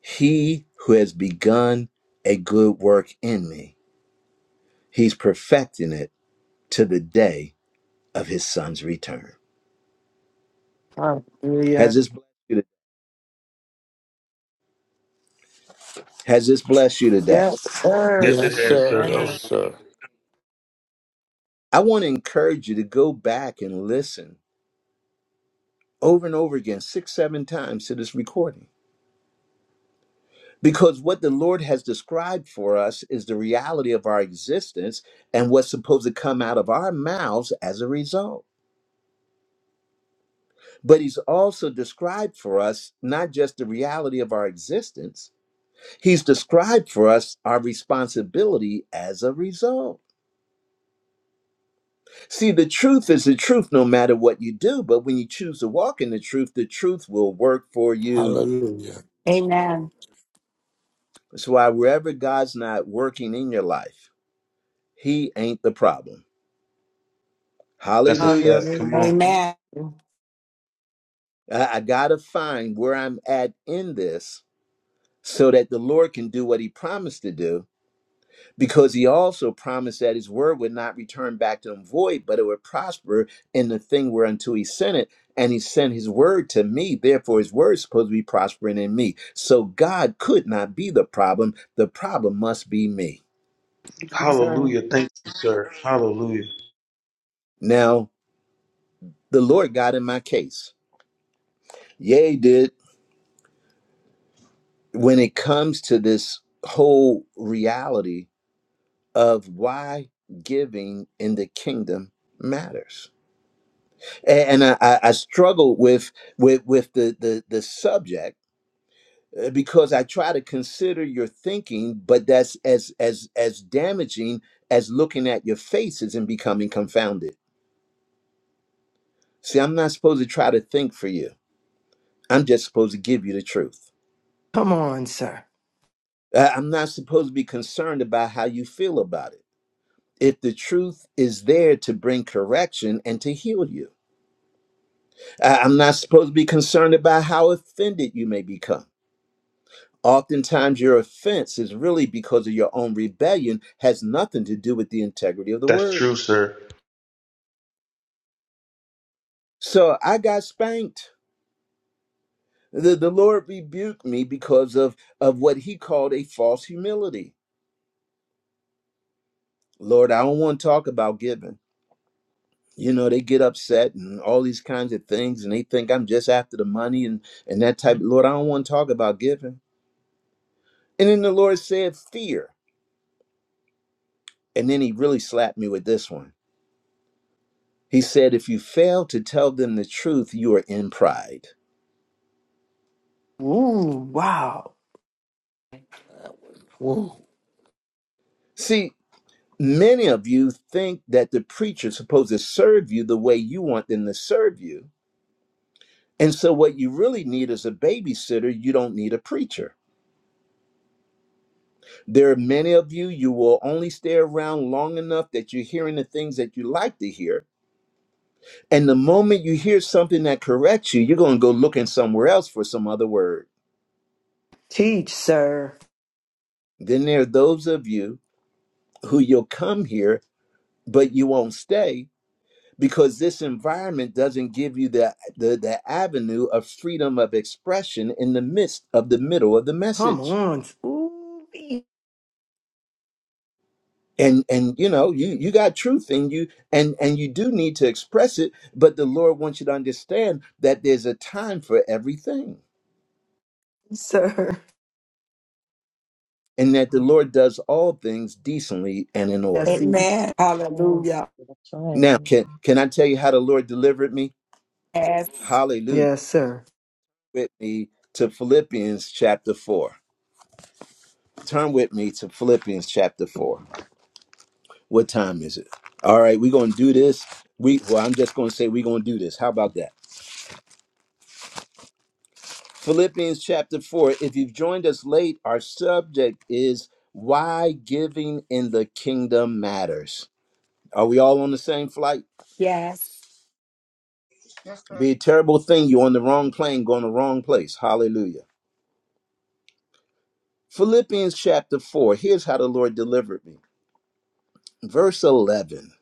A: he who has begun a good work in me, he's perfecting it to the day of his son's return. Has
H: Hallelujah.
A: this blessed you, has this blessed you today?
H: Yes, sir.
C: Yes,
E: Yes,
C: it has,
E: sir.
C: sir.
E: Yes,
H: Man.
C: Hallelujah.
E: sir.
A: I want to encourage you to go back and listen over and over again, six, seven times to this recording. Because what the Lord has described for us is the reality of our existence and what's supposed to come out of our mouths as a result. But He's also described for us not just the reality of our existence, He's described for us our responsibility as a result. See, the truth is the truth no matter what you do, but when you choose to walk in the truth, the truth will work for you.
E: Hallelujah.
F: Amen.
A: That's why wherever God's not working in your life, He ain't the problem.
C: That's a
A: Hallelujah.
C: fact. Come
H: Hallelujah.
C: on.
F: Amen.
A: I, I gotta find where I'm at in this so that the Lord can do what he promised to do, because he also promised that his word would not return back to him void, but it would prosper in the thing whereunto he sent it. And he sent his word to me, therefore his word is supposed to be prospering in me. So God could not be the problem. The problem must be me.
H: Yes, sir.
C: Hallelujah. Thank you, sir. Hallelujah.
A: Now, the Lord got in my case Yeah, he did. When it comes to this whole reality of why giving in the kingdom matters, A- and I, I I struggle with with with the the, the subject uh, because I try to consider your thinking, but that's as as as damaging as looking at your faces and becoming confounded. See, I'm not supposed to try to think for you. I'm just supposed to give you the truth.
H: Come on, sir.
A: Uh, I'm not supposed to be concerned about how you feel about it. if the truth is there to bring correction and to heal you. I- I'm not supposed to be concerned about how offended you may become. Oftentimes, your offense is really because of your own rebellion, has nothing to do with the integrity of the
C: That's
A: word.
C: true, sir.
A: So I got spanked. The, the Lord rebuked me because of, of what he called a false humility. Lord, I don't want to talk about giving. You know, they get upset and all these kinds of things, and they think I'm just after the money and, and that type. Lord, I don't want to talk about giving. And then the Lord said, Fear. And then he really slapped me with this one. He said, If you fail to tell them the truth, you are in pride.
H: Ooh, wow.
E: Woo.
A: See, many of you think that the preacher's supposed to serve you the way you want them to serve you. And so, what you really need is a babysitter. You don't need a preacher. There are many of you, you will only stay around long enough that you're hearing the things that you like to hear. And the moment you hear something that corrects you, you're going to go looking somewhere else for some other word.
H: Teach, sir.
A: Then there are those of you who you'll come here, but you won't stay because this environment doesn't give you the, the, the avenue of freedom of expression in the midst of the middle of the
H: Come
A: message.
H: on. Ooh,
A: And and you know, you you got truth in you and and you do need to express it, but the Lord wants you to understand that there's a time for everything
H: sir.
A: and that the Lord does all things decently and in
H: Yes,
A: order.
H: he.
F: Amen. Hallelujah.
D: That's
A: Now,
D: right.
A: can can I tell you how the Lord delivered me?
F: Yes.
A: Hallelujah.
H: Yes, sir.
A: with me to Philippians chapter 4. Turn with me to Philippians chapter 4. What time is it? All right, we're going to do this. We well, I'm just going to say we're going to do this. How about that? Philippians chapter 4. If you've joined us late, our subject is why giving in the kingdom matters. Are we all on the same flight?
F: Yes.
B: Yes, sir.
A: Be a terrible thing you're on the wrong plane, going the wrong place. Hallelujah. Philippians chapter 4. Here's how the Lord delivered me. Verse 11.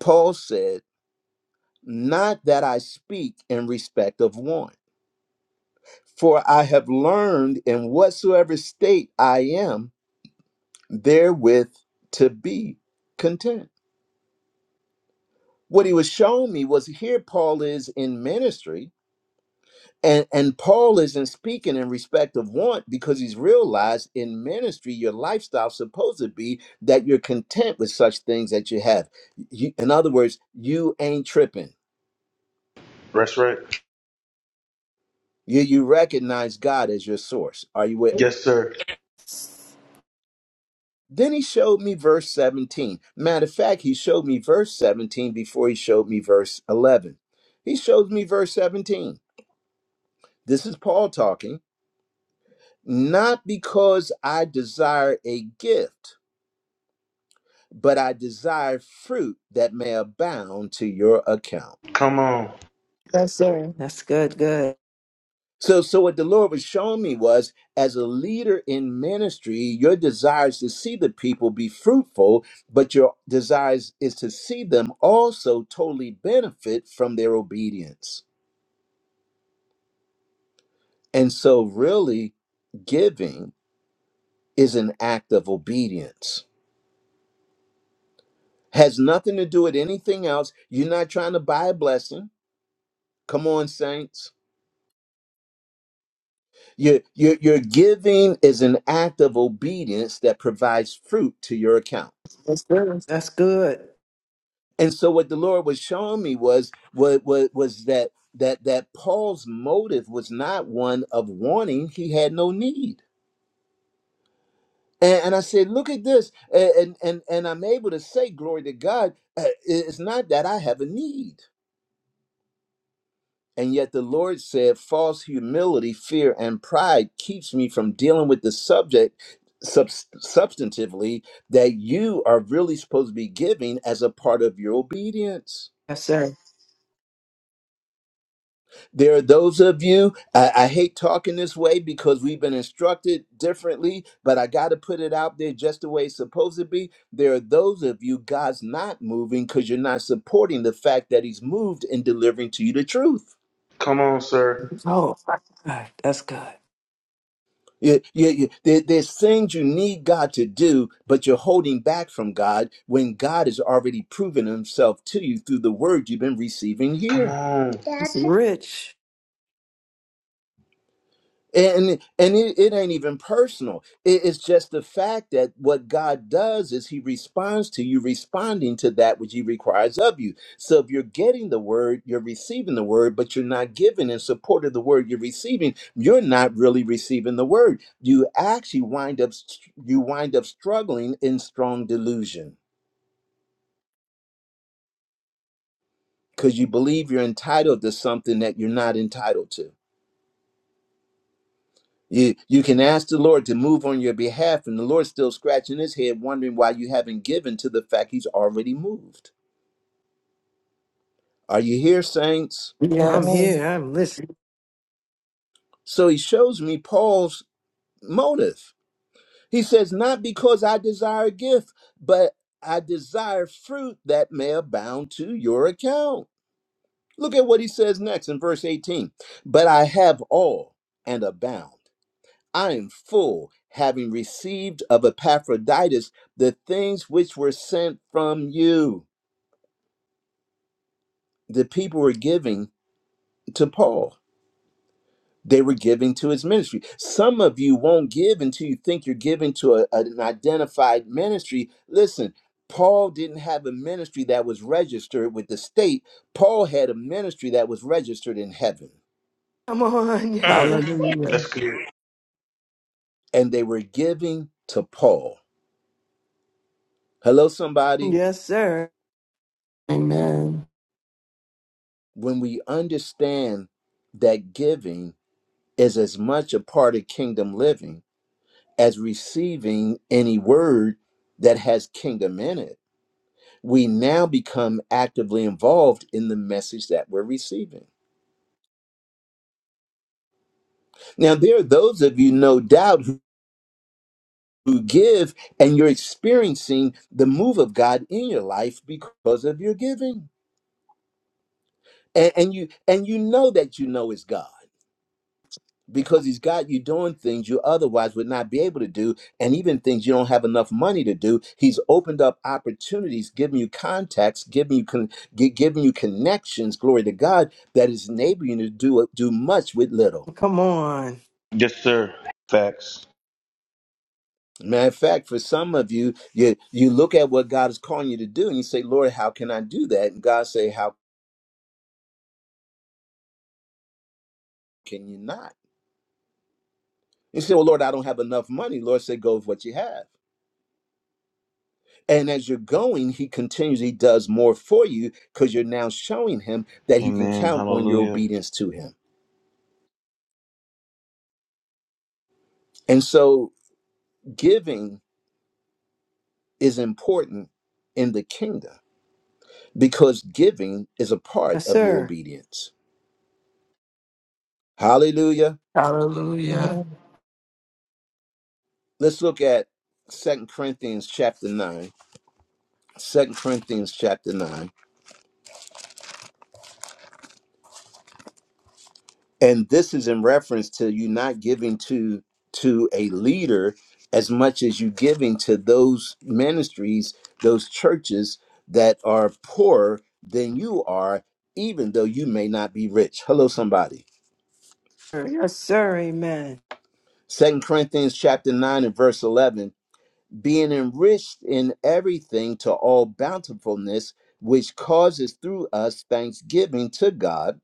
A: Paul said, not that I speak in respect of one. For I have learned in whatsoever state I am, therewith to be content. What he was showing me was here Paul is in ministry, and, and Paul isn't speaking in respect of want because he's realized in ministry, your lifestyle's supposed to be that you're content with such things that you have. You, in other words, you ain't tripping.
C: That's right.
A: You, you recognize God as your source. Are you with me?
C: Yes, sir.
A: Then he showed me verse 17. Matter of fact, he showed me verse 17 before he showed me verse 11. He showed me verse 17. This is Paul talking. Not because I desire a gift, but I desire fruit that may abound to your account.
C: Come on.
H: Yes, sir. That's good. Good.
A: So, so what the Lord was showing me was, as a leader in ministry, your desire is to see the people be fruitful, but your desire is to see them also totally benefit from their obedience. And so, really, giving is an act of obedience. Has nothing to do with anything else. You're not trying to buy a blessing. Come on, saints. Your, your, your giving is an act of obedience that provides fruit to your account.
H: Yes, sir. That's good.
A: And so what the Lord was showing me was was was, was that that that Paul's motive was not one of wanting; he had no need. And, and I said, "Look at this," and and and and I'm able to say, "Glory to God." uh, It's not that I have a need, and yet the Lord said, "False humility, fear, and pride keeps me from dealing with the subject." subs- substantively that you are really supposed to be giving as a part of your obedience
H: Yes, sir.
A: There are those of you, I, I hate talking this way because we've been instructed differently, but I got to put it out there just the way it's supposed to be. There are those of you, God's not moving because you're not supporting the fact that He's moved in delivering to you the truth.
C: Come on, sir.
H: Oh, God. That's good.
A: You- you- you- there- there's things you need God to do, but you're holding back from God when God has already proven Himself to you through the word you've been receiving
C: Come
A: here.
C: on.
H: It's Rich,
A: and and it, it ain't even personal It- it's just the fact that what god does is he responds to you responding to that which he requires of you so if you're getting the word you're receiving the word but you're not giving in support of the word you're receiving you're not really receiving the word you actually wind up st- you wind up struggling in strong delusion because you believe you're entitled to something that you're not entitled to You you can ask the Lord to move on your behalf, and the Lord's still scratching his head, wondering why you haven't given to the fact he's already moved. Are you here, saints?
H: I'm
D: Amen.
H: here.
G: Yes.
H: I'm listening.
A: So he shows me Paul's motive. He says, Not because I desire a gift, but I desire fruit that may abound to your account. Look at what he says next in verse 18. But I have all and abound. I am full, having received of Epaphroditus the things which were sent from you. The people were giving to Paul, they were giving to his ministry. Some of you won't give until you think you're giving to a- an identified ministry. Listen, Paul didn't have a ministry that was registered with the state, Paul had a ministry that was registered in heaven,
H: Come on. Yes, sir.
C: Mm.
G: Hallelujah.
C: That's good.
A: and they were giving to Paul. Hello, somebody.
H: Yes, sir.
G: Amen.
A: When we understand that giving, is as much a part of kingdom living as receiving any word that has kingdom in it. We now become actively involved in the message that we're receiving. Now, there are those of you, no doubt, who, who give and you're experiencing the move of God in your life because of your giving. And, and you and you know that you know it's God. because he's got you doing things you otherwise would not be able to do and even things you don't have enough money to do he's opened up opportunities giving you contacts giving you con- gi- giving you connections glory to god that is enabling you to do do much with little
H: Come on.
C: Yes, sir. Facts.
A: matter of fact for some of you you you look at what god is calling you to do and you say lord how can i do that and god say how can you not you say well lord i don't have enough money lord say go with what you have And as you're going, he continues, he does more for you because you're now showing him that he can
C: Amen.
A: count on your
C: Hallelujah.
A: obedience to him. And so giving is important in the kingdom because giving is a part
H: Yes,
A: of your
H: sir.
A: obedience. Hallelujah.
G: Hallelujah.
D: Amen.
A: Let's look at Second Corinthians chapter 9. Second Corinthians chapter 9. and this is in reference to you not giving to to a leader as much as you giving to those ministries those churches that are poorer than you are even though you may not be rich hello somebody
H: Yes, sir. Amen.
A: second corinthians chapter 9 and verse 11 being enriched in everything to all bountifulness which causes through us thanksgiving to god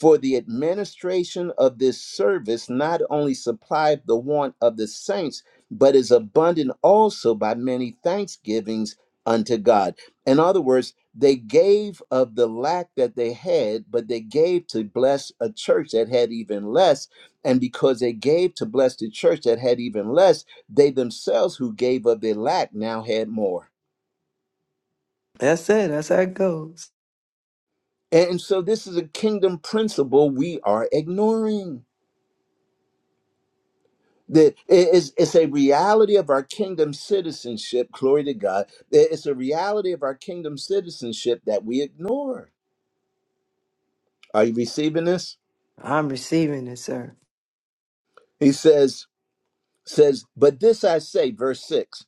A: For the administration of this service not only supplied the want of the saints, but is abundant also by many thanksgivings unto God. In other words, they gave of the lack that they had, but they gave to bless a church that had even less. And because they gave to bless the church that had even less, they themselves who gave of their lack now had more.
H: That's it. That's how it goes.
A: And so this is a kingdom principle we are ignoring. That it is it's a reality of our kingdom citizenship, glory to God. It's a reality of our kingdom citizenship that we ignore. Are you receiving this?
H: I'm receiving it, sir.
A: He says, says, but this I say, verse 6.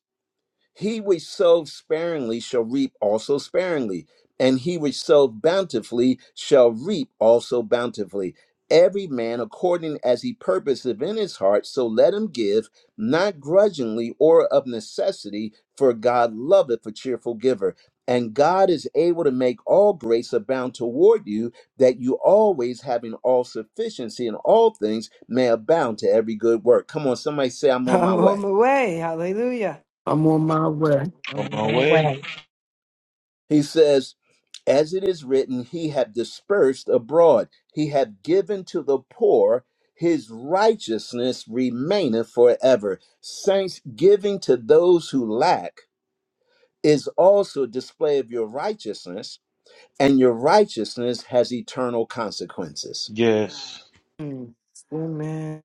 A: He which sows sparingly shall reap also sparingly, and he which sows bountifully shall reap also bountifully. Every man according as he purposeth in his heart, so let him give, not grudgingly or of necessity, for God loveth a cheerful giver. And God is able to make all grace abound toward you, that you always having all sufficiency in all things may abound to every good work. Come on, somebody say, I'm on my
H: I'm
A: way.
H: on my way. Hallelujah.
G: I'm on my way.
D: I'm
C: On
D: on
C: my
D: my
C: way.
D: way.
A: He says, As it is written, he hath dispersed abroad, he hath given to the poor, his righteousness remaineth forever. Saints giving to those who lack is also a display of your righteousness, and your righteousness has eternal consequences.
C: Yes.
H: Mm. Amen.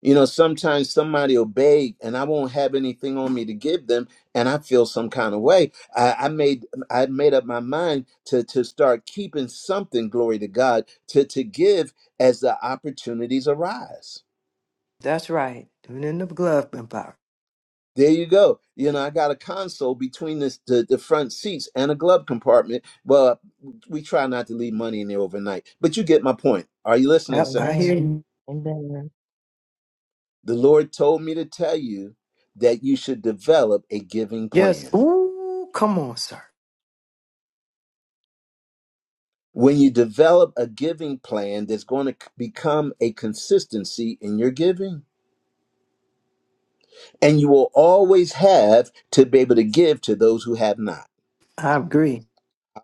A: You know, sometimes somebody will beg and I won't have anything on me to give them, and I feel some kind of way. I, I made I made up my mind to to start keeping something, glory to God, to to give as the opportunities arise.
H: That's right. Doing it in the glove and power.
A: There you go. You know, I got a console between this, the, the front seats and a glove compartment. Well, we try not to leave money in there overnight, but you get my point. Are you listening,
H: Yep, I
D: Amen.
A: saints?
H: hear you.
D: Amen.
A: The Lord told me to tell you that you should develop a giving
H: Yes.
A: plan.
H: Ooh, come on, sir.
A: When you develop a giving plan, there's going to become a consistency in your giving, and you will always have to be able to give to those who have not.
H: I agree.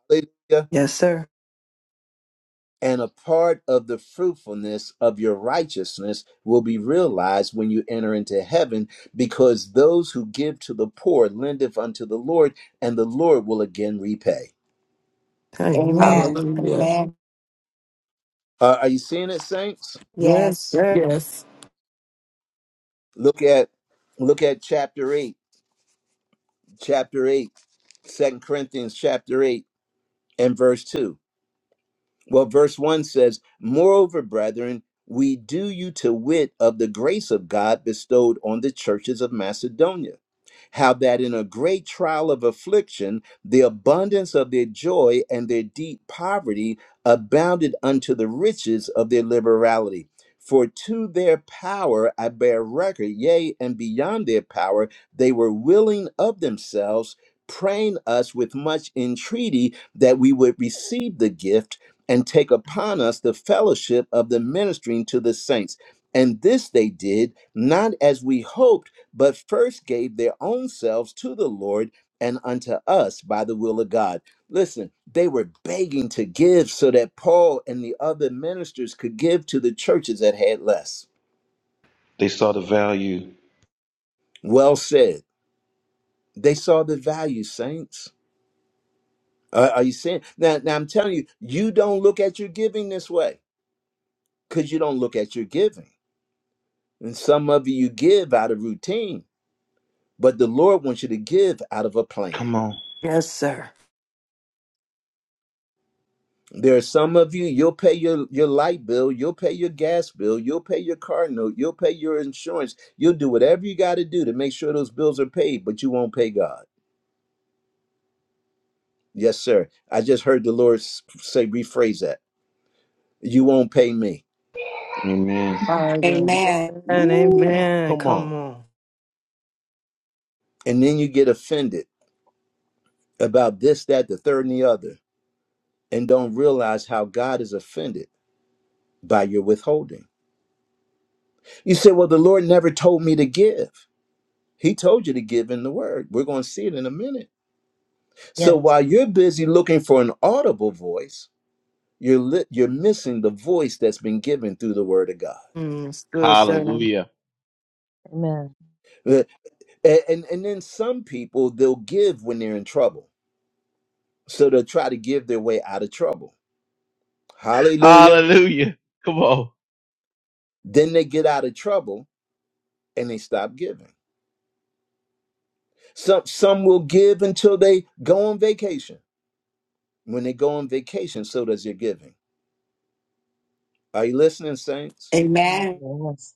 A: Hallelujah.
H: Yes, sir.
A: And a part of the fruitfulness of your righteousness will be realized when you enter into heaven, because those who give to the poor lendeth unto the Lord, and the Lord will again repay.
H: Amen.
F: Amen.
G: Hallelujah.
F: Amen.
A: Uh, are you seeing it, saints?
H: Yes,
F: Yes.
H: sir.
G: Yes.
A: Look at look at chapter eight, chapter eight, Second Corinthians chapter eight and verse 2. Well, verse 1 says, Moreover, brethren, we do you to wit of the grace of God bestowed on the churches of Macedonia how that in a great trial of affliction, the abundance of their joy and their deep poverty abounded unto the riches of their liberality. For to their power I bear record, yea, and beyond their power, they were willing of themselves, praying us with much entreaty that we would receive the gift and take upon us the fellowship of the ministering to the saints. And this they did, not as we hoped but first gave their own selves to the Lord and unto us by the will of God. Listen, they were begging to give so that Paul and the other ministers could give to the churches that had less.
C: They saw the value.
A: Well said. They saw the value, saints. Are are you seeing? Now, now I'm telling you, you don't look at your giving this way because you don't look at your giving. And some of you, you give out of routine, but the Lord wants you to give out of a plan.
C: Come on.
H: Yes, sir.
A: There are some of you, you'll pay your, your light bill, you'll pay your gas bill, you'll pay your car note, you'll pay your insurance, you'll do whatever you got to do to make sure those bills are paid, but you won't pay God. Yes, sir. I just heard the Lord s- say, rephrase that. You won't pay me.
C: Amen.
H: Amen.
F: Amen.
H: Amen.
J: Woo.
H: Amen.
J: Come on.
H: Come on.
A: And then you get offended about this, that, the third, and the other, and don't realize how God is offended by your withholding. You say, Well, the Lord never told me to give. He told you to give in the word. We're going to see it in a minute So
D: Yes.
A: while you're busy looking for an audible voice, you're li- you're missing the voice that's been given through the Word of God.
H: Mm, it's good, sir.
J: Hallelujah.
D: Amen.
A: Uh, And, and and then some people they'll give when they're in trouble, so they'll try to give their way out of trouble. Hallelujah!
J: Hallelujah. Come on.
A: Then they get out of trouble and they stop giving. Some some will give until they go on vacation. When they go on vacation, so does their giving. Are you listening, saints?
D: Amen.
F: Amen.
D: Yes.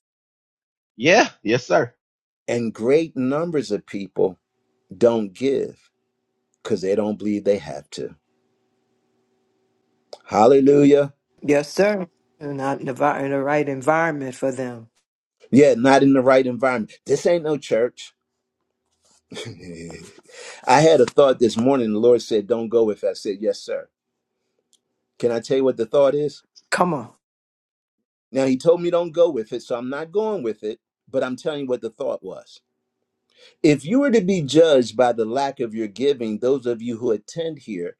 J: Yeah. Yes, sir.
A: And great numbers of people don't give because they don't believe they have to. Hallelujah.
H: Yes, sir. You're Not in the, vi- in the right environment for them.
A: Yeah, not in the right environment. This ain't no church. I had a thought this morning. The Lord said, Don't go with it. I said, Yes, sir. Can I tell you what the thought is?
H: Come on.
A: Now, He told me don't go with it, so I'm not going with it, but I'm telling you what the thought was. If you were to be judged by the lack of your giving, those of you who attend here,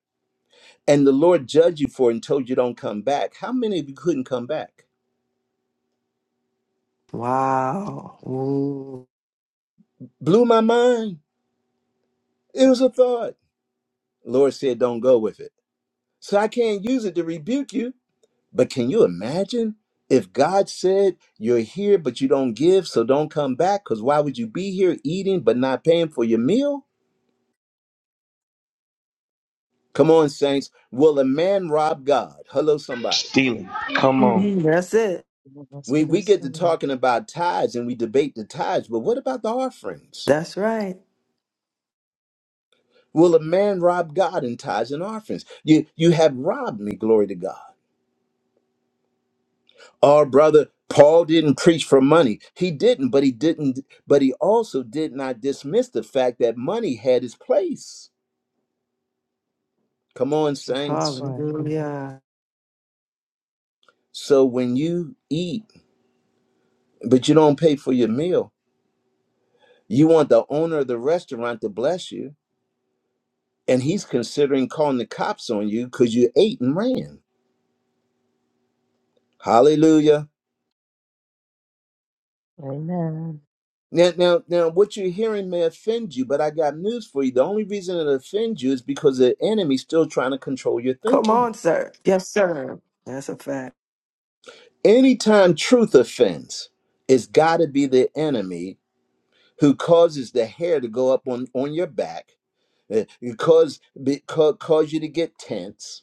A: and the Lord judged you for it and told you don't come back, how many of you couldn't come back?
H: Wow. Ooh.
A: Blew my mind. It was a thought. Lord said, Don't go with it. So I can't use it to rebuke you But can you imagine if God said, You're here, but you don't give, so don't come back? Because why would you be here eating but not paying for your meal? Come on, saints. Will a man rob God? Hello, somebody.
C: Stealing. Come on.
H: Mhm, That's it.
D: That's
A: We,
D: what
A: we
D: it
A: get to
D: said.
A: talking about tithes and we debate the tithes, but what about the offerings?
H: That's right.
A: Will a man rob God in tithes and offerings? You, you have robbed me, glory to God. Oh, brother, Paul didn't preach for money. He didn't, but he didn't, but he also did not dismiss the fact that money had its place. Come on,
D: That's
A: saints.
D: right.
H: Hallelujah.
A: So when you eat, but you don't pay for your meal, you want the owner of the restaurant to bless you, and he's considering calling the cops on you because you ate and ran. Hallelujah.
D: Amen.
A: Now, now, now, what you're hearing may offend you, but I got news for you. The only reason it offends you is because the enemy's still trying to control your
H: Come
A: thinking.
H: on, sir. Yes, sir. That's a fact.
A: Anytime truth offends, it's got to be the enemy who causes the hair to go up on, on your back, uh, cause, be- ca- cause you to get tense,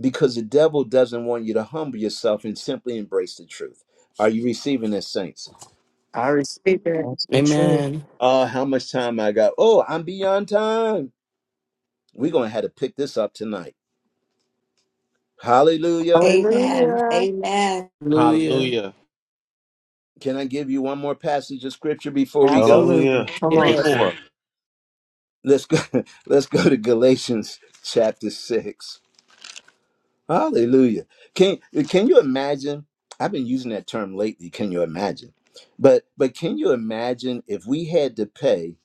A: because the devil doesn't want you to humble yourself and simply embrace the truth. Are you receiving this, saints?
H: I receive it.
D: That's the truth.
G: Amen.
A: Uh, how much time I got? Oh, I'm beyond time. We're going to have to pick this up tonight. Hallelujah.
F: Amen.
H: Hallelujah.
F: Amen.
G: Hallelujah.
J: Hallelujah.
A: Can I give you one more passage of scripture before we go?
H: Absolutely.
C: Hallelujah.
H: Come
J: Three
H: on.
C: Yes,
G: Yes.
C: sir.
J: more.
A: Let's go. Let's go to Galatians chapter 6. Hallelujah. Can can you imagine? I've been using that term lately, can you imagine? But but can you imagine if we had to pay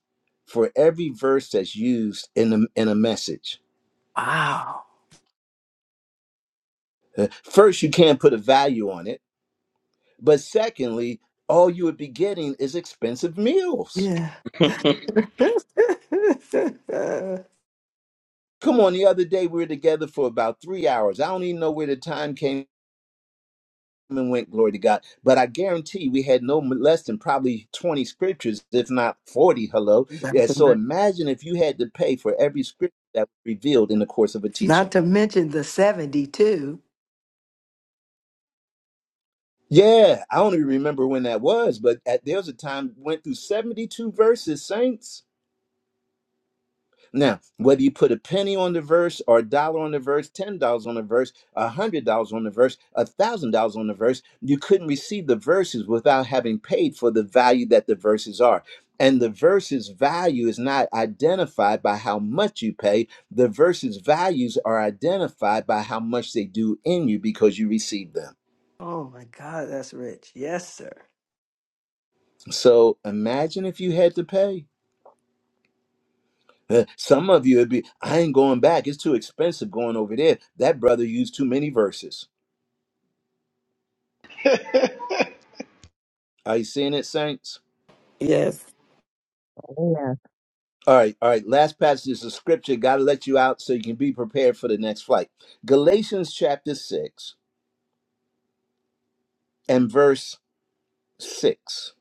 A: for every verse that's used in a, in a message?
H: Wow.
A: Uh, First, you can't put a value on it, but secondly, all you would be getting is expensive meals.
H: Yeah.
A: Come on, the other day we were together for about 3 hours. I don't even know where the time came and went, glory to God. But I guarantee you, we had no less than probably 20 scriptures, if not 40. Hello.
H: Not
A: Yeah.
H: to
A: So
H: men-
A: imagine if you had to pay for every scripture that was revealed in the course of a teaching.
H: not to mention the 72.
A: Yeah, I only remember when that was, but at, there was a time went through 72 verses, saints. Now, whether you put a penny on the verse or a dollar on the verse, ten dollars on the verse, a hundred dollars on the verse, a thousand dollars on the verse, you couldn't receive the verses without having paid for the value that the verses are. And the verses value is not identified by how much you pay. The verses values are identified by how much they do in you because you receive them.
H: Oh my God, that's rich. Yes, sir.
A: So imagine if you had to pay. Uh, Some of you would be, I ain't going back. It's too expensive going over there. That brother used too many verses. Are you seeing it, saints?
G: Yes.
D: Amen.
A: All right, all right. Last passages of scripture. Got to let you out so you can be prepared for the next flight. Galatians chapter 6 and verse 6.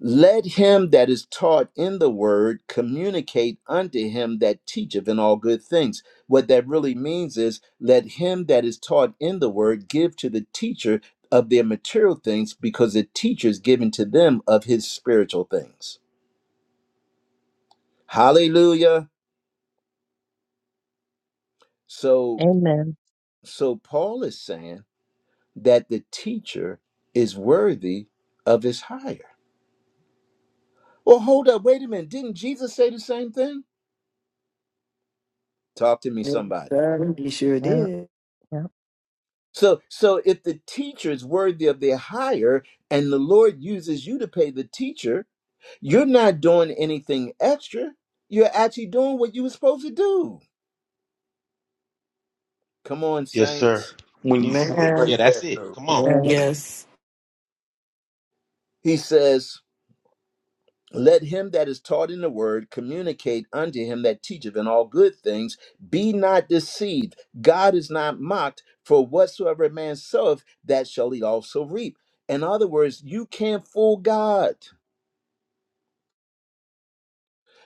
A: Let him that is taught in the word communicate unto him that teacheth in all good things. What that really means is let him that is taught in the word give to the teacher of their material things because the teacher is giving to them of his spiritual things. Hallelujah. So
D: Amen.
A: So Paul is saying that the teacher is worthy of his hire. Well, hold up, wait a minute. Didn't Jesus say the same thing? Talk to me,
H: Yes,
A: somebody.
H: sir. You sure
D: Yeah.
H: did.
D: yeah.
A: So, so if the teacher is worthy of their hire, and the Lord uses you to pay the teacher, you're not doing anything extra. You're actually doing what you were supposed to do. Come on,
C: yes, sir.
A: saints.
C: When you see it
H: Man.
J: Yeah,
C: like
J: that's
C: that,
J: it.
C: though.
J: Come on.
H: Yeah.
D: Amen.
G: Yes.
A: He says, Let him that is taught in the word communicate unto him that teacheth in all good things. Be not deceived. God is not mocked, for whatsoever a man soweth, that shall he also reap. In other words, you can't fool God.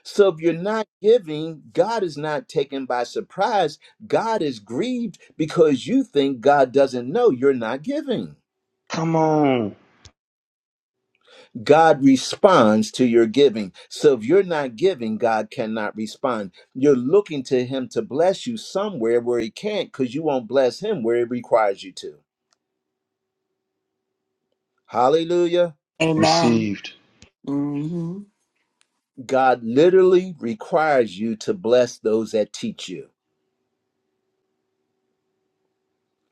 A: So if you're not giving, God is not taken by surprise. God is grieved because you think God doesn't know you're not giving.
C: Come on.
A: God responds to your giving. So if you're not giving, God cannot respond. You're looking to Him to bless you somewhere where He can't because you won't bless Him where He requires you to. Hallelujah.
F: Amen.
C: Received.
F: hmm
A: God literally requires you to bless those that teach you.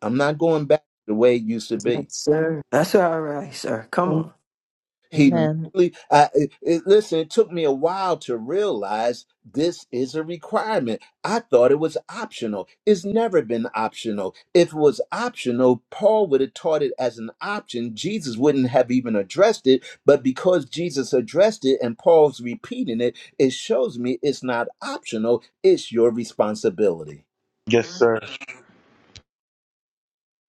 A: I'm not going back to the way it used to
H: Yes,
A: be.
H: sir. That's all right, sir. Come
D: Am-
H: on.
A: He
D: Amen.
A: literally, I, it, it- listen, it took me a while to realize this is a requirement. I thought it was optional. It's never been optional. If it was optional, Paul would have taught it as an option. Jesus wouldn't have even addressed it. But because Jesus addressed it and Paul's repeating it, it shows me it's not optional, it's your responsibility.
C: Yes, sir.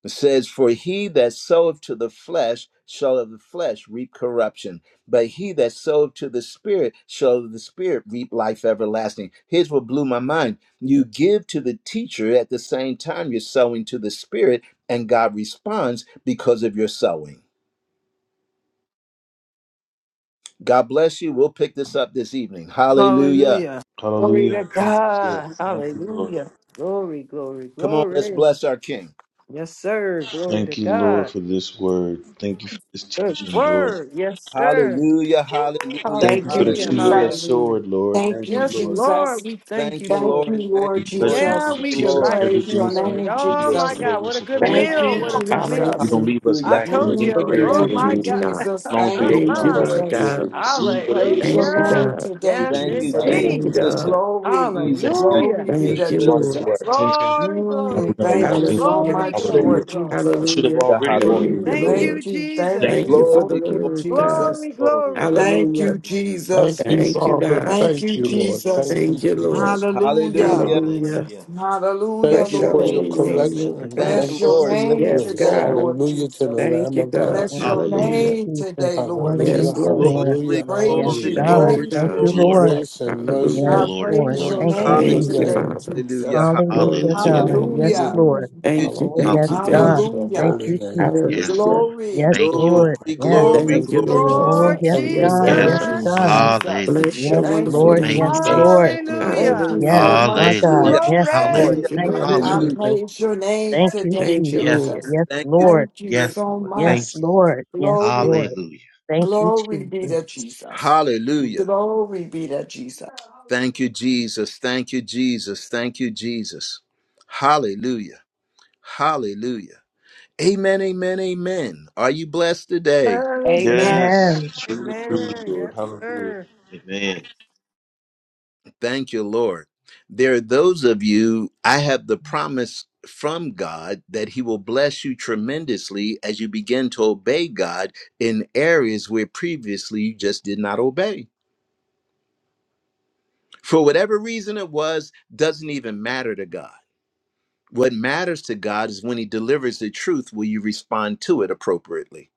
A: It says, For he that soweth to the flesh shall of the flesh reap corruption, but he that soweth to the spirit shall of the spirit reap life everlasting. Here's what blew my mind. You give to the teacher at the same time you're sowing to the spirit, and God responds because of your sowing. God bless you. We'll pick this up this evening. Hallelujah.
H: Hallelujah. Glory to
C: Hallelujah. Thank you, sir.
H: God.
C: Thank you, Lord.
H: Hallelujah. Glory, glory,
A: Come on, let's
H: glory.
A: bless our King.
H: Yes, sir. Glory to
C: Thank you, Lord,
H: God.
C: for this word. Thank you for this
H: Good
C: teaching, Lord.
H: word. Yes, sir.
A: Hallelujah, hallelujah,
C: Thank you
F: Thank
C: for
F: you,
C: the
H: Hallelujah.
C: two-edged
A: hallelujah.
F: Jesus.
H: Hallelujah.
C: sword, Lord.
F: Thank
C: Thank
F: you,
C: you,
H: Yes,
C: Lord.
F: Jesus.
H: Lord, we thank
A: Thank
H: you
A: you,
F: Thank
H: for
F: you,
H: it.
A: Lord. Thank
F: Lord
C: We
A: you,
C: bless
A: Lord.
C: you
A: Thank
H: Yeah,
F: Jesus.
C: because you
H: we
A: you,
C: teach
F: We
C: us
A: Lord.
H: delight in
F: praise
H: this
C: everything
F: your
C: so you
H: word.
F: name,
C: can lead
H: Oh
C: us to
H: my
F: Jesus.
C: where
H: God,
C: we're
H: what a good
C: supposed
G: Thank
F: Thank
C: to be.
H: meal.
F: you,
H: What a
G: you.
H: good
C: You
H: meal.
F: Jesus.
C: don't
G: Hallelujah.
C: leave us
H: I
A: Hallelujah,
C: lacking in
H: told
C: any
H: you.
F: Mm,
A: hallelujah,
G: Glory to
C: area.
H: Oh
C: As
F: thank you,
H: my
A: hallelujah.
G: you,
H: God.
G: God.
F: Jesus.
C: long as
F: Thank
C: we
F: you,
C: open
G: Thank
C: our
G: you,
C: hearts to
G: Lord
C: be able
F: Jesus.
C: to
G: God.
F: We
C: receive what it is
F: praise
C: you're
F: your
G: Thank you,
C: saying,
H: Hallelujah.
F: name
G: God.
C: you
F: today,
H: Yes,
C: can
A: Thank
C: do
A: you,
C: much
F: Jesus.
C: more
G: Thank
H: indeed.
G: you,
C: than
A: Jesus.
C: us.
A: Thank
G: God.
A: you,
F: Glory,
C: We thank
A: Jesus.
C: you now
A: Thank
H: Hallelujah.
F: glory be
C: because
A: you,
G: Thank
F: to
G: you,
C: you
A: Jesus.
C: brought it
G: Lord.
C: to our
F: Jesus.
C: attention
H: Glory,
C: and
H: glory,
F: Mm,
C: we're going to
F: thank
H: glory,
F: you
C: walk in it,
F: so
C: Lord.
G: Hallelujah.
H: glory,
F: much,
H: glory,
A: Hallelujah,
C: Hallelujah.
F: Lord
H: glory.
F: Jesus.
C: Should have
G: Hallelujah.
A: hallelujah,
C: already walked in
G: Thank
A: hallelujah.
G: you,
F: Mm,
C: it.
H: Thank
G: Lord.
H: you,
F: thank you, thank
C: Thank
G: Thank
F: you,
H: Jesus.
C: you,
G: you
C: Lord.
G: for the
A: Glory,
F: thank you,
A: glory,
G: word, God.
F: Jesus.
H: Glory,
A: glory.
H: glory,
F: Thank
H: glory.
F: you,
G: Hallelujah.
E: Thank
F: Jesus.
E: you,
G: Thank you,
E: Father.
G: God.
F: Thank
E: Thank
F: you,
E: you, Lord.
J: Hallelujah.
E: Thank
F: Jesus.
E: you,
G: Thank you, Lord.
E: Jesus.
J: Thank you, Lord.
F: Hallelujah.
A: Hallelujah.
G: Hallelujah.
J: Hallelujah.
F: Hallelujah,
E: Thank
G: Bless
E: you
G: your
E: for
F: Lord
J: Thank
E: your
G: holy
J: you, Lord.
G: name,
F: Jesus.
J: Thank
E: correction
J: you,
G: Lord
E: and
J: Father.
A: Thank
G: God.
F: Bless
A: you,
E: thank you
F: your
E: for
A: Lord.
J: Hallelujah.
E: your
A: Thank
F: name
A: you,
G: Yes,
E: grace.
F: today,
A: Lord.
G: God.
F: Lord
E: Hallelujah to the
F: Jesus.
G: Thank
E: Lamb
G: you,
E: of
G: God.
E: God.
F: Bless
D: Yes.
F: your
D: Thank you,
J: Hallelujah.
G: Hallelujah.
F: name
D: Jesus.
F: today, Lord
E: Hallelujah,
G: Yes,
D: Hallelujah,
F: Jesus.
G: Lord.
J: Thank
D: Lord.
J: you,
A: Glory,
E: hallelujah,
J: Lord.
D: Yes,
F: Praise
A: glory,
F: you,
E: hallelujah.
D: God.
G: Thank you,
A: glory,
F: praise
D: Thank
F: you,
D: you,
G: God.
A: glory,
J: Glory,
D: Lord.
A: glory.
F: Jesus.
E: Grace and mercy
D: Yes,
F: I
G: Hallelujah.
E: and
J: glory,
D: Lord.
F: praise your
J: glory,
E: fulfill
D: Thank you,
E: all
J: glory.
F: name
E: your
G: Thank you,
D: Jesus.
A: Hallelujah,
F: today,
E: names.
G: Father.
A: hallelujah,
F: Jesus.
D: Hallelujah,
G: Glory to your
J: Hallelujah.
D: God.
G: name.
D: Yes,
F: Hallelujah,
E: Hallelujah,
D: Lord.
A: hallelujah,
G: Thank you,
D: Oh,
A: Jesus.
E: hallelujah.
D: yes,
G: thank you,
D: God.
G: thank
J: Hallelujah.
E: Praise
G: you.
E: your
D: Thank
F: hallelujah.
E: holy
D: you,
E: name.
D: Jesus.
J: Yes,
G: Hallelujah.
J: Lord.
F: Glory,
D: Yes,
J: Thank
E: Thank
J: you,
E: you,
D: Lord.
J: Lord.
A: Glory,
E: Father.
D: Yes.
A: glory,
F: glory
H: Yes,
G: Thank
E: Thank
G: you,
F: be
E: you,
F: to
A: glory,
G: Lord.
E: Father.
A: glory.
D: Oh,
H: Lord
D: yes,
F: Jesus.
E: Thank you,
G: Yes,
D: God.
F: Thank
E: Lord
J: Yes,
D: Yes,
G: God.
J: Lord.
F: you,
H: Jesus.
E: Jesus.
D: God.
F: Jesus.
J: Hallelujah.
G: Bless your
D: Yes,
F: Thank
E: Thank
G: wonderful
D: Lord.
F: you,
E: you,
J: Thank you,
D: Yes,
G: name.
E: thank
F: Jesus.
E: you,
D: Lord.
J: Jesus.
E: thank you.
F: Thank
H: Hallelujah.
F: you
D: Yes,
F: so
G: Hallelujah.
D: my
F: much,
D: God.
F: Lord
A: Hallelujah,
J: Hallelujah.
D: Yes,
H: Glory.
F: Jesus.
D: Lord.
A: hallelujah,
G: Thank you,
J: Hallelujah.
D: Thank
H: Yes,
G: Lord
D: you,
F: I
G: God.
J: Hallelujah.
A: hallelujah.
D: Jesus.
F: praise your name
D: Thank
H: yes,
D: you,
F: today,
G: Thank you,
H: yes,
D: Jesus.
J: Yes,
G: Lord.
F: Jesus.
J: Lord.
D: Yes,
A: Thank you,
D: Lord.
F: Thank you
A: Jesus.
J: Yes,
F: so
J: Lord. Thank
D: Yes,
F: much.
J: you, Lord.
D: Lord. Yes,
F: Glory,
D: Lord.
J: Hallelujah.
D: Thank you,
F: glory be
D: Jesus.
F: to Jesus.
A: Hallelujah.
F: Glory be to Jesus.
H: yes.
A: Thank you, Jesus. Thank you, Jesus. Thank you, Jesus. Hallelujah. Hallelujah. Amen, amen, amen. Are you blessed today?
F: Amen.
C: Yes.
H: Hallelujah.
D: Amen.
C: True, true,
H: Amen.
C: Lord.
H: Yes,
C: Hallelujah.
H: sir.
J: Amen.
A: Thank you, Lord. There are those of you, I have the promise from God that He will bless you tremendously as you begin to obey God in areas where previously you just did not obey. For whatever reason it was, doesn't even matter to God What matters to God is when he delivers the truth, will you respond to it appropriately?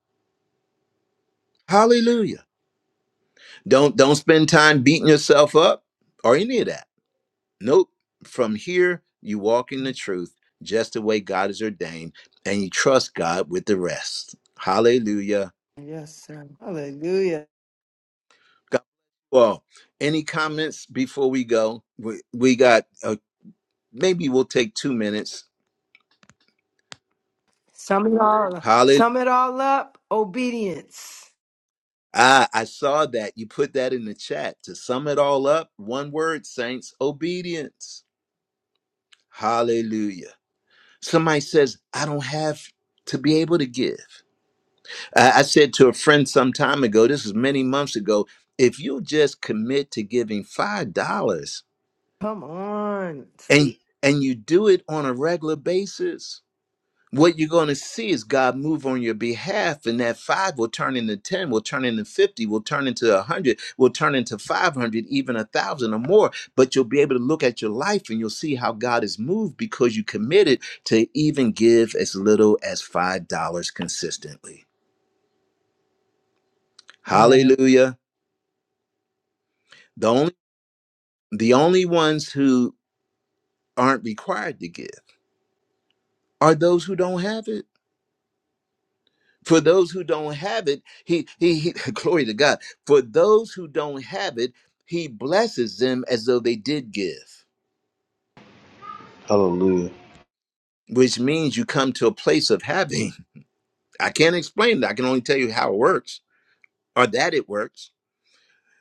A: Hallelujah. Don't don't spend time beating yourself up or any of that. Nope. From here, you walk in the truth just the way God has ordained, and you trust God with the rest. Hallelujah.
H: Yes, sir. Hallelujah.
A: God well, any comments before we go? We, we got uh, maybe we'll take two minutes.
H: Sum it all
A: Hallelujah.
H: sum it all up. Obedience.
A: Ah, I saw that. You put that in the chat. To sum it all up, one word, saints, obedience. Hallelujah. Somebody says, I don't have to be able to give. I I said to a friend some time ago, this was many months ago, if you just commit to giving $5
H: Come on.
A: and
H: See?
A: and you do it on a regular basis, what you're going to see is God move on your behalf, and that five will turn into 10, will turn into 50, will turn into 100, will turn into 500, even a thousand or more. But you'll be able to look at your life and you'll see how God has moved because you committed to even give as little as $5 consistently.
D: Amen.
A: Hallelujah. The only, the only ones who aren't required to give are those who don't have it. for those who don't have it he, he he glory to god for those who don't have it he blesses them as though they did give
C: Hallelujah.
A: which means you come to a place of having i can't explain it i can only tell you how it works or that it works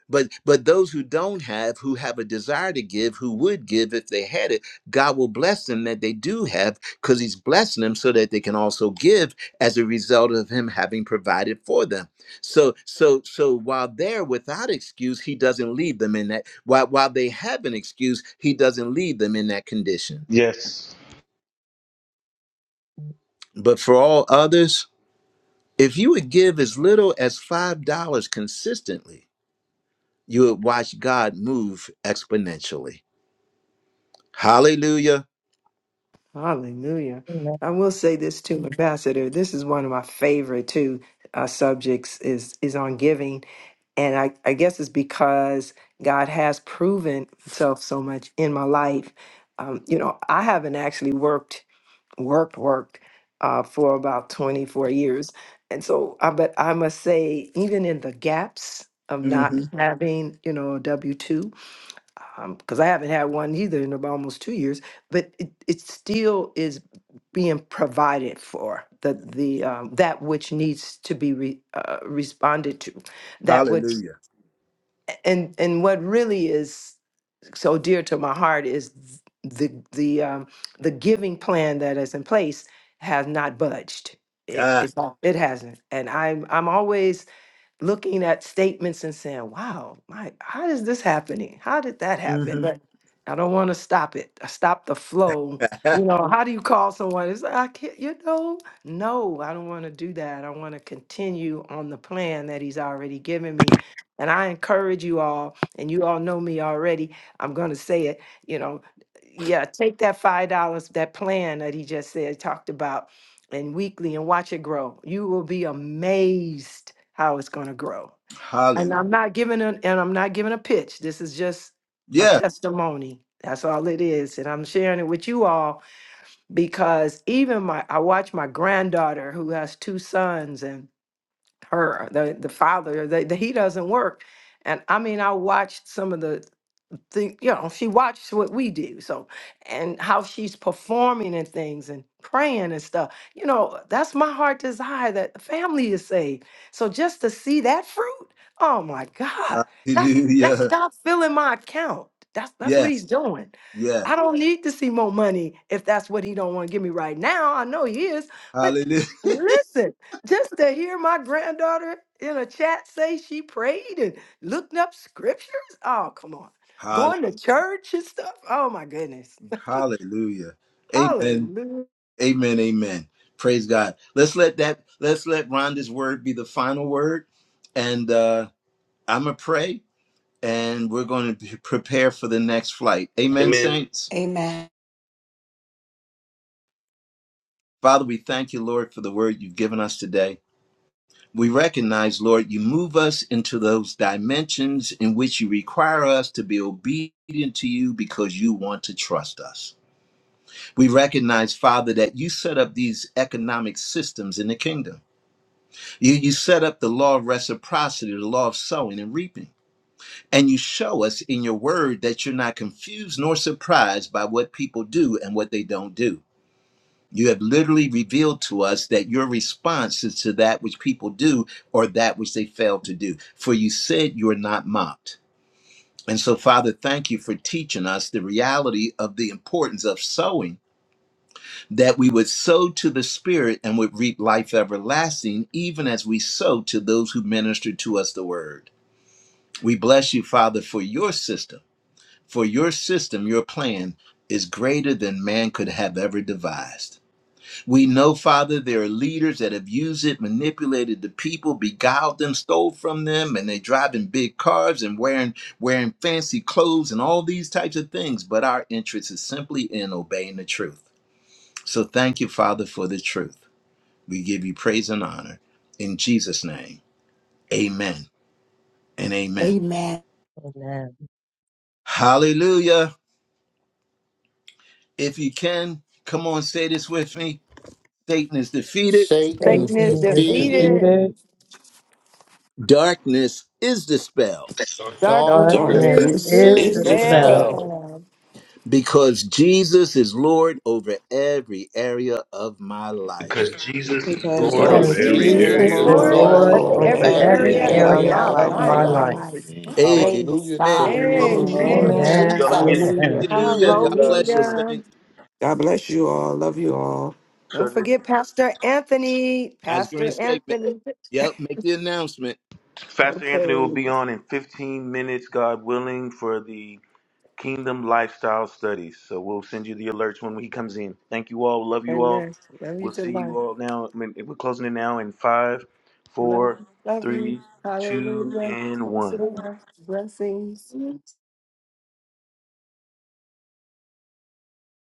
A: But but those who don't have, who have a desire to give, who would give if they had it, God will bless them that they do have, because He's blessing them so that they can also give as a result of Him having provided for them. So so so while they're without excuse, He doesn't leave them in that. While while they have an excuse, He doesn't leave them in that condition.
C: Yes.
A: But for all others, if you would give as little as five dollars consistently, you would watch God move exponentially. Hallelujah.
H: Hallelujah.
D: Amen.
H: I will say this too, Ambassador. This is one of my favorite too uh, subjects is is on giving and I, I guess it's because God has proven Himself so much in my life. Um, you know, I haven't actually worked, worked, worked uh, for about 24 years, and so, I, but I must say, even in the gaps of not
A: Mhm.
H: having, you know, a W two, because I haven't had one either in about almost two years, but it, it still is being provided for the the um, that which needs to be re, uh, responded to that which and and what really is so dear to my heart is the the um, the giving plan that is in place has not budged. It it's it hasn't, and I'm I'm always looking at statements and saying, wow, my, how is this happening? How did that happen? But I don't want to stop it, I stop the flow. You know, how do you call someone? It's like, I can't, you know, no, I don't want to do that. I want to continue on the plan that he's already given me. And I encourage you all, and you all know me already, I'm going to say it, you know, yeah, take that $5, that plan that he just said, talked about and weekly and watch it grow. You will be amazed how it's going to grow. And
A: Hallelujah.
H: I'm not giving an and I'm not giving a pitch. This is just a
A: Yeah.
H: testimony. That's all it is. And I'm sharing it with you all because even my I watch my granddaughter who has two sons and her the the father they, the, he doesn't work. And I mean I watched some of the the you know she watches what we do so and how she's performing and things and praying and stuff you know that's my heart desire that the family is saved so just to see that fruit oh my god that's that's
A: Hallelujah.
H: god filling my account that's that's what
A: Yes.
H: he's doing
A: Yeah.
H: i don't need to see more money if that's what he don't want to give me right now i know he is but
A: Hallelujah.
H: listen just to hear my granddaughter in a chat say she prayed and looked up scriptures oh come on
A: Hall-
H: going to church and stuff. Oh my goodness.
A: Hallelujah. Amen.
H: Hallelujah.
A: Amen. Amen. Praise God. Let's let that let's let Rhonda's word be the final word. And uh I'm gonna pray and we're gonna be- prepare for the next flight. Amen,
C: Amen.
A: saints.
F: Amen.
A: Father, we thank you, Lord, for the word you've given us today. We recognize, Lord, you move us into those dimensions in which you require us to be obedient to you because you want to trust us. We recognize, Father, that you set up these economic systems in the kingdom. You, you set up the law of reciprocity, the law of sowing and reaping. And you show us in your word that you're not confused nor surprised by what people do and what they don't do. You have literally revealed to us that your response is to that which people do or that which they fail to do. For you said you are not mocked. And so, Father, thank you for teaching us the reality of the importance of sowing, that we would sow to the Spirit and would reap life everlasting, even as we sow to those who minister to us the word. We bless you, Father, for your system, for your system, your plan is greater than man could have ever devised. We know, Father, there are leaders that have used it, manipulated the people, beguiled them, stole from them, and they driving big cars and wearing wearing fancy clothes and all these types of things. But our interest is simply in obeying the truth. So thank you, Father, for the truth. We give you praise and honor in Jesus' name. Amen and amen.
F: Amen.
D: Amen.
A: Hallelujah. If you can, come on, say this with me. Satan is defeated.
E: Satan's
H: Sickness
D: Satan
F: Forgiveness
D: is
F: of
J: Sing it,
E: defeated.
H: defeated,
D: defeated.
J: Jesus.
F: freedom,
A: Darkness is dispelled
H: darkness
D: Darkness
E: Darkness
H: is
F: darkness
G: Darkness
D: is
E: is
G: is
J: Is
F: is
J: spelled.
H: dispelled
D: dispelled
G: dispelled
E: dispelled
F: dispelled
A: because Jesus is Lord over every area of my
C: because
A: life.
C: Jesus is
I: because
C: Lord
H: because
C: over
G: because
D: because
E: because
F: as
I: Jesus
C: every
H: Jesus
G: Jesus
I: is
E: Jesus
J: Jesus
D: Jesus
H: is
F: Jesus
G: is
C: area
J: is
C: of
E: is
D: is
F: is
C: my
I: Lord
J: Lord.
H: Lord
G: Lord
C: life.
E: Lord
D: Lord
F: Lord
I: every
H: over
G: over
J: Of
E: over
F: over
D: over
H: every
J: every
G: every
J: area
I: every
E: every
J: of
D: every
J: my
H: area
F: every
I: area
J: life.
H: of
I: of
E: area
G: area
D: area
I: my
H: my
F: area
E: of
D: of
G: of
I: life.
E: my
F: of
G: my
D: my
H: life.
F: my
E: life.
D: life.
F: life.
G: life.
J: Amen.
A: Amen.
F: Praise
E: Hallelujah to the
F: God.
C: Amen.
E: Lamb of
F: Thank
G: Amen.
C: Hallelujah.
F: you,
E: God.
C: We'll
H: Amen.
C: see
D: Amen.
I: Amen.
C: y'all again in
F: Jesus.
D: Amen.
G: Hallelujah.
C: 15
A: Hallelujah.
C: minutes,
A: God
F: Glory.
C: God
A: bless you,
C: willing.
H: Hallelujah.
A: Saint.
G: God bless you all. Love you all.
H: Don't
C: So the-
H: forget Pastor Anthony.
A: I was going to
H: Pastor
A: say, ma-
H: Anthony.
A: yep, make the announcement.
C: Pastor
H: Okay.
C: Anthony will be on in 15 minutes, God willing, for the Kingdom Lifestyle Studies. So we'll send you the alerts when he comes in. Thank you all. Love you all.
H: Amen. Love you
C: We'll
H: to
C: see
H: life.
C: you all now. I mean, we're closing it now in five,
H: Love,
C: four,
H: love you.
C: three, two,
H: Hallelujah.
C: and one.
H: Blessings.